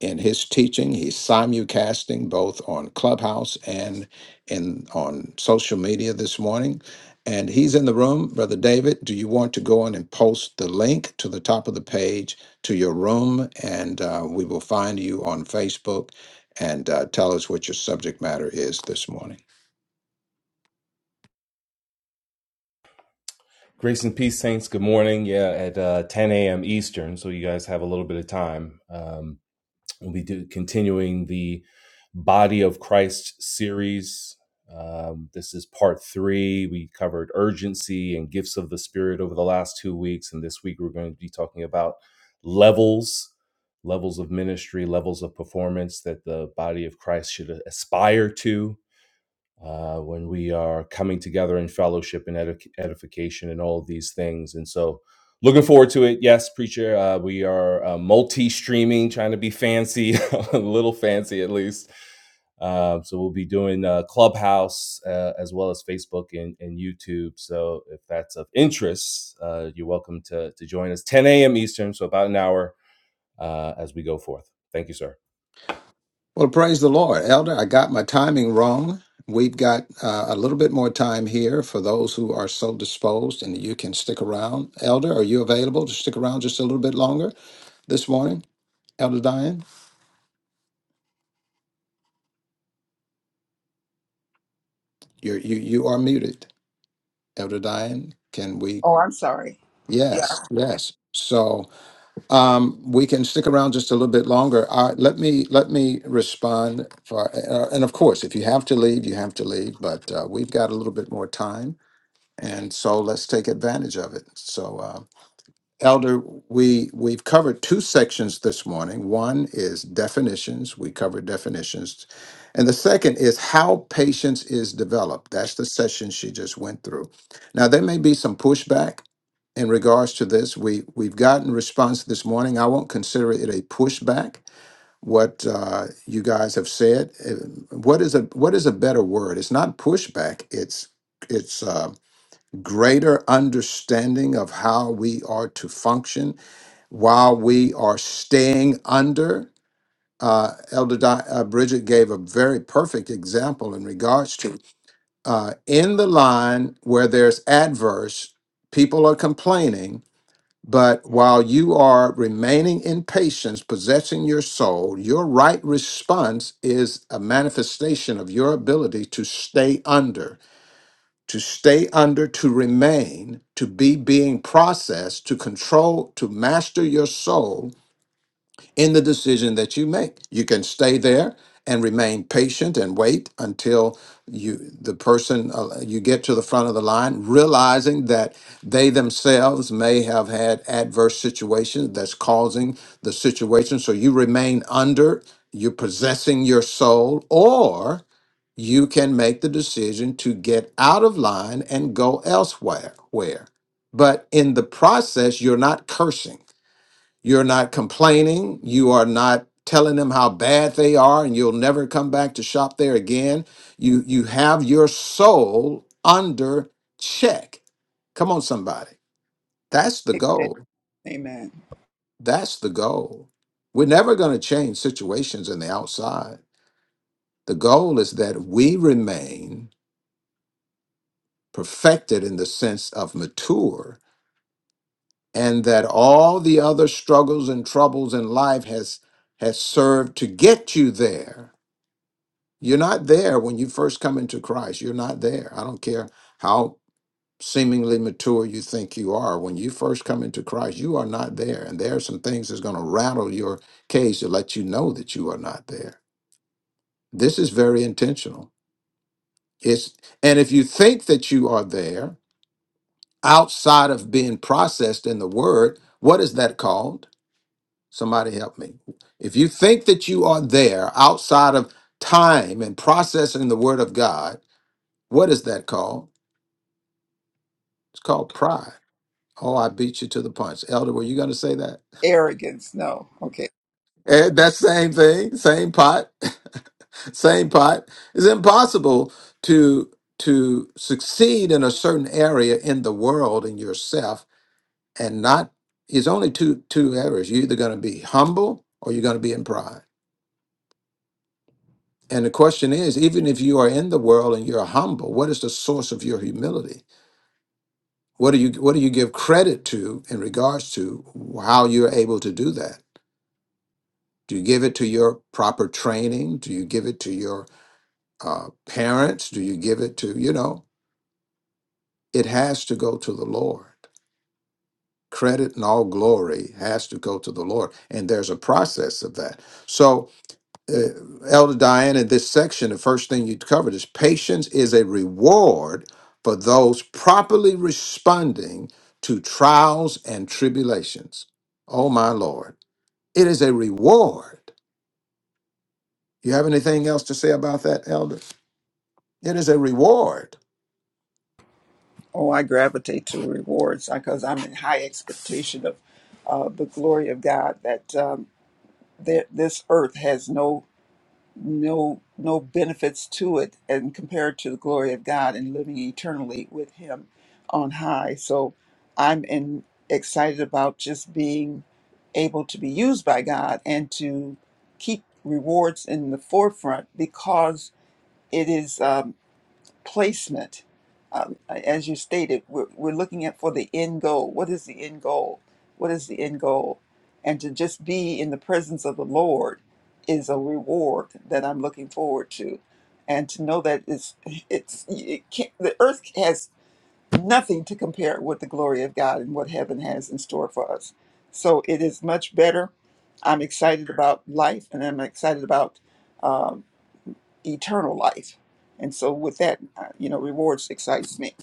S1: in his teaching. He's simulcasting both on Clubhouse and in on social media this morning. And he's in the room. Brother David, do you want to go on and post the link to the top of the page to your room? And uh, we will find you on Facebook and uh, tell us what your subject matter is this morning.
S7: Grace and peace, saints. Good morning. Yeah, at uh, 10 a.m. Eastern, so you guys have a little bit of time. Um, we'll be do- continuing the Body of Christ series. Um, this is part three. We covered urgency and gifts of the Spirit over the last two weeks, and this week we're going to be talking about levels, levels of ministry, levels of performance that the body of Christ should aspire to uh, when we are coming together in fellowship and edif- edification and all of these things. And so, looking forward to it. Yes, preacher, uh, we are uh, multi streaming, trying to be fancy, a little fancy at least. Um, so, we'll be doing uh, Clubhouse uh, as well as Facebook and, and YouTube. So, if that's of interest, uh, you're welcome to, to join us 10 a.m. Eastern, so about an hour uh, as we go forth. Thank you, sir.
S1: Well, praise the Lord, Elder. I got my timing wrong. We've got uh, a little bit more time here for those who are so disposed, and you can stick around. Elder, are you available to stick around just a little bit longer this morning? Elder Diane, you're, you you are muted. Elder Diane, can we?
S3: Oh, I'm sorry. Yeah.
S1: Yes, yes. So um, we can stick around just a little bit longer. Uh, let me let me respond for, uh, and of course, if you have to leave, you have to leave. But uh, we've got a little bit more time and so let's take advantage of it. So, uh, Elder, we we've covered two sections this morning. One is definitions. We covered definitions, and the second is how patience is developed. That's the session she just went through. Now, there may be some pushback in regards to this. We we've gotten response this morning. I won't consider it a pushback. What uh, you guys have said. Uh, What is a what is a better word? It's not pushback. It's it's. Um, greater understanding of how we are to function while we are staying under. Uh, Elder Di- uh, Bridget gave a very perfect example in regards to uh, in the line where there's adverse, people are complaining, but while you are remaining in patience, possessing your soul, your right response is a manifestation of your ability to stay under to stay under, to remain, to be being processed, to control, to master your soul in the decision that you make. You can stay there and remain patient and wait until you the person uh, you get to the front of the line realizing that they themselves may have had adverse situations that's causing the situation so you remain under you're possessing your soul or you can make the decision to get out of line and go elsewhere where but in the process you're not cursing you're not complaining. You are not telling them how bad they are and you'll never come back to shop there again. You you have your soul under check. Come on somebody. That's the
S3: Amen.
S1: goal.
S3: Amen.
S1: That's the goal. We're never going to change situations in the outside. The goal is that we remain perfected in the sense of mature and that all the other struggles and troubles in life has has served to get you there You're not there when you first come into Christ. You're not there. I don't care how seemingly mature you think you are. When you first come into Christ, you are not there. And there are some things that's going to rattle your cage to let you know that you are not there. This is very intentional. It's and if you think that you are there outside of being processed in the word, what is that called? Somebody help me. If you think that you are there outside of time and processing the word of God, what is that called? It's called pride. Oh, I beat you to the punch. Elder, were you going to say that?
S3: Arrogance. No. Okay.
S1: Eh, That same thing, same pot, same pot. It's impossible to to succeed in a certain area in the world in yourself and not. It's only two two areas. You're either going to be humble or you're going to be in pride. And the question is, even if you are in the world and you're humble, what is the source of your humility? What do you what do you give credit to in regards to how you're able to do that? Do you give it to your proper training? Do you give it to your uh, parents? Do you give it to, you know, it has to go to the Lord. Credit and all glory has to go to the Lord. And there's a process of that. So, uh, Elder Diane, in this section, the first thing you covered is patience is a reward for those properly responding to trials and tribulations. Oh, my Lord. It is a reward. You have anything else to say about that, Elder? It is a reward.
S3: Oh, I gravitate to rewards because I'm in high expectation of uh, the glory of God. That um, th- this earth has no no no benefits to it, and compared to the glory of God and living eternally with Him on high. So I'm in, excited about just being able to be used by God and to keep rewards in the forefront because it is. Um, placement. Um, as you stated, we're, we're looking at for the end goal. What is the end goal? What is the end goal? And to just be in the presence of the Lord is a reward that I'm looking forward to. And to know that it's, it's it can't, the earth has nothing to compare with the glory of God and what heaven has in store for us. So it is much better. I'm excited about life and I'm excited about eternal life. And so with that, uh, you know, rewards excites me.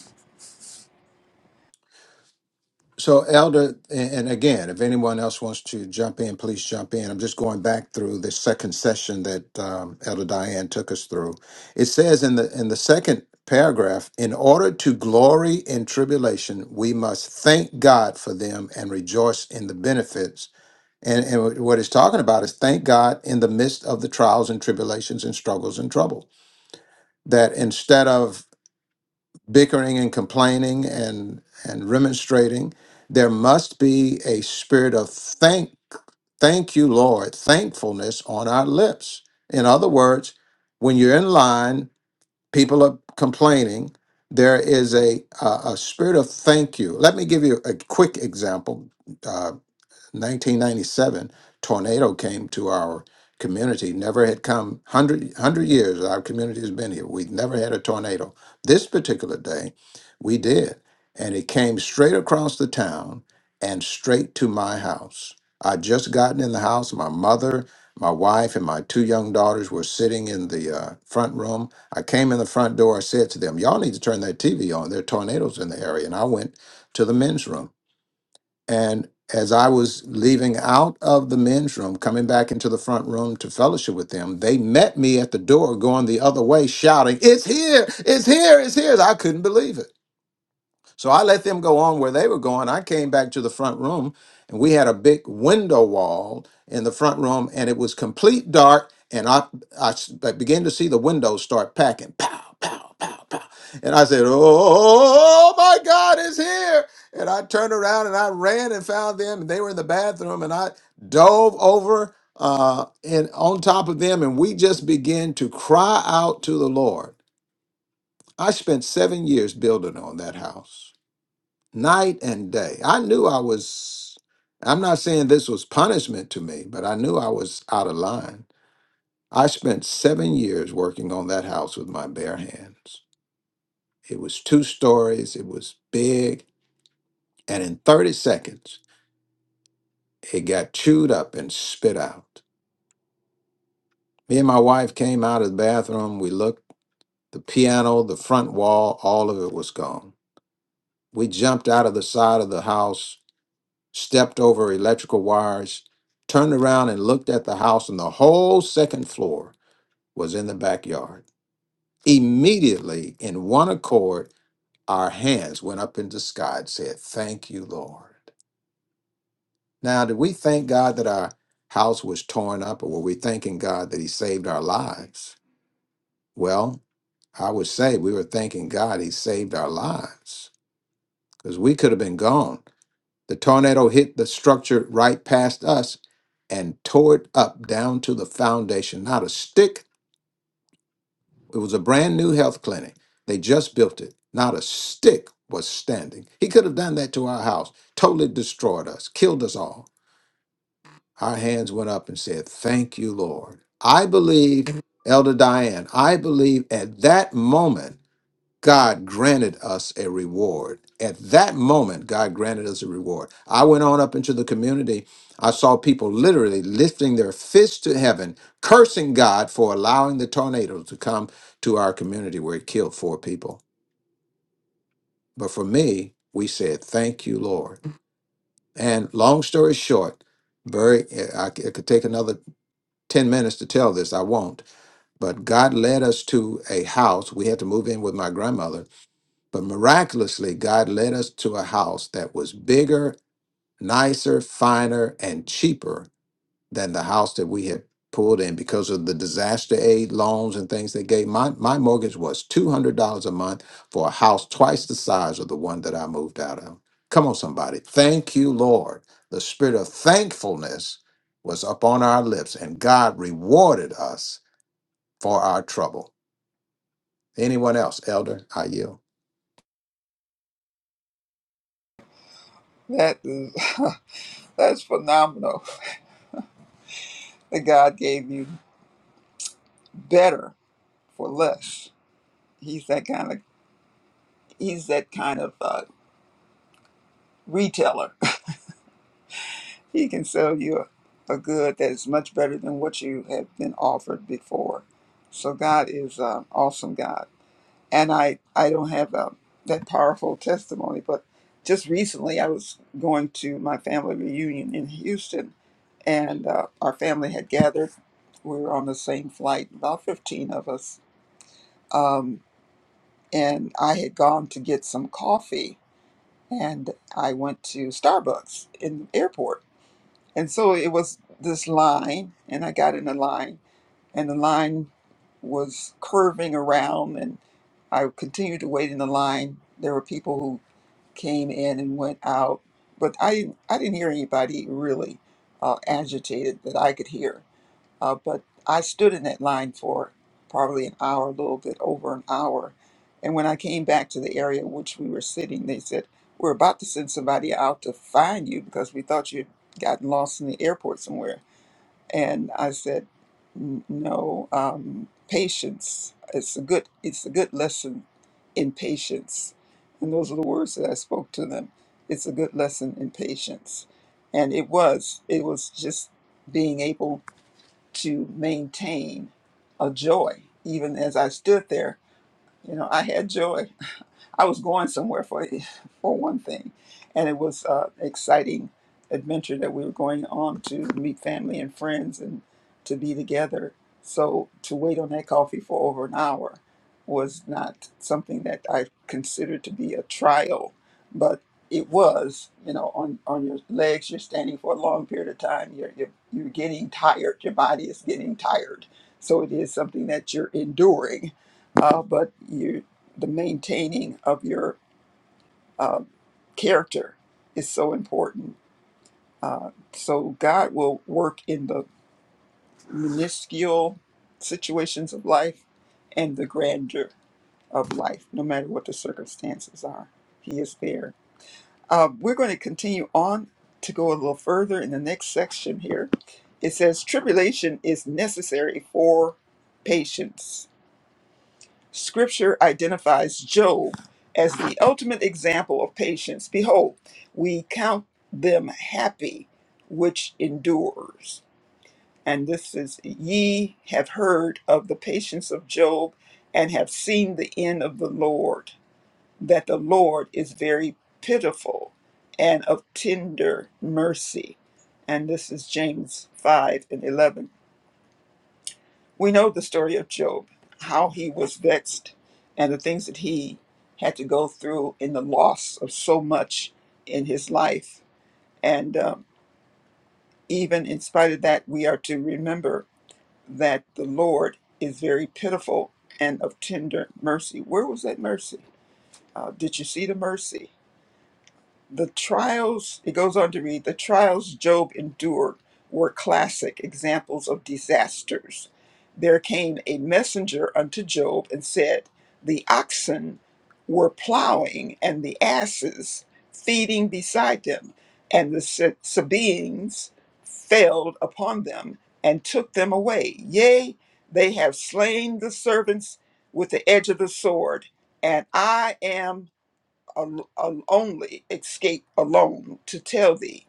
S1: So, Elder, and and again, if anyone else wants to jump in, please jump in. I'm just going back through the second session that um, Elder Diane took us through. It says in the in the second paragraph, in order to glory in tribulation, we must thank God for them and rejoice in the benefits. And, and what it's talking about is thank God in the midst of the trials and tribulations and struggles and trouble. That instead of bickering and complaining and and remonstrating there must be a spirit of thank thank you lord thankfulness on our lips in other words when you're in line people are complaining there is a a, a spirit of thank you let me give you a quick example uh, 1997 tornado came to our community never had come 100, years our community has been here we've never had a tornado this particular day we did and it came straight across the town and straight to my house i'd just gotten in the house my mother my wife and my two young daughters were sitting in the uh, front room i came in the front door i said to them y'all need to turn that tv on there are tornadoes in the area and i went to the men's room and as I was leaving out of the men's room, coming back into the front room to fellowship with them, they met me at the door going the other way, shouting, It's here, it's here, it's here. I couldn't believe it. So I let them go on where they were going. I came back to the front room and we had a big window wall in the front room and it was complete dark. And I, I s- I began to see the windows start packing. Pow, pow, pow, pow. And I said, Oh my God, it's here. And I turned around and I ran and found them. And they were in the bathroom and I dove over uh, and on top of them. And we just began to cry out to the Lord. I spent seven years building on that house night and day. I knew I was, I'm not saying this was punishment to me, but I knew I was out of line. I spent seven years working on that house with my bare hands. It was two stories, it was big, and in 30 seconds, it got chewed up and spit out. Me and my wife came out of the bathroom. We looked, the piano, the front wall, all of it was gone. We jumped out of the side of the house stepped over electrical wires, turned around and looked at the house, and the whole second floor was in the backyard. Immediately, in one accord, our hands went up into the sky and said, Thank you, Lord. Now, did we thank God that our house was torn up, or were we thanking God that He saved our lives? Well, I would say we were thanking God He saved our lives because we could have been gone. The tornado hit the structure right past us and tore it up down to the foundation. Not a stick. It was a brand new health clinic. They just built it. Not a stick was standing. He could have done that to our house, totally destroyed us, killed us all. Our hands went up and said, Thank you, Lord. I believe, Elder Diane, I believe at that moment. God granted us a reward. At that moment, God granted us a reward. I went on up into the community. I saw people literally lifting their fists to heaven, cursing God for allowing the tornado to come to our community where it killed four people. But for me, we said, Thank you, Lord. And long story short, very, I c- it could take another 10 minutes to tell this. I won't. But God led us to a house. We had to move in with my grandmother But miraculously, God led us to a house that was bigger, nicer, finer, and cheaper than the house that we had pulled in because of the disaster aid loans and things they gave. My, my mortgage was $200 a month for a house twice the size of the one that I moved out of. Come on, somebody. Thank you, Lord. The spirit of thankfulness was upon our lips, and God rewarded us for our trouble. Anyone else, Elder? I yield.
S3: That is that's phenomenal. That God gave you better for less. He's that kind of he's that kind of uh, retailer. he can sell you a, a good that is much better than what you have been offered before. So God is an awesome God. and I I don't have um that powerful testimony, but just recently I was going to my family reunion in Houston, and uh, our family had gathered. We were on the same flight, about fifteen of us, um, and I had gone to get some coffee, and I went to Starbucks in the airport, and so it was this line, and I got in a line and the line was curving around and I continued to wait in the line. There were people who came in and went out, but I didn't, I didn't hear anybody really uh, agitated that I could hear. Uh, but I stood in that line for probably an hour, a little bit over an hour. And when I came back to the area in which we were sitting, they said, We're about to send somebody out to find you because we thought you'd gotten lost in the airport somewhere. And I said, "N- no, um, patience. It's a good. It's a good lesson in patience. And those are the words that I spoke to them. It's a good lesson in patience. And it was. It was just being able to maintain a joy, even as I stood there. You know, I had joy I was going somewhere for for one thing, and it was uh, exciting adventure that we were going on to meet family and friends and to be together. So to wait on that coffee for over an hour was not something that I considered to be a trial, but it was. You know, on on your legs, you're standing for a long period of time. You're you're, you're getting tired. Your body is getting tired. So it is something that you're enduring, uh, but you the maintaining of your character is so important. So God will work in the minuscule situations of life and the grandeur of life, no matter what the circumstances are. He is there. Uh, we're going to continue on to go a little further in the next section here. It says, Tribulation is necessary for patience Scripture identifies Job as the ultimate example of patience. Behold, we count them happy which endures. And this is, ye have heard of the patience of Job and have seen the end of the Lord, that the Lord is very pitiful and of tender mercy. And this is James 5 and 11. We know the story of Job, how he was vexed, and the things that he had to go through in the loss of so much in his life. And um, even in spite of that, we are to remember that the Lord is very pitiful and of tender mercy. Where was that mercy? Uh, did you see the mercy? The trials, it goes on to read, the trials Job endured were classic examples of disasters. There came a messenger unto Job and said, The oxen were plowing and the asses feeding beside them, and the Se- Sabaeans failed upon them and took them away. Yea, they have slain the servants with the edge of the sword, and I am al- al- only escape alone to tell thee.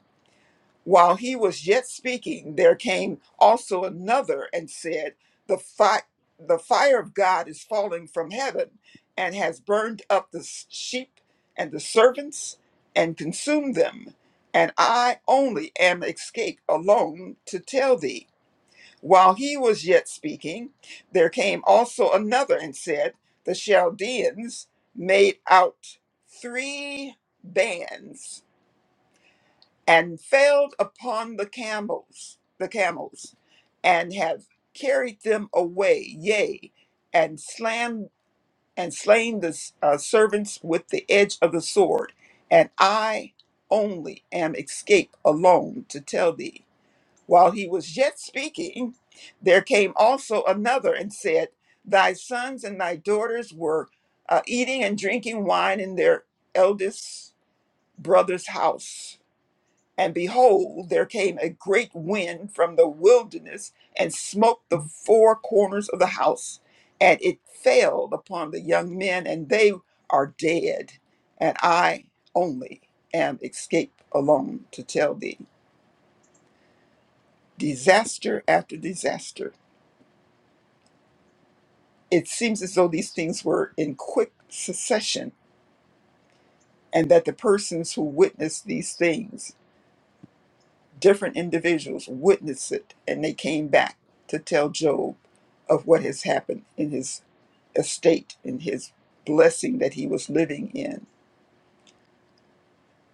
S3: While he was yet speaking, there came also another and said, The, fi- the fire of God is falling from heaven and has burned up the s- sheep and the servants and consumed them. And I only am escaped alone to tell thee. While he was yet speaking, there came also another and said, The Chaldeans made out three bands and failed upon the camels, the camels, and have carried them away, yea, and slam and slain the uh, servants with the edge of the sword, and I only am escaped alone to tell thee. While he was yet speaking, there came also another and said, Thy sons and thy daughters were uh, eating and drinking wine in their eldest brother's house. And behold, there came a great wind from the wilderness and smote the four corners of the house, and it fell upon the young men, and they are dead. And I only am escaped alone to tell thee disaster after disaster it seems as though these things were in quick succession and that the persons who witnessed these things, different individuals, witnessed it and they came back to tell Job of what has happened in his estate, in his blessing that he was living in.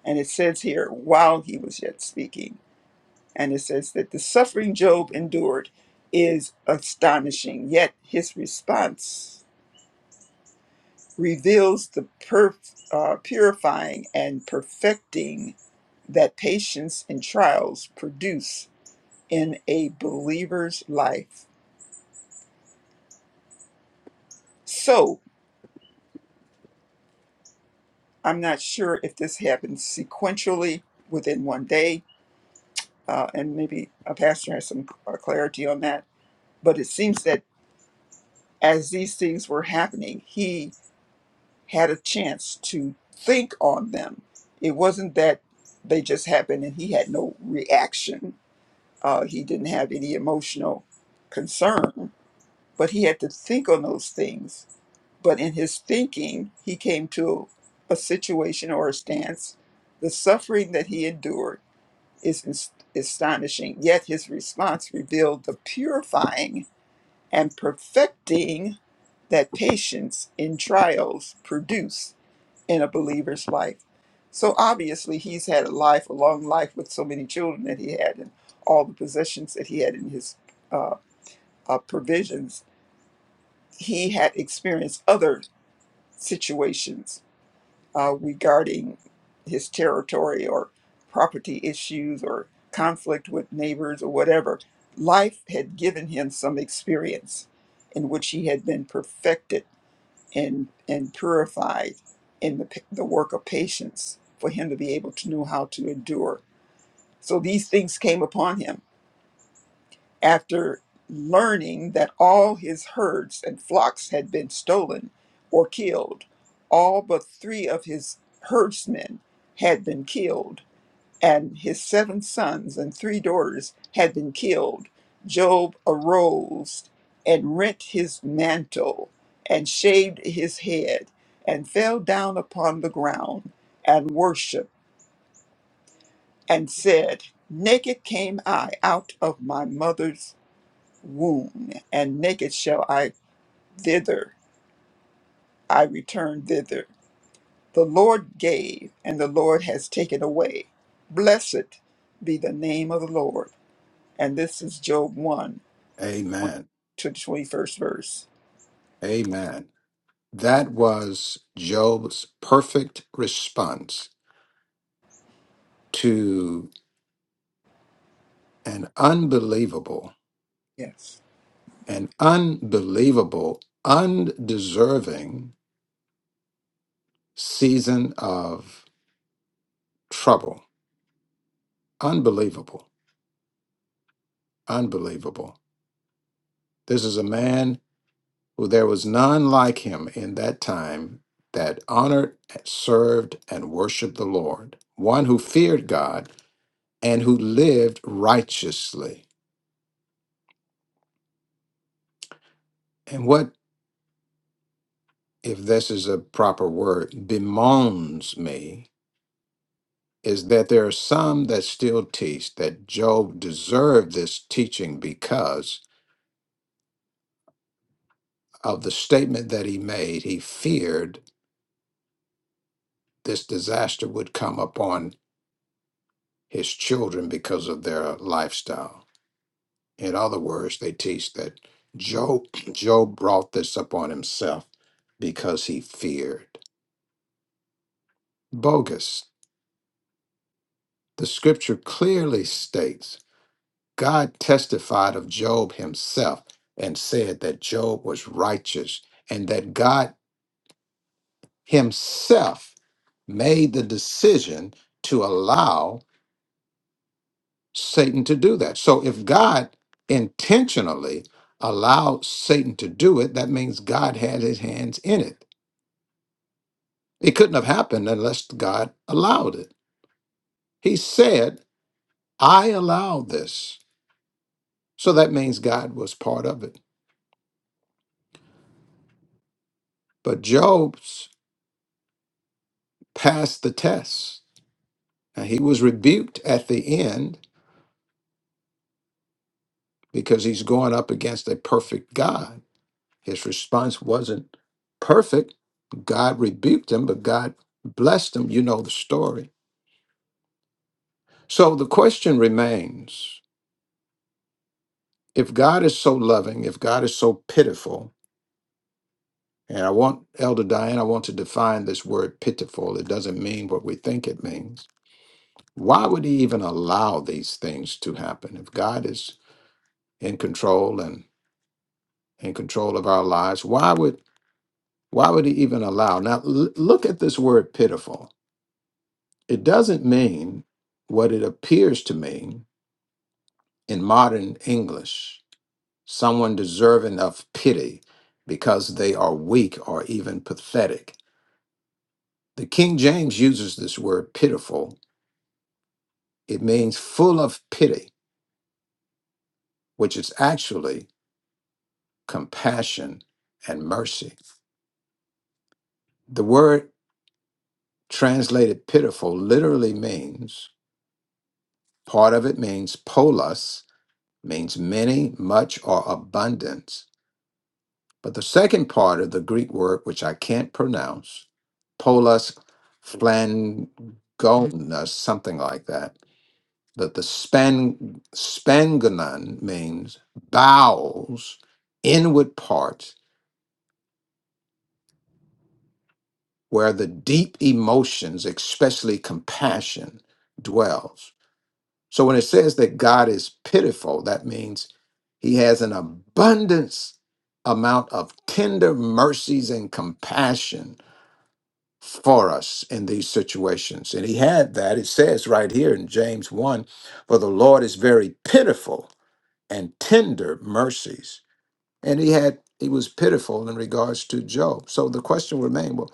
S3: And it says here, while he was yet speaking, and it says that the suffering Job endured is astonishing, yet his response reveals the perf, uh, purifying and perfecting that patience and trials produce in a believer's life. So, I'm not sure if this happens sequentially within one day, uh, and maybe a pastor has some uh, clarity on that. But it seems that as these things were happening, he had a chance to think on them. It wasn't that they just happened and he had no reaction Uh, he didn't have any emotional concern, but he had to think on those things. But in his thinking, he came to a situation or a stance. The suffering that he endured is ins- astonishing, yet his response revealed the purifying and perfecting that patience in trials produce in a believer's life. So obviously, he's had a life, a long life with so many children that he had and all the possessions that he had in his uh, uh, provisions. He had experienced other situations uh, regarding his territory or property issues or conflict with neighbors or whatever. Life had given him some experience in which he had been perfected and and purified in the pa- the work of patience for him to be able to know how to endure. So these things came upon him after learning that all his herds and flocks had been stolen or killed. All but three of his herdsmen had been killed and his seven sons and three daughters had been killed, Job arose and rent his mantle and shaved his head and fell down upon the ground and worshiped and said, Naked came I out of my mother's womb, and naked shall I thither, I return thither. The Lord gave, and the Lord has taken away. Blessed be the name of the Lord. And this is Job 1
S1: Amen.
S3: to the 21st verse.
S1: Amen. That was Job's perfect response to an unbelievable,
S3: Yes.
S1: an unbelievable, undeserving season of trouble. Unbelievable. Unbelievable. This is a man who there was none like him in that time that honored, served, and worshiped the Lord, one who feared God and who lived righteously. And what if this is a proper word, bemoans me, is that there are some that still teach that Job deserved this teaching because of the statement that he made. He feared this disaster would come upon his children because of their lifestyle. In other words, they teach that Job, Job brought this upon himself because he feared. Bogus. The scripture clearly states God testified of Job himself and said that Job was righteous and that God himself made the decision to allow Satan to do that. So if God intentionally allowed Satan to do it, that means God had his hands in it. It couldn't have happened unless God allowed it. He said, I allowed this. So that means God was part of it. But Job's passed the test Now, he was rebuked at the end because he's going up against a perfect God. His response wasn't perfect. God rebuked him, but God blessed him. You know the story. So the question remains if God is so loving, if God is so pitiful, and I want, Elder Diane, I want to define this word pitiful. It doesn't mean what we think it means. Why would he even allow these things to happen? If God is in control and in control of our lives, why would Why would he even allow? Now, l- look at this word pitiful. It doesn't mean what it appears to mean in modern English someone deserving of pity because they are weak or even pathetic. The King James uses this word pitiful. It means full of pity, which is actually compassion and mercy. The word translated pitiful literally means, part of it means polos, means many, much, or abundance. But the second part of the Greek word, which I can't pronounce, polos phlangonus, something like that, that the span, spangonon means bowels, inward parts, where the deep emotions, especially compassion, dwells. So when it says that God is pitiful, that means he has an abundance amount of tender mercies and compassion for us in these situations. And he had that. It says right here in James 1 For the Lord is very pitiful and tender mercies. And he had he was pitiful in regards to Job. So the question remained well,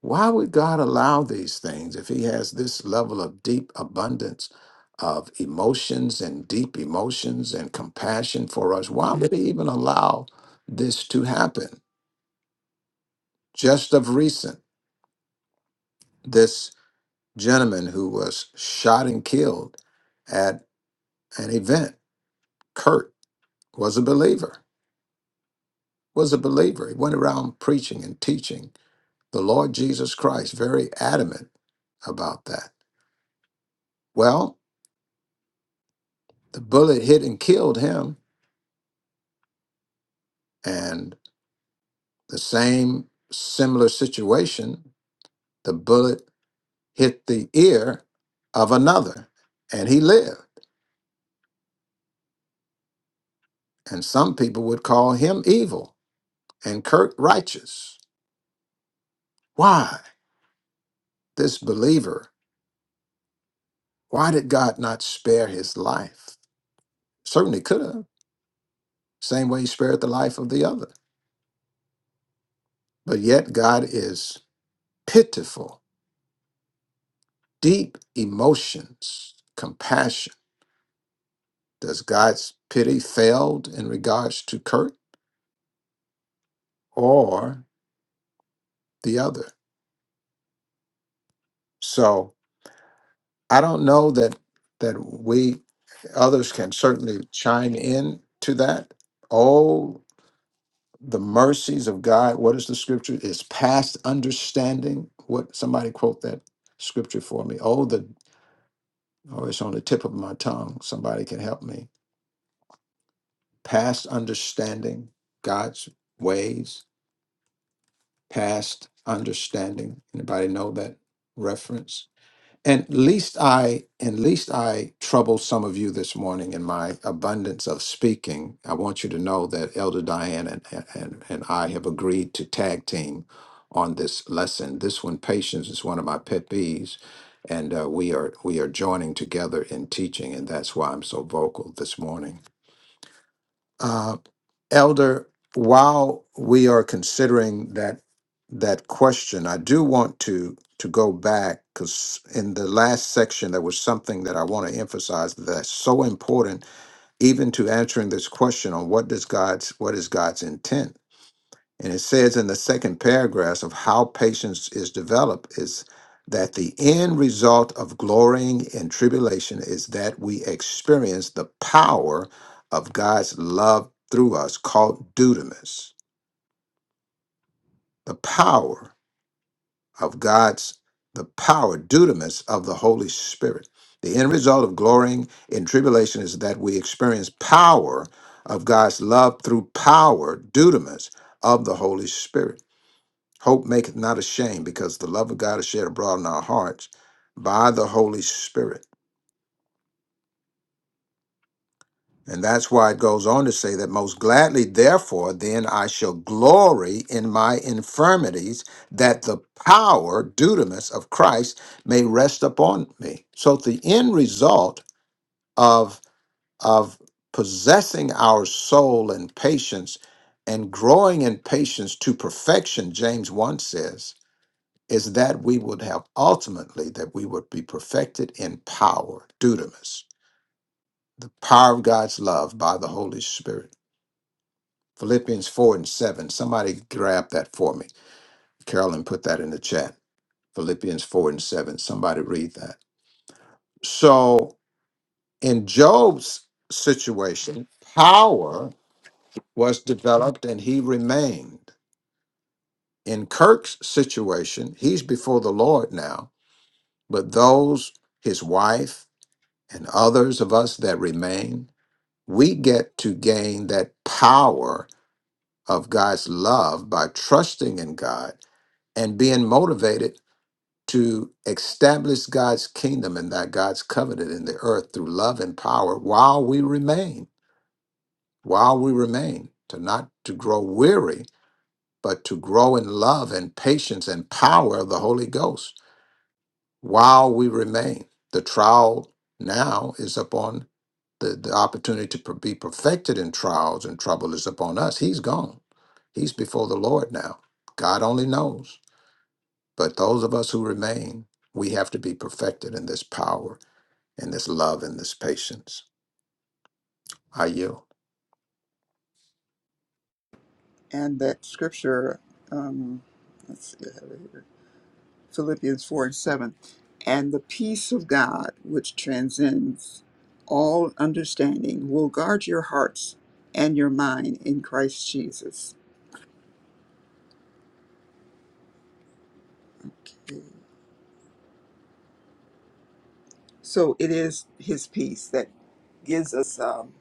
S1: why would God allow these things if He has this level of deep abundance of emotions and deep emotions and compassion for us? Why would He even allow this to happen? Just of recent, this gentleman who was shot and killed at an event, Kurt, was a believer. Was a believer. He went around preaching and teaching the Lord Jesus Christ, very adamant about that. Well, the bullet hit and killed him And the same similar situation, the bullet hit the ear of another, and he lived. And some people would call him evil and Kirk righteous. Why? This believer, why did God not spare his life? Certainly could have, same way he spared the life of the other. But yet, God is pitiful, deep emotions, compassion. Does God's pity failed in regards to Kirk? or the other. So I don't know that that we others can certainly chime in to that. Oh, the mercies of God. What is the scripture? Is past understanding. What somebody quote that scripture for me. Oh, the oh, it's on the tip of my tongue. Somebody can help me. Past understanding God's ways. Past understanding. Anybody know that reference? And least I, and least I trouble some of you this morning in my abundance of speaking. I want you to know that Elder Diane and, and, and I have agreed to tag team on this lesson. This one, patience, is one of my pet peeves, and uh, we are we are joining together in teaching, and that's why I'm so vocal this morning. Uh, Elder, while we are considering that that question, I do want to to go back because in the last section there was something that I want to emphasize that's so important, even to answering this question on what does God's what is God's intent and it says in the second paragraph of how patience is developed is that the end result of glorying in tribulation is that we experience the power of God's love through us called dudamus. The power of God's the power dudamus of the Holy Spirit. The end result of glorying in tribulation is that we experience power of God's love through power dudamus of the Holy Spirit. Hope maketh not ashamed, because the love of God is shed abroad in our hearts by the Holy Spirit. And that's why it goes on to say that most gladly, therefore, then I shall glory in my infirmities, that the power, dunamis, of Christ may rest upon me. So the end result of, of possessing our soul in patience and growing in patience to perfection, James 1 says, is that we would have ultimately that we would be perfected in power, dudamus, the power of God's love by the Holy Spirit. Philippians 4 and 7. Somebody grab that for me. Carolyn put that in the chat. Philippians 4 and 7. Somebody read that. So in Job's situation, power was developed and he remained. In Kirk's situation, he's before the Lord now, but those, his wife, and others of us that remain, we get to gain that power of God's love by trusting in God and being motivated to establish God's kingdom and that God's covenant in the earth through love and power while we remain, while we remain, to not to grow weary, but to grow in love and patience and power of the Holy Ghost while we remain. The trial now is upon the, the opportunity to per- be perfected in trials and trouble is upon us. He's gone. He's before the Lord now. God only knows. But those of us who remain, we have to be perfected in this power, in this love, in this patience. I yield.
S3: And that scripture, um, let's see, I have it here Philippians 4 and 7. And the peace of God, which transcends all understanding, will guard your hearts and your mind in Christ Jesus. So it is his peace that gives us um,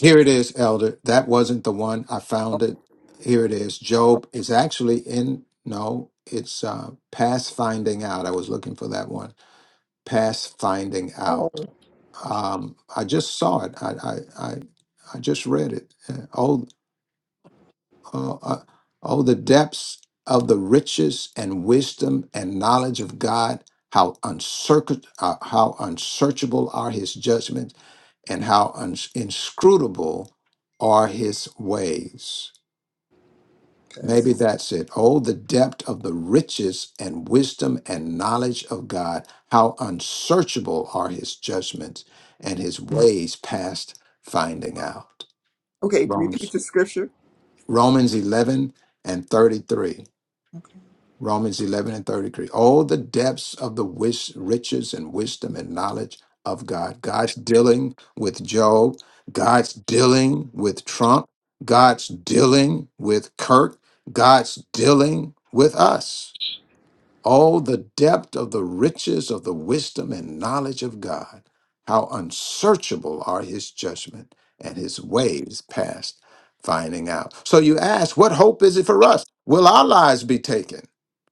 S1: Here it is, Elder. That wasn't the one. I found it. Here it is. Job is actually in, no, it's uh, past finding out. I was looking for that one. Past finding
S3: Oh,
S1: out. Um, I just saw it. I, I, I, I just read it. Uh, Oh, uh, uh, oh, the depths of the riches and wisdom and knowledge of God! How uncirc, uh, how unsearchable are His judgments, and how uns inscrutable are His ways.
S3: okay.
S1: Maybe that's it. Oh, the depth of the riches and wisdom and knowledge of God. How unsearchable are his judgments and his ways past finding out.
S3: Okay, repeat
S1: Romans,
S3: the scripture.
S1: Romans 11 and 33. Romans 11 and 33. Oh, the depths of the wis- riches and wisdom and knowledge of God. God's dealing with Job. God's dealing with Trump. God's dealing with Kirk. God's dealing with us. Oh, the depth of the riches of the wisdom and knowledge of God. How unsearchable are his judgment and his ways past finding out. So you ask, what hope is it for us? Will our lives be taken?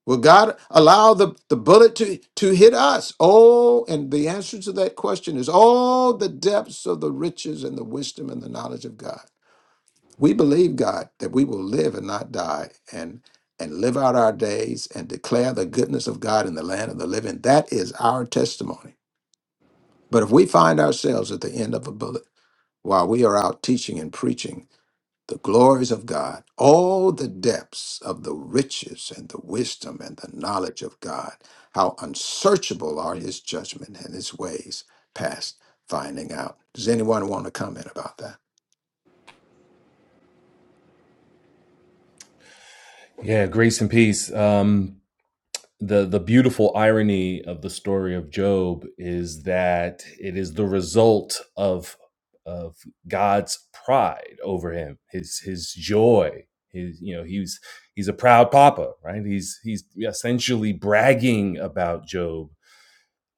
S1: Will God allow the, the bullet to, to hit us? Oh, and the answer to that question is, oh, the depths of the riches and the wisdom and the knowledge of God. We believe, God, that we will live and not die and and live out our days and declare the goodness of God in the land of the living. That is our testimony. But if we find ourselves at the end of a bullet while we are out teaching and preaching the glories of God, all the depths of the riches and the wisdom and the knowledge of God, how unsearchable are his judgment and his ways past finding out. Does anyone want to comment about that?
S7: Yeah, grace and peace. Um, the the beautiful irony of the story of Job is that it is the result of of God's pride over him, his his joy, his you know he's he's a proud papa, right? He's he's essentially bragging about Job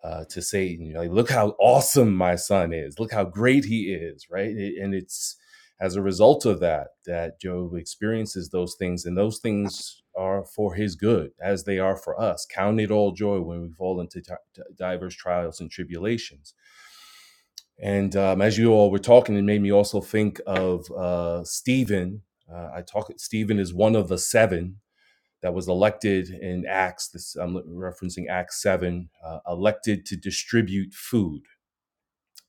S7: uh, to Satan, you know, like, look how awesome my son is, look how great he is, right? and it's as a result of that that Job experiences those things, and those things are for his good, as they are for us. Count it all joy when we fall into t- diverse trials and tribulations. And um, as you all were talking, it made me also think of uh, Stephen. Uh, I talk. Stephen is one of the seven that was elected in Acts, this, I'm referencing Acts 7, uh, elected to distribute food.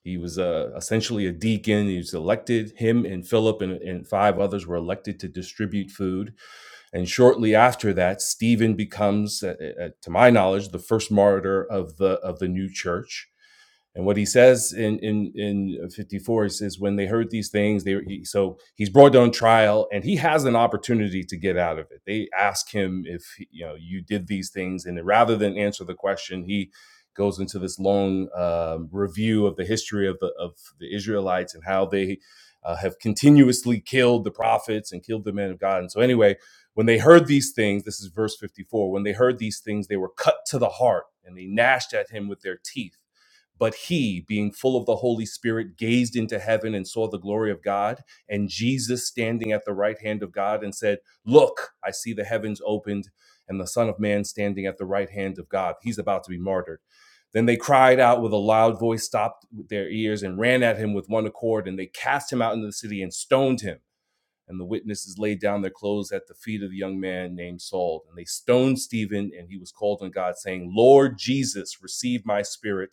S7: He was uh, essentially a deacon. He was elected, him and Philip and, and five others were elected to distribute food. And shortly after that, Stephen becomes, uh, uh, to my knowledge, the first martyr of the, of the new church and what he says in in in 54, he says, when they heard these things, they he, so he's brought on trial, and he has an opportunity to get out of it. They ask him if you know you did these things, and rather than answer the question, he goes into this long um, review of the history of the of the Israelites and how they uh, have continuously killed the prophets and killed the men of God. And so anyway, when they heard these things, this is verse 54. When they heard these things, they were cut to the heart, and they gnashed at him with their teeth. But he, being full of the Holy Spirit, gazed into heaven and saw the glory of God, and Jesus standing at the right hand of God and said, Look, I see the heavens opened, and the Son of Man standing at the right hand of God. He's about to be martyred. Then they cried out with a loud voice, stopped their ears, and ran at him with one accord, and they cast him out into the city and stoned him. And the witnesses laid down their clothes at the feet of the young man named Saul. And they stoned Stephen, and he was called on God, saying, Lord Jesus, receive my spirit.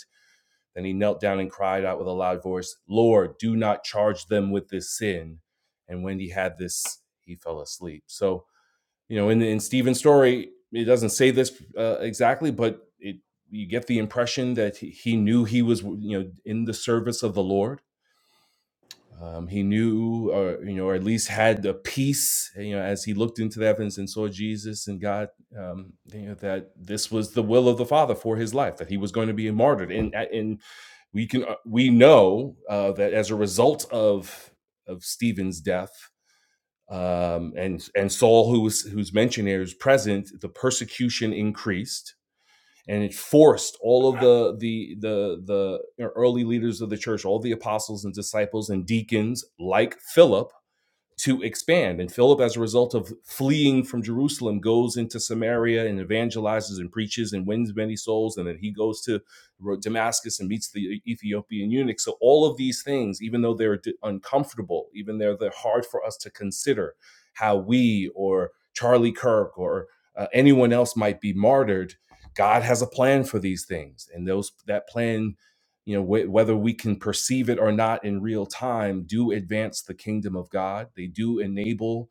S7: Then he knelt down and cried out with a loud voice, Lord, do not charge them with this sin. And when he had this, he fell asleep. So, you know, in, in Stephen's story, it doesn't say this uh, exactly, but it, you get the impression that he he knew he was, you know, in the service of the Lord um, he knew or you know or at least had a peace you know as he looked into the heavens and saw jesus and god um, you know that this was the will of the father for his life that he was going to be martyred and and we can uh, we know uh, that as a result of of stephen's death um, and and saul who was who's mentioned here is present the persecution increased and it forced all of the the the the early leaders of the church all the apostles and disciples and deacons like philip to expand. And Philip, as a result of fleeing from Jerusalem, goes into Samaria and evangelizes and preaches and wins many souls. And then he goes to Damascus and meets the E-, Ethiopian eunuch. So, all of these things, even though they're uncomfortable, even though they're hard for us to consider how we or Charlie Kirk or uh, anyone else might be martyred, God has a plan for these things. And those that plan you know wh- whether we can perceive it or not in real time do advance the kingdom of god they do enable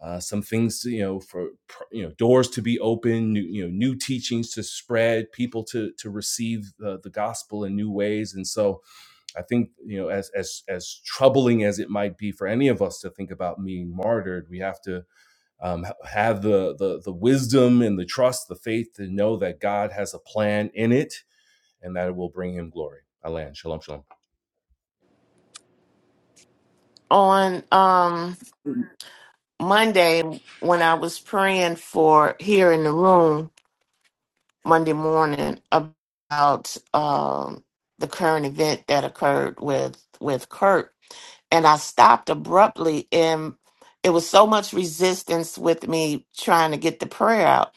S7: uh, some things to, you know for pr- you know doors to be open new, you know new teachings to spread people to to receive the, the gospel in new ways and so i think you know as as as troubling as it might be for any of us to think about being martyred we have to um, ha- have the, the the wisdom and the trust the faith to know that god has a plan in it and that it will bring him glory. Alan, shalom, shalom.
S4: On, um, Monday, when I was praying for here in the room, Monday morning about um, the current event that occurred with with Kurt, and I stopped abruptly. And it was so much resistance with me trying to get the prayer out,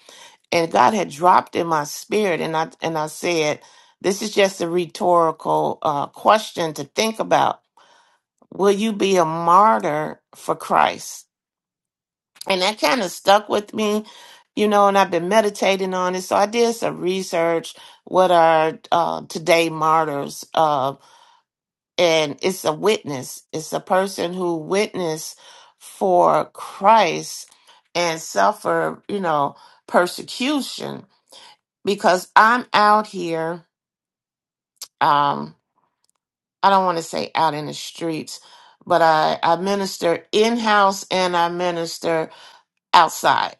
S4: and God had dropped in my spirit, and I and I said, "This is just a rhetorical uh, question to think about. Will you be a martyr for Christ?" and that kind of stuck with me you know and i've been meditating on it so i did some research what are uh, today martyrs uh, and it's a witness it's a person who witnessed for christ and suffer you know persecution because i'm out here um, i don't want to say out in the streets but i, I minister in-house and i minister outside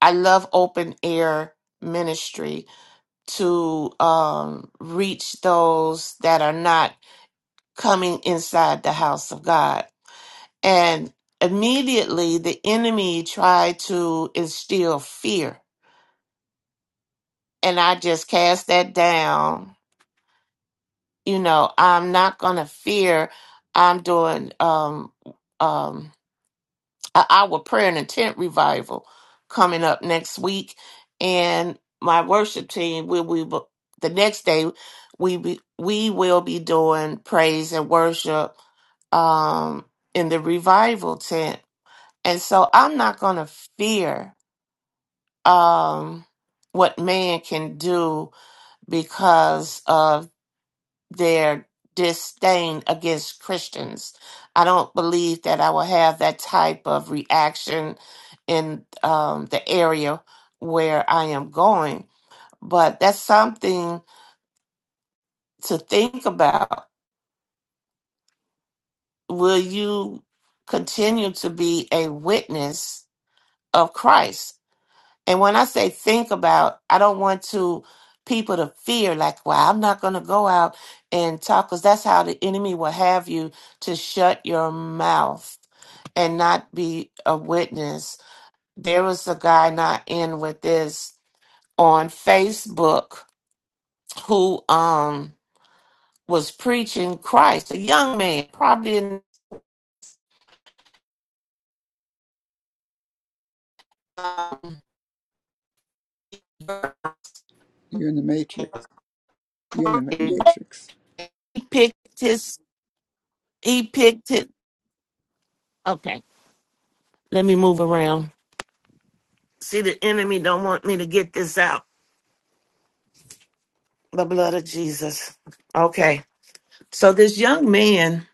S4: I love open air ministry to um, reach those that are not coming inside the house of God. And immediately the enemy tried to instill fear. And I just cast that down. You know, I'm not going to fear. I'm doing um, um, a our prayer and intent revival coming up next week and my worship team will we the next day we be, we will be doing praise and worship um in the revival tent and so i'm not going to fear um what man can do because of their disdain against Christians. I don't believe that I will have that type of reaction in um, the area where I am going, but that's something to think about. Will you continue to be a witness of Christ? And when I say think about, I don't want to people to fear like, well, I'm not going to go out and talk because that's how the enemy will have you to shut your mouth and not be a witness. There was a guy not in with this on Facebook who um was preaching Christ, a young man, probably in um,
S3: You're in the matrix. You're in the
S4: he
S3: matrix.
S4: picked his he picked it. Okay, let me move around See, the enemy don't want me to get this out. The blood of Jesus. Okay. So this young man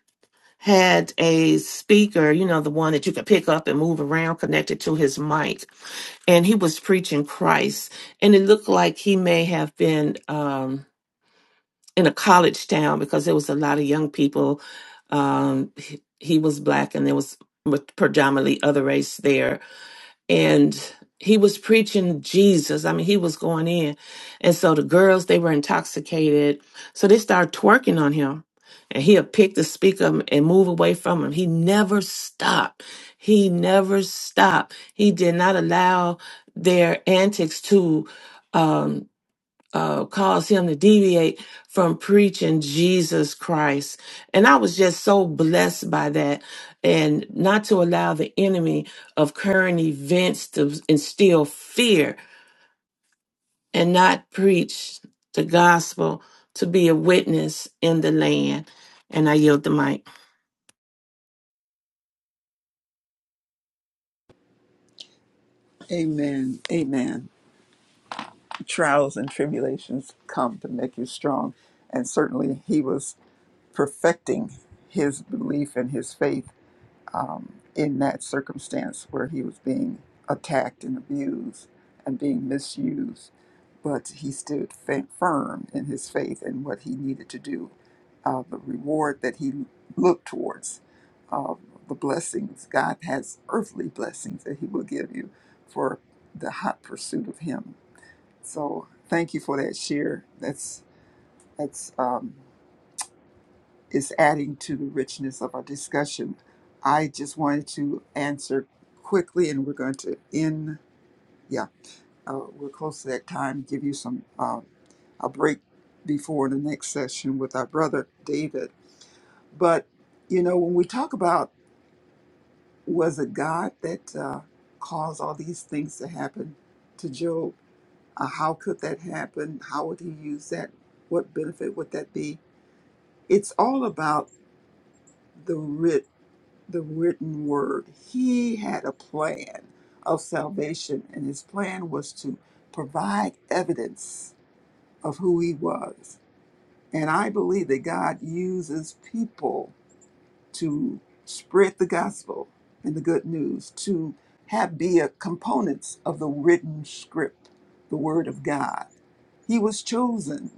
S4: had a speaker, you know, the one that you could pick up and move around connected to his mic. And he was preaching Christ. And it looked like he may have been um, in a college town because there was a lot of young people. Um, he, he was black and there was predominantly other race there and he was preaching Jesus. I mean, he was going in. And so the girls, they were intoxicated. So they started twerking on him. And he'll pick the speaker and move away from him. He never stopped. He never stopped. He did not allow their antics to um, uh, caused him to deviate from preaching Jesus Christ. And I was just so blessed by that. And not to allow the enemy of current events to instill fear and not preach the gospel to be a witness in the land. And I yield the mic.
S3: Amen. Amen. Trials and tribulations come to make you strong. And certainly he was perfecting his belief and his faith in that circumstance where he was being attacked and abused and being misused. But he stood fa- firm in his faith and what he needed to do. Uh, the reward that he looked towards, uh, the blessings, God has earthly blessings that he will give you for the hot pursuit of him so thank you for that share. That's that's um, is adding to the richness of our discussion. I just wanted to answer quickly, and we're going to end. Yeah, uh, we're close to that time. Give you some uh, a break before the next session with our brother David. But you know, when we talk about was it God that uh, caused all these things to happen to Job? Uh, how could that happen? How would he use that? What benefit would that be? it's all about the writ the written word. He had a plan of salvation, and his plan was to provide evidence of who he was. And I believe that God uses people to spread the gospel and the good news, to have be a components of the written script, the word of God. He was chosen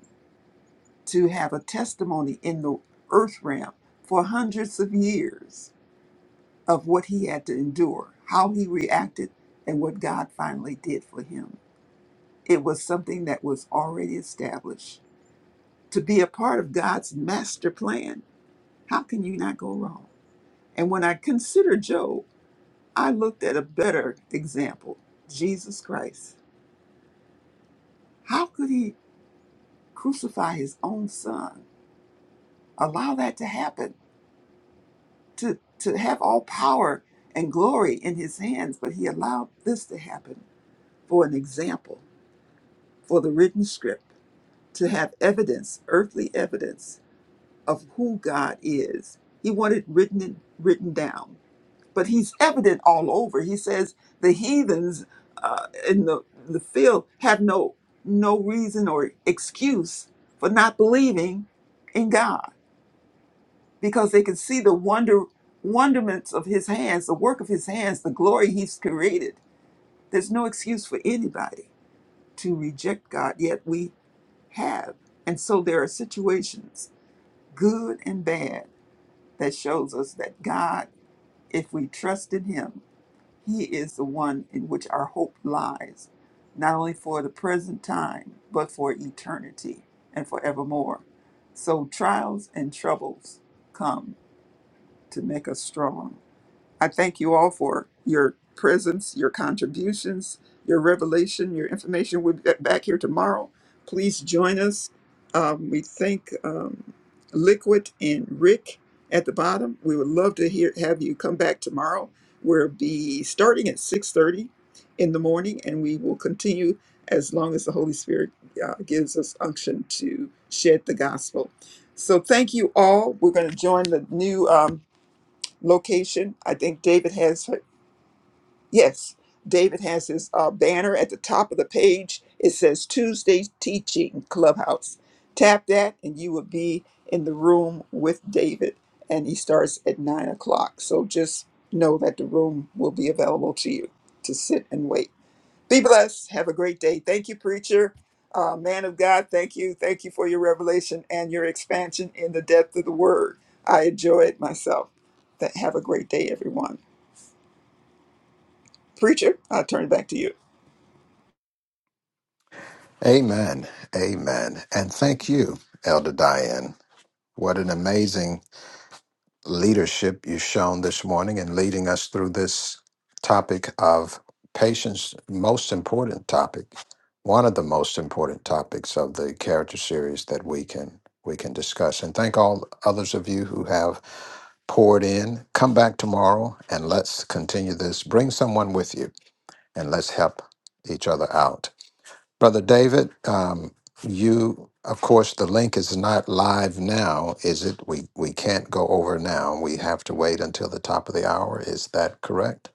S3: to have a testimony in the earth realm for hundreds of years of what he had to endure, how he reacted, and what God finally did for him. It was something that was already established. To be a part of God's master plan, how can you not go wrong? And when I consider Job, I looked at a better example Jesus Christ. How could he crucify his own son? Allow that to happen, to, to have all power and glory in his hands, but he allowed this to happen for an example, for the written script to have evidence, earthly evidence of who God is. He wanted written written down, but he's evident all over. He says the heathens uh, in the the field have no no reason or excuse for not believing in God because they can see the wonder wonderments of His hands, the work of His hands, the glory He's created. There's no excuse for anybody to reject God. Yet we have, and so there are situations good and bad, that shows us that God, if we trust in Him, He is the one in which our hope lies, not only for the present time, but for eternity and forevermore. So trials and troubles come to make us strong. I thank you all for your presence, your contributions, your revelation, your information. We'll be back here tomorrow. Please join us. Um, we thank um, Liquid and Rick at the bottom. We would love to hear have you come back tomorrow. We'll be starting at 6:30 in the morning, and we will continue as long as the Holy Spirit uh, gives us unction to shed the gospel. So thank you all. We're going to join the new. Um, location. I think David has her. Yes, David has his uh, banner at the top of the page. It says Tuesday Teaching Clubhouse. Tap that, and you will be in the room with David. And he starts at nine o'clock. So just know that the room will be available to you to sit and wait. Be blessed. Have a great day. Thank you, preacher. Uh, man of God, thank you. Thank you for your revelation and your expansion in the depth of the word. I enjoy it myself. Th- Have a great day, everyone. Preacher, I'll turn it back to you.
S1: Amen. Amen. And thank you, Elder Diane. What an amazing leadership you've shown this morning in leading us through this topic of patience, most important topic, one of the most important topics of the character series that we can we can discuss. And thank all others of you who have poured in. Come back tomorrow and let's continue this. Bring someone with you and let's help each other out. Brother David, um, you, of course, the link is not live now, is it? We we can't go over now. We have to wait until the top of the hour. Is that correct?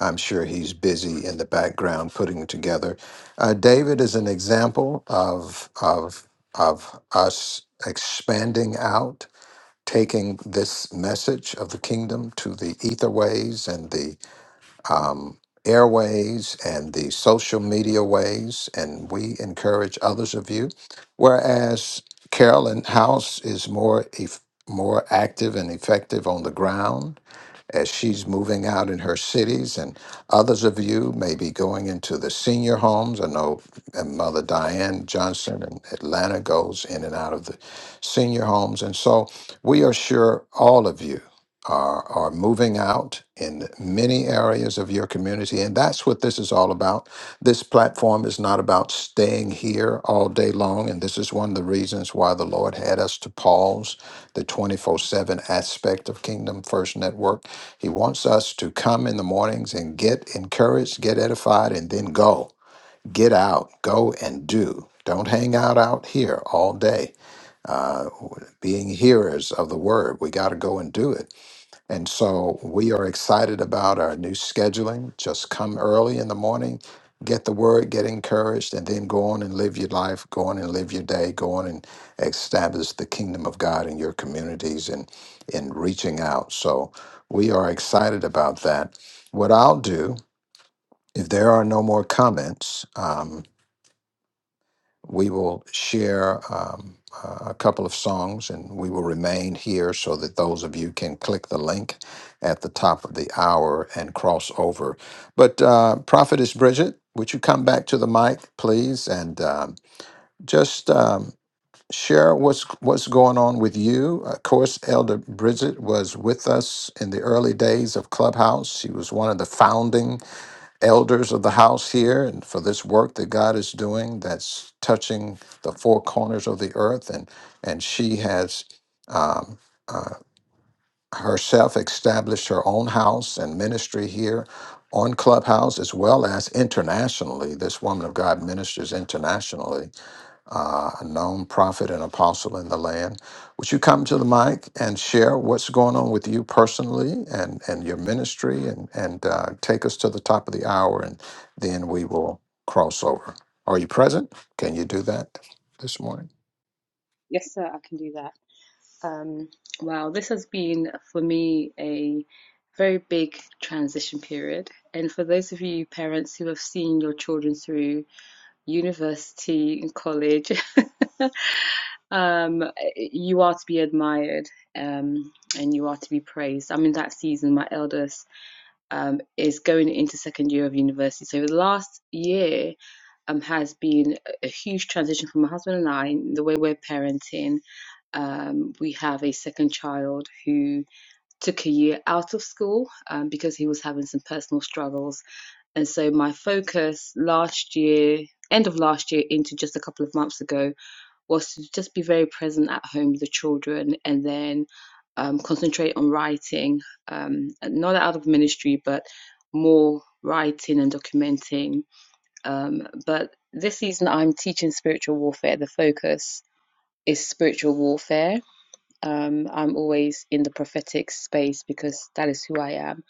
S1: I'm sure he's busy in the background putting it together. Uh, David is an example of of of us expanding out, taking this message of the kingdom to the ether ways and the um, airways and the social media ways, and we encourage others of you. Whereas Carolyn House is more eff more active and effective on the ground as she's moving out in her cities, and others of you may be going into the senior homes. I know uh, Mother Diane Johnson in Atlanta goes in and out of the senior homes. And so we are sure all of you are, are moving out in many areas of your community. And that's what this is all about. This platform is not about staying here all day long. And this is one of the reasons why the Lord had us to pause the 24 7 aspect of Kingdom First Network. He wants us to come in the mornings and get encouraged, get edified, and then go. Get out, go and do. Don't hang out out here all day. Being hearers of the word, we got to go and do it. And so we are excited about our new scheduling. Just come early in the morning, get the word, get encouraged, and then go on and live your life, go on and live your day, go on and establish the kingdom of God in your communities and in reaching out. So we are excited about that. What I'll do, if there are no more comments, um, we will share um, uh, a couple of songs and we will remain here so that those of you can click the link at the top of the hour and cross over. But, uh, Prophetess Bridget, would you come back to the mic, please, and um, just um, share what's, what's going on with you? Of course, Elder Bridget was with us in the early days of Clubhouse. She was one of the founding elders of the house here and for this work that God is doing that's touching the four corners of the earth. And, and she has um, uh, herself established her own house and ministry here on Clubhouse as well as internationally. This woman of God ministers internationally uh, a known prophet and apostle in the land. Would you come to the mic and share what's going on with you personally and, and your ministry and, and uh, take us to the top of the hour and then we will cross over? Are you present? Can you do that this morning?
S6: yes sir i can do that um, wow this has been for me a very big transition period and for those of you parents who have seen your children through university and college um, you are to be admired um, and you are to be praised i'm in that season my eldest um, is going into second year of university. So the last year um, has been a huge transition for my husband and I in the way we're parenting. Um, we have a second child who took a year out of school um, because he was having some personal struggles. And so my focus last year, end of last year into just a couple of months ago, was to just be very present at home with the children and then um, concentrate on writing, um, not out of ministry, but more writing and documenting. Um, but this season, I'm teaching spiritual warfare. The focus is spiritual warfare. Um, I'm always in the prophetic space because that is who I am.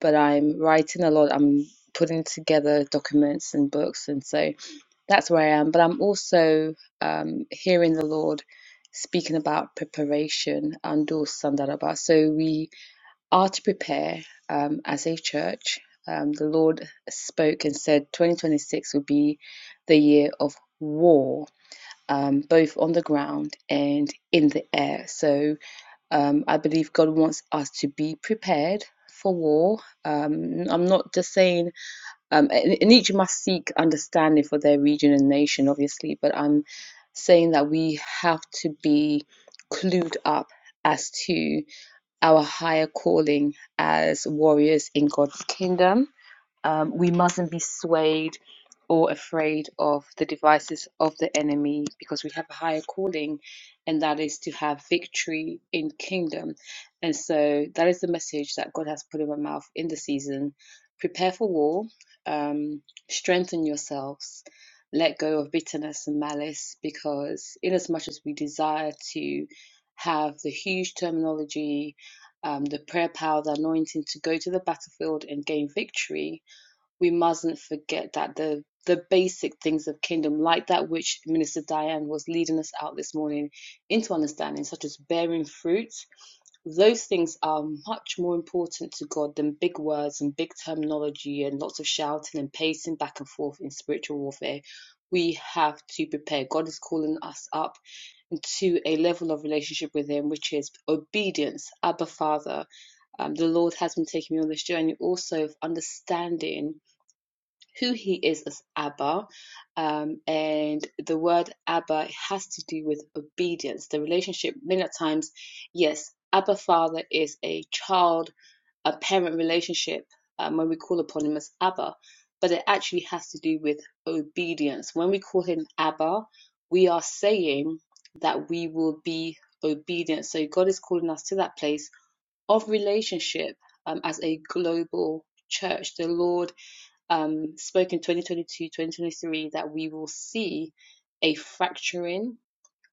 S6: But I'm writing a lot. I'm putting together documents and books, and so that's where I am. But I'm also um, hearing the Lord speaking about preparation and do sandaraba. So we are to prepare um, as a church. Um, the Lord spoke and said 2026 will be the year of war, um, both on the ground and in the air. So um, I believe God wants us to be prepared for war. Um, I'm not just saying um, and, and each must seek understanding for their region and nation, obviously, but I'm saying that we have to be clued up as to our higher calling as warriors in God's kingdom um, we mustn't be swayed or afraid of the devices of the enemy because we have a higher calling, and that is to have victory in kingdom. And so that is the message that God has put in my mouth in the season. Prepare for war, um, strengthen yourselves, let go of bitterness and malice, because in as much as we desire to have the huge terminology, um, the prayer power, the anointing to go to the battlefield and gain victory, we mustn't forget that the the basic things of kingdom, like that which Minister Diane was leading us out this morning into understanding, such as bearing fruit, those things are much more important to God than big words and big terminology and lots of shouting and pacing back and forth in spiritual warfare. We have to prepare. God is calling us up into a level of relationship with Him, which is obedience, Abba Father. Um, the Lord has been taking me on this journey also of understanding who he is as Abba. Um, and the word Abba has to do with obedience, the relationship. Many times, yes, Abba Father is a child, a parent relationship um, when we call upon him as Abba, but it actually has to do with obedience. When we call him Abba, we are saying that we will be obedient. So God is calling us to that place of relationship um, as a global church. The Lord um, spoke in 2022, 2023 that we will see a fracturing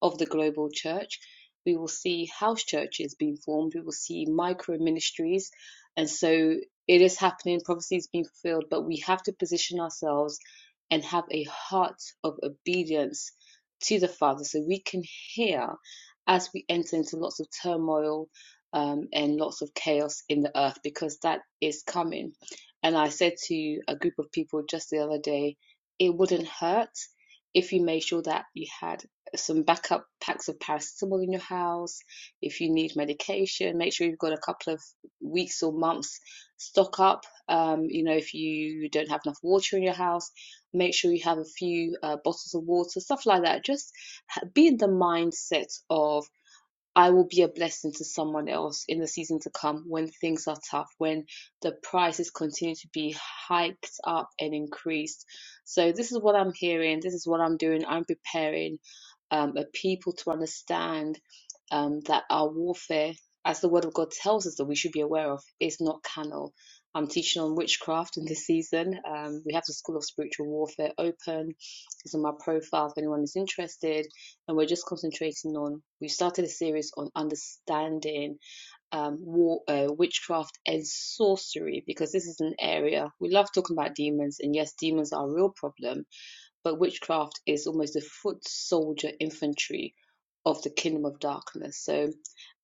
S6: of the global church. We will see house churches being formed. We will see micro ministries. And so it is happening, prophecy is being fulfilled, but we have to position ourselves and have a heart of obedience to the Father so we can hear as we enter into lots of turmoil um, and lots of chaos in the earth because that is coming. And I said to a group of people just the other day, it wouldn't hurt if you made sure that you had some backup packs of paracetamol in your house. If you need medication, make sure you've got a couple of weeks or months stock up. Um, you know, if you don't have enough water in your house, make sure you have a few uh, bottles of water, stuff like that. Just be in the mindset of I will be a blessing to someone else in the season to come when things are tough, when the prices continue to be hiked up and increased. So, this is what I'm hearing, this is what I'm doing. I'm preparing um, a people to understand um, that our warfare, as the word of God tells us that we should be aware of, is not carnal. I'm teaching on witchcraft in this season. Um, we have the School of Spiritual Warfare open. It's on my profile if anyone is interested and we're just concentrating on we started a series on understanding um war uh, witchcraft and sorcery because this is an area we love talking about demons and yes demons are a real problem but witchcraft is almost the foot soldier infantry of the kingdom of darkness. So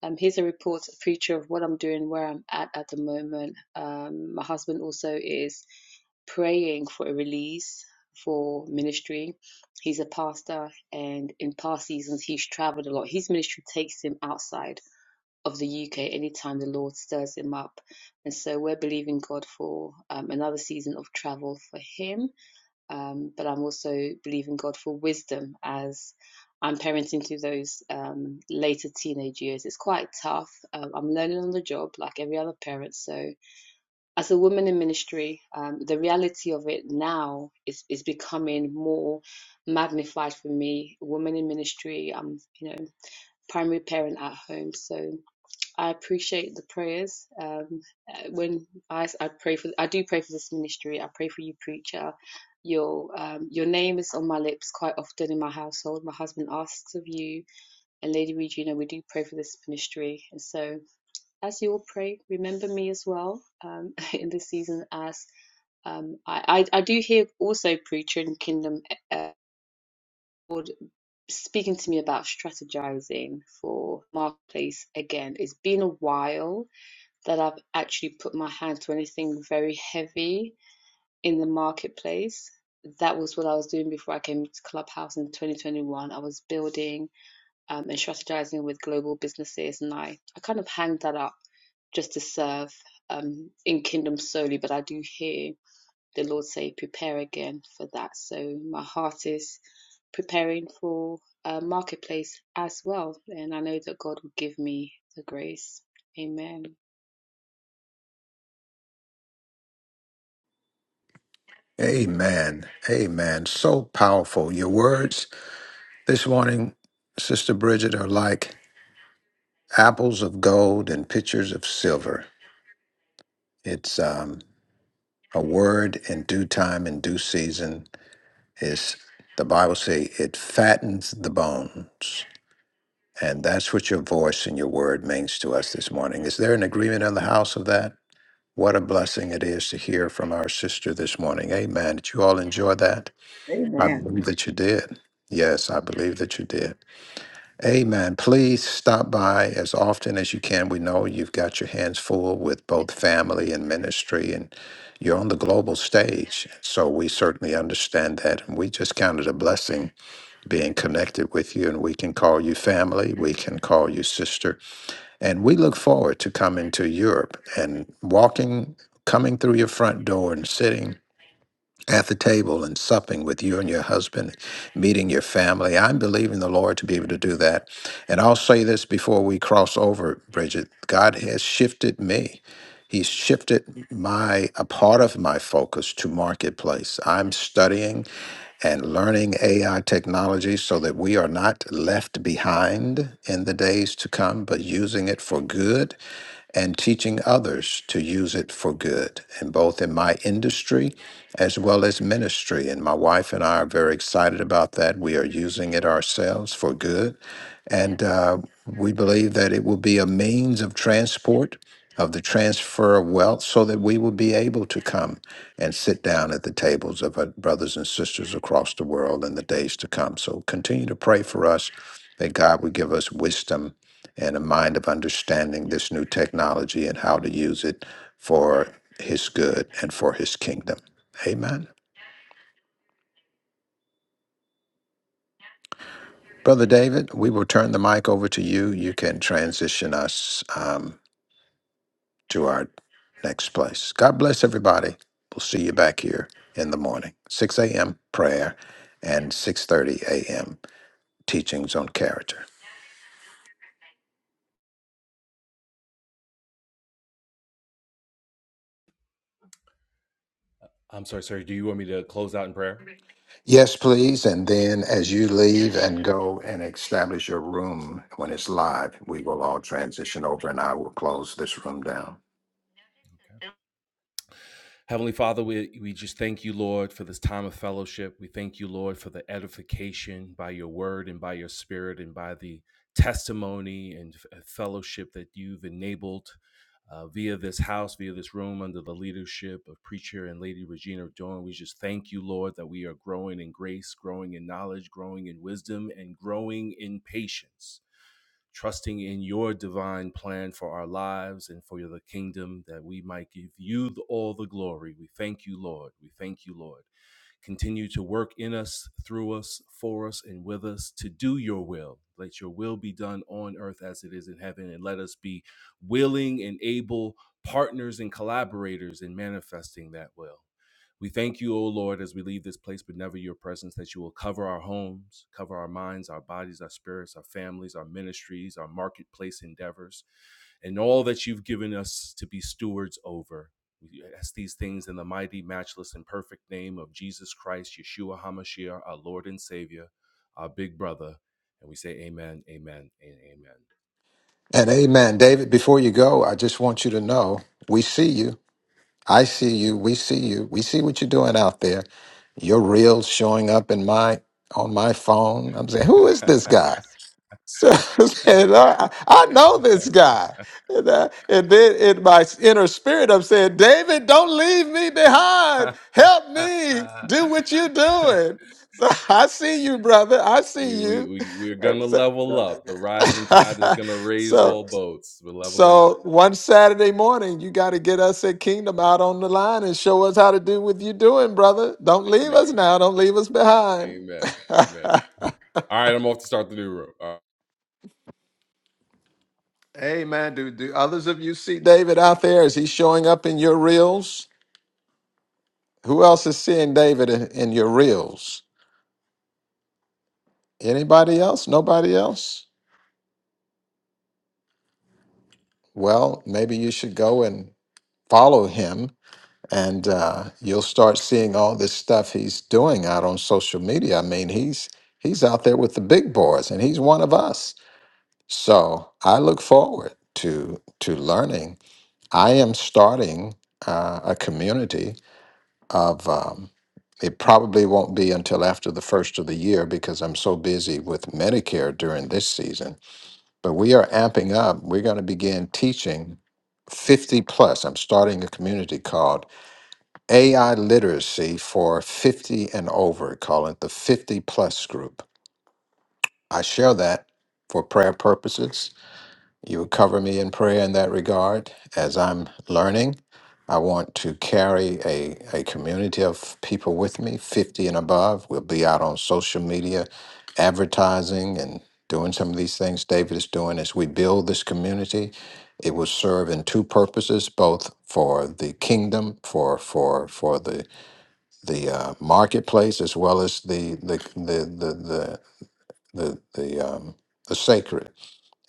S6: um, here's a report, a picture of what I'm doing, where I'm at at the moment. Um, my husband also is praying for a release for ministry. He's a pastor, and in past seasons, he's traveled a lot. His ministry takes him outside of the UK anytime the Lord stirs him up. And so we're believing God for um, another season of travel for him um, but I'm also believing God for wisdom as I'm parenting through those um, later teenage years. It's quite tough. Um, I'm learning on the job like every other parent. So, as a woman in ministry, um, the reality of it now is, is becoming more magnified for me. Woman in ministry, I'm, you know, primary parent at home. So, I appreciate the prayers. Um, uh, when I, I pray for, I do pray for this ministry. I pray for you, preacher. Your um, your name is on my lips quite often in my household. My husband asks of you, and Lady Regina, we do pray for this ministry. And so, as you all pray, remember me as well um, in this season. As um, I, I I do hear also preacher in kingdom. Uh, uh, speaking to me about strategizing for marketplace again it's been a while that I've actually put my hand to anything very heavy in the marketplace. That was what I was doing before I came to Clubhouse in 2021. I was building um, and strategizing with global businesses, and I, I kind of hang that up just to serve um, in Kingdom solely. But I do hear the Lord say, prepare again for that. So my heart is preparing for a marketplace as well. And I know that God will give me the grace. Amen.
S1: Amen. Amen. So powerful. Your words this morning, Sister Bridget, are like apples of gold and pitchers of silver. It's um, a word in due time, in due season is the Bible say it fattens the bones. And that's what your voice and your word means to us this morning. Is there an agreement in the house of that? What a blessing it is to hear from our sister this morning. Amen. Did you all enjoy that? I
S3: Amen.
S1: believe that you did. Yes, I believe that you did. Amen. Please stop by as often as you can. We know you've got your hands full with both family and ministry, and you're on the global stage. So we certainly understand that. And we just count it a blessing being connected with you, and we can call you family, we can call you sister. And we look forward to coming to Europe and walking, coming through your front door and sitting at the table and supping with you and your husband, meeting your family. I'm believing the Lord to be able to do that. And I'll say this before we cross over, Bridget God has shifted me. He's shifted my a part of my focus to marketplace. I'm studying and learning AI technology so that we are not left behind in the days to come, but using it for good and teaching others to use it for good, and both in my industry as well as ministry. And my wife and I are very excited about that. We are using it ourselves for good. And uh, we believe that it will be a means of transport, of the transfer of wealth, so that we will be able to come and sit down at the tables of our brothers and sisters across the world in the days to come. So continue to pray for us that God would give us wisdom and a mind of understanding this new technology and how to use it for His good and for His kingdom. Amen. Brother David, we will turn the mic over to you. You can transition us. um, to our next place. God bless everybody. We'll see you back here in the morning, 6 a.m. prayer and 6:30 a.m. teachings on character.
S7: I'm sorry, sir. Do you want me to close out in prayer?
S1: Yes, please. And then as you leave and go and establish your room when it's live, we will all transition over and I will close this room down.
S7: Okay. Heavenly Father, we, we just thank you, Lord, for this time of fellowship. We thank you, Lord, for the edification by your word and by your spirit and by the testimony and fellowship that you've enabled uh, via this house, via this room, under the leadership of Preacher and Lady Regina Dorn. We just thank you, Lord, that we are growing in grace, growing in knowledge, growing in wisdom, and growing in patience. trusting in your divine plan for our lives and for the kingdom that we might give you the, all the glory. We thank you, Lord. We thank you, Lord. Continue to work in us, through us, for us, and with us to do your will. Let your will be done on earth as it is in heaven, and let us be willing and able partners and collaborators in manifesting that will. We thank you, O Lord, as we leave this place, but never your presence, that you will cover our homes, cover our minds, our bodies, our spirits, our families, our ministries, our marketplace endeavors, and all that you've given us to be stewards over. We ask these things in the mighty, matchless, and perfect name of Jesus Christ, Yeshua HaMashiach, our Lord and Savior, our big brother. And we say, Amen, Amen,
S1: And amen. David, before you go, I just want you to know we see you. I see you. We see you. We see what you're doing out there. Your reels showing up in my on my phone. I'm saying, who
S7: and
S1: is this guy? So I'm saying, I, I know this guy. And, uh, and then in my inner spirit, I'm saying, David, don't leave me behind. Help me
S7: Amen.
S1: do what you're doing. So I see you, brother. I see
S7: We we
S1: you.
S7: we we're
S1: And
S7: gonna
S1: so,
S7: level up. The rising tide is gonna raise
S1: so
S7: all boats. We're leveling up.
S1: so one Saturday morning, you got to get us at Kingdom out on the line and show us how to do what you're doing, brother. Don't leave
S7: Amen.
S1: us now. Don't leave us behind.
S7: Amen. Amen. All right, I'm off to start the new room. All right.
S1: hey, man, do, do others of you see David out there? Is he showing up in your reels? Who else is seeing David in, in your reels? Anybody else? Nobody else? Well, maybe you should go and follow him and uh, you'll start seeing all this stuff he's doing out on social media. I mean, he's he's out there with the big boys, and he's one of us. So I look forward to to learning. I am starting uh, a community of. Um, it probably won't be until after the first of the year because I'm so busy with Medicare during this season. But we are amping up. We're going to begin teaching 50 plus. I'm starting a community called AI literacy for 50 and over, call it the 50 plus group. I share that for prayer purposes. You would cover me in prayer in that regard as I'm learning. I want to carry a, a community of people with me, 50 and above. We'll be out on social media, advertising, and doing some of these things David is doing as we build this community. It will serve in two purposes, both for the kingdom, for for for the the uh, marketplace as well as the the the the the the, the um, the sacred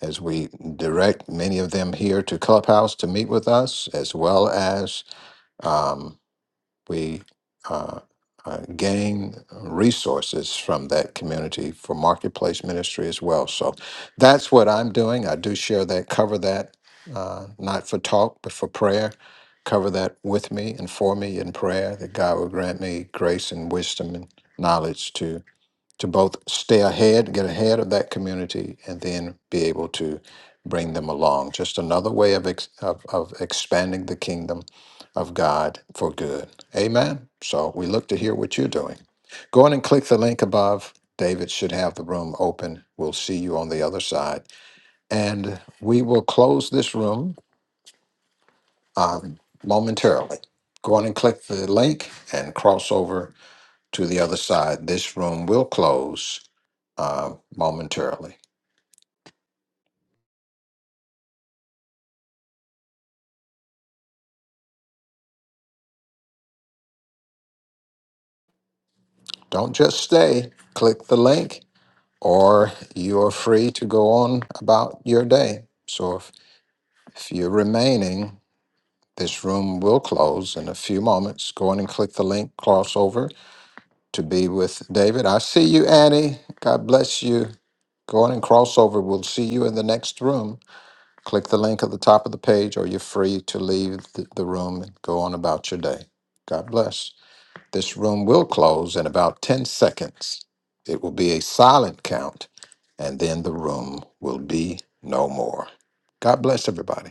S1: as we direct many of them here to clubhouse to meet with us as well as um, we uh, uh, gain resources from that community for marketplace ministry as well. So that's what I'm doing. I do share that, cover that, uh, not for talk, but for prayer. Cover that with me and for me in prayer that God will grant me grace and wisdom and knowledge to to both stay ahead, get ahead of that community, and then be able to bring them along. Just another way of, ex- of, of expanding the kingdom of God for good. Amen. So we look to hear what you're doing. Go on and click the link above. David should have the room open. We'll see you on the other side. And we will close this room um, momentarily. Go on and click the link and cross over to the other side. This room will close uh, momentarily. Don't just stay. Click the link, or you are free to go on about your day. So if, if you're remaining, this room will close in a few moments. Go on and click the link, cross over to be with David. I see you, Annie. God bless you. Go on and cross over. We'll see you in the next room. Click the link at the top of the page, or you're free to leave the, the room and go on about your day. God bless. This room will close in about 10 seconds. It will be a silent count, and then the room will be no more. God bless everybody.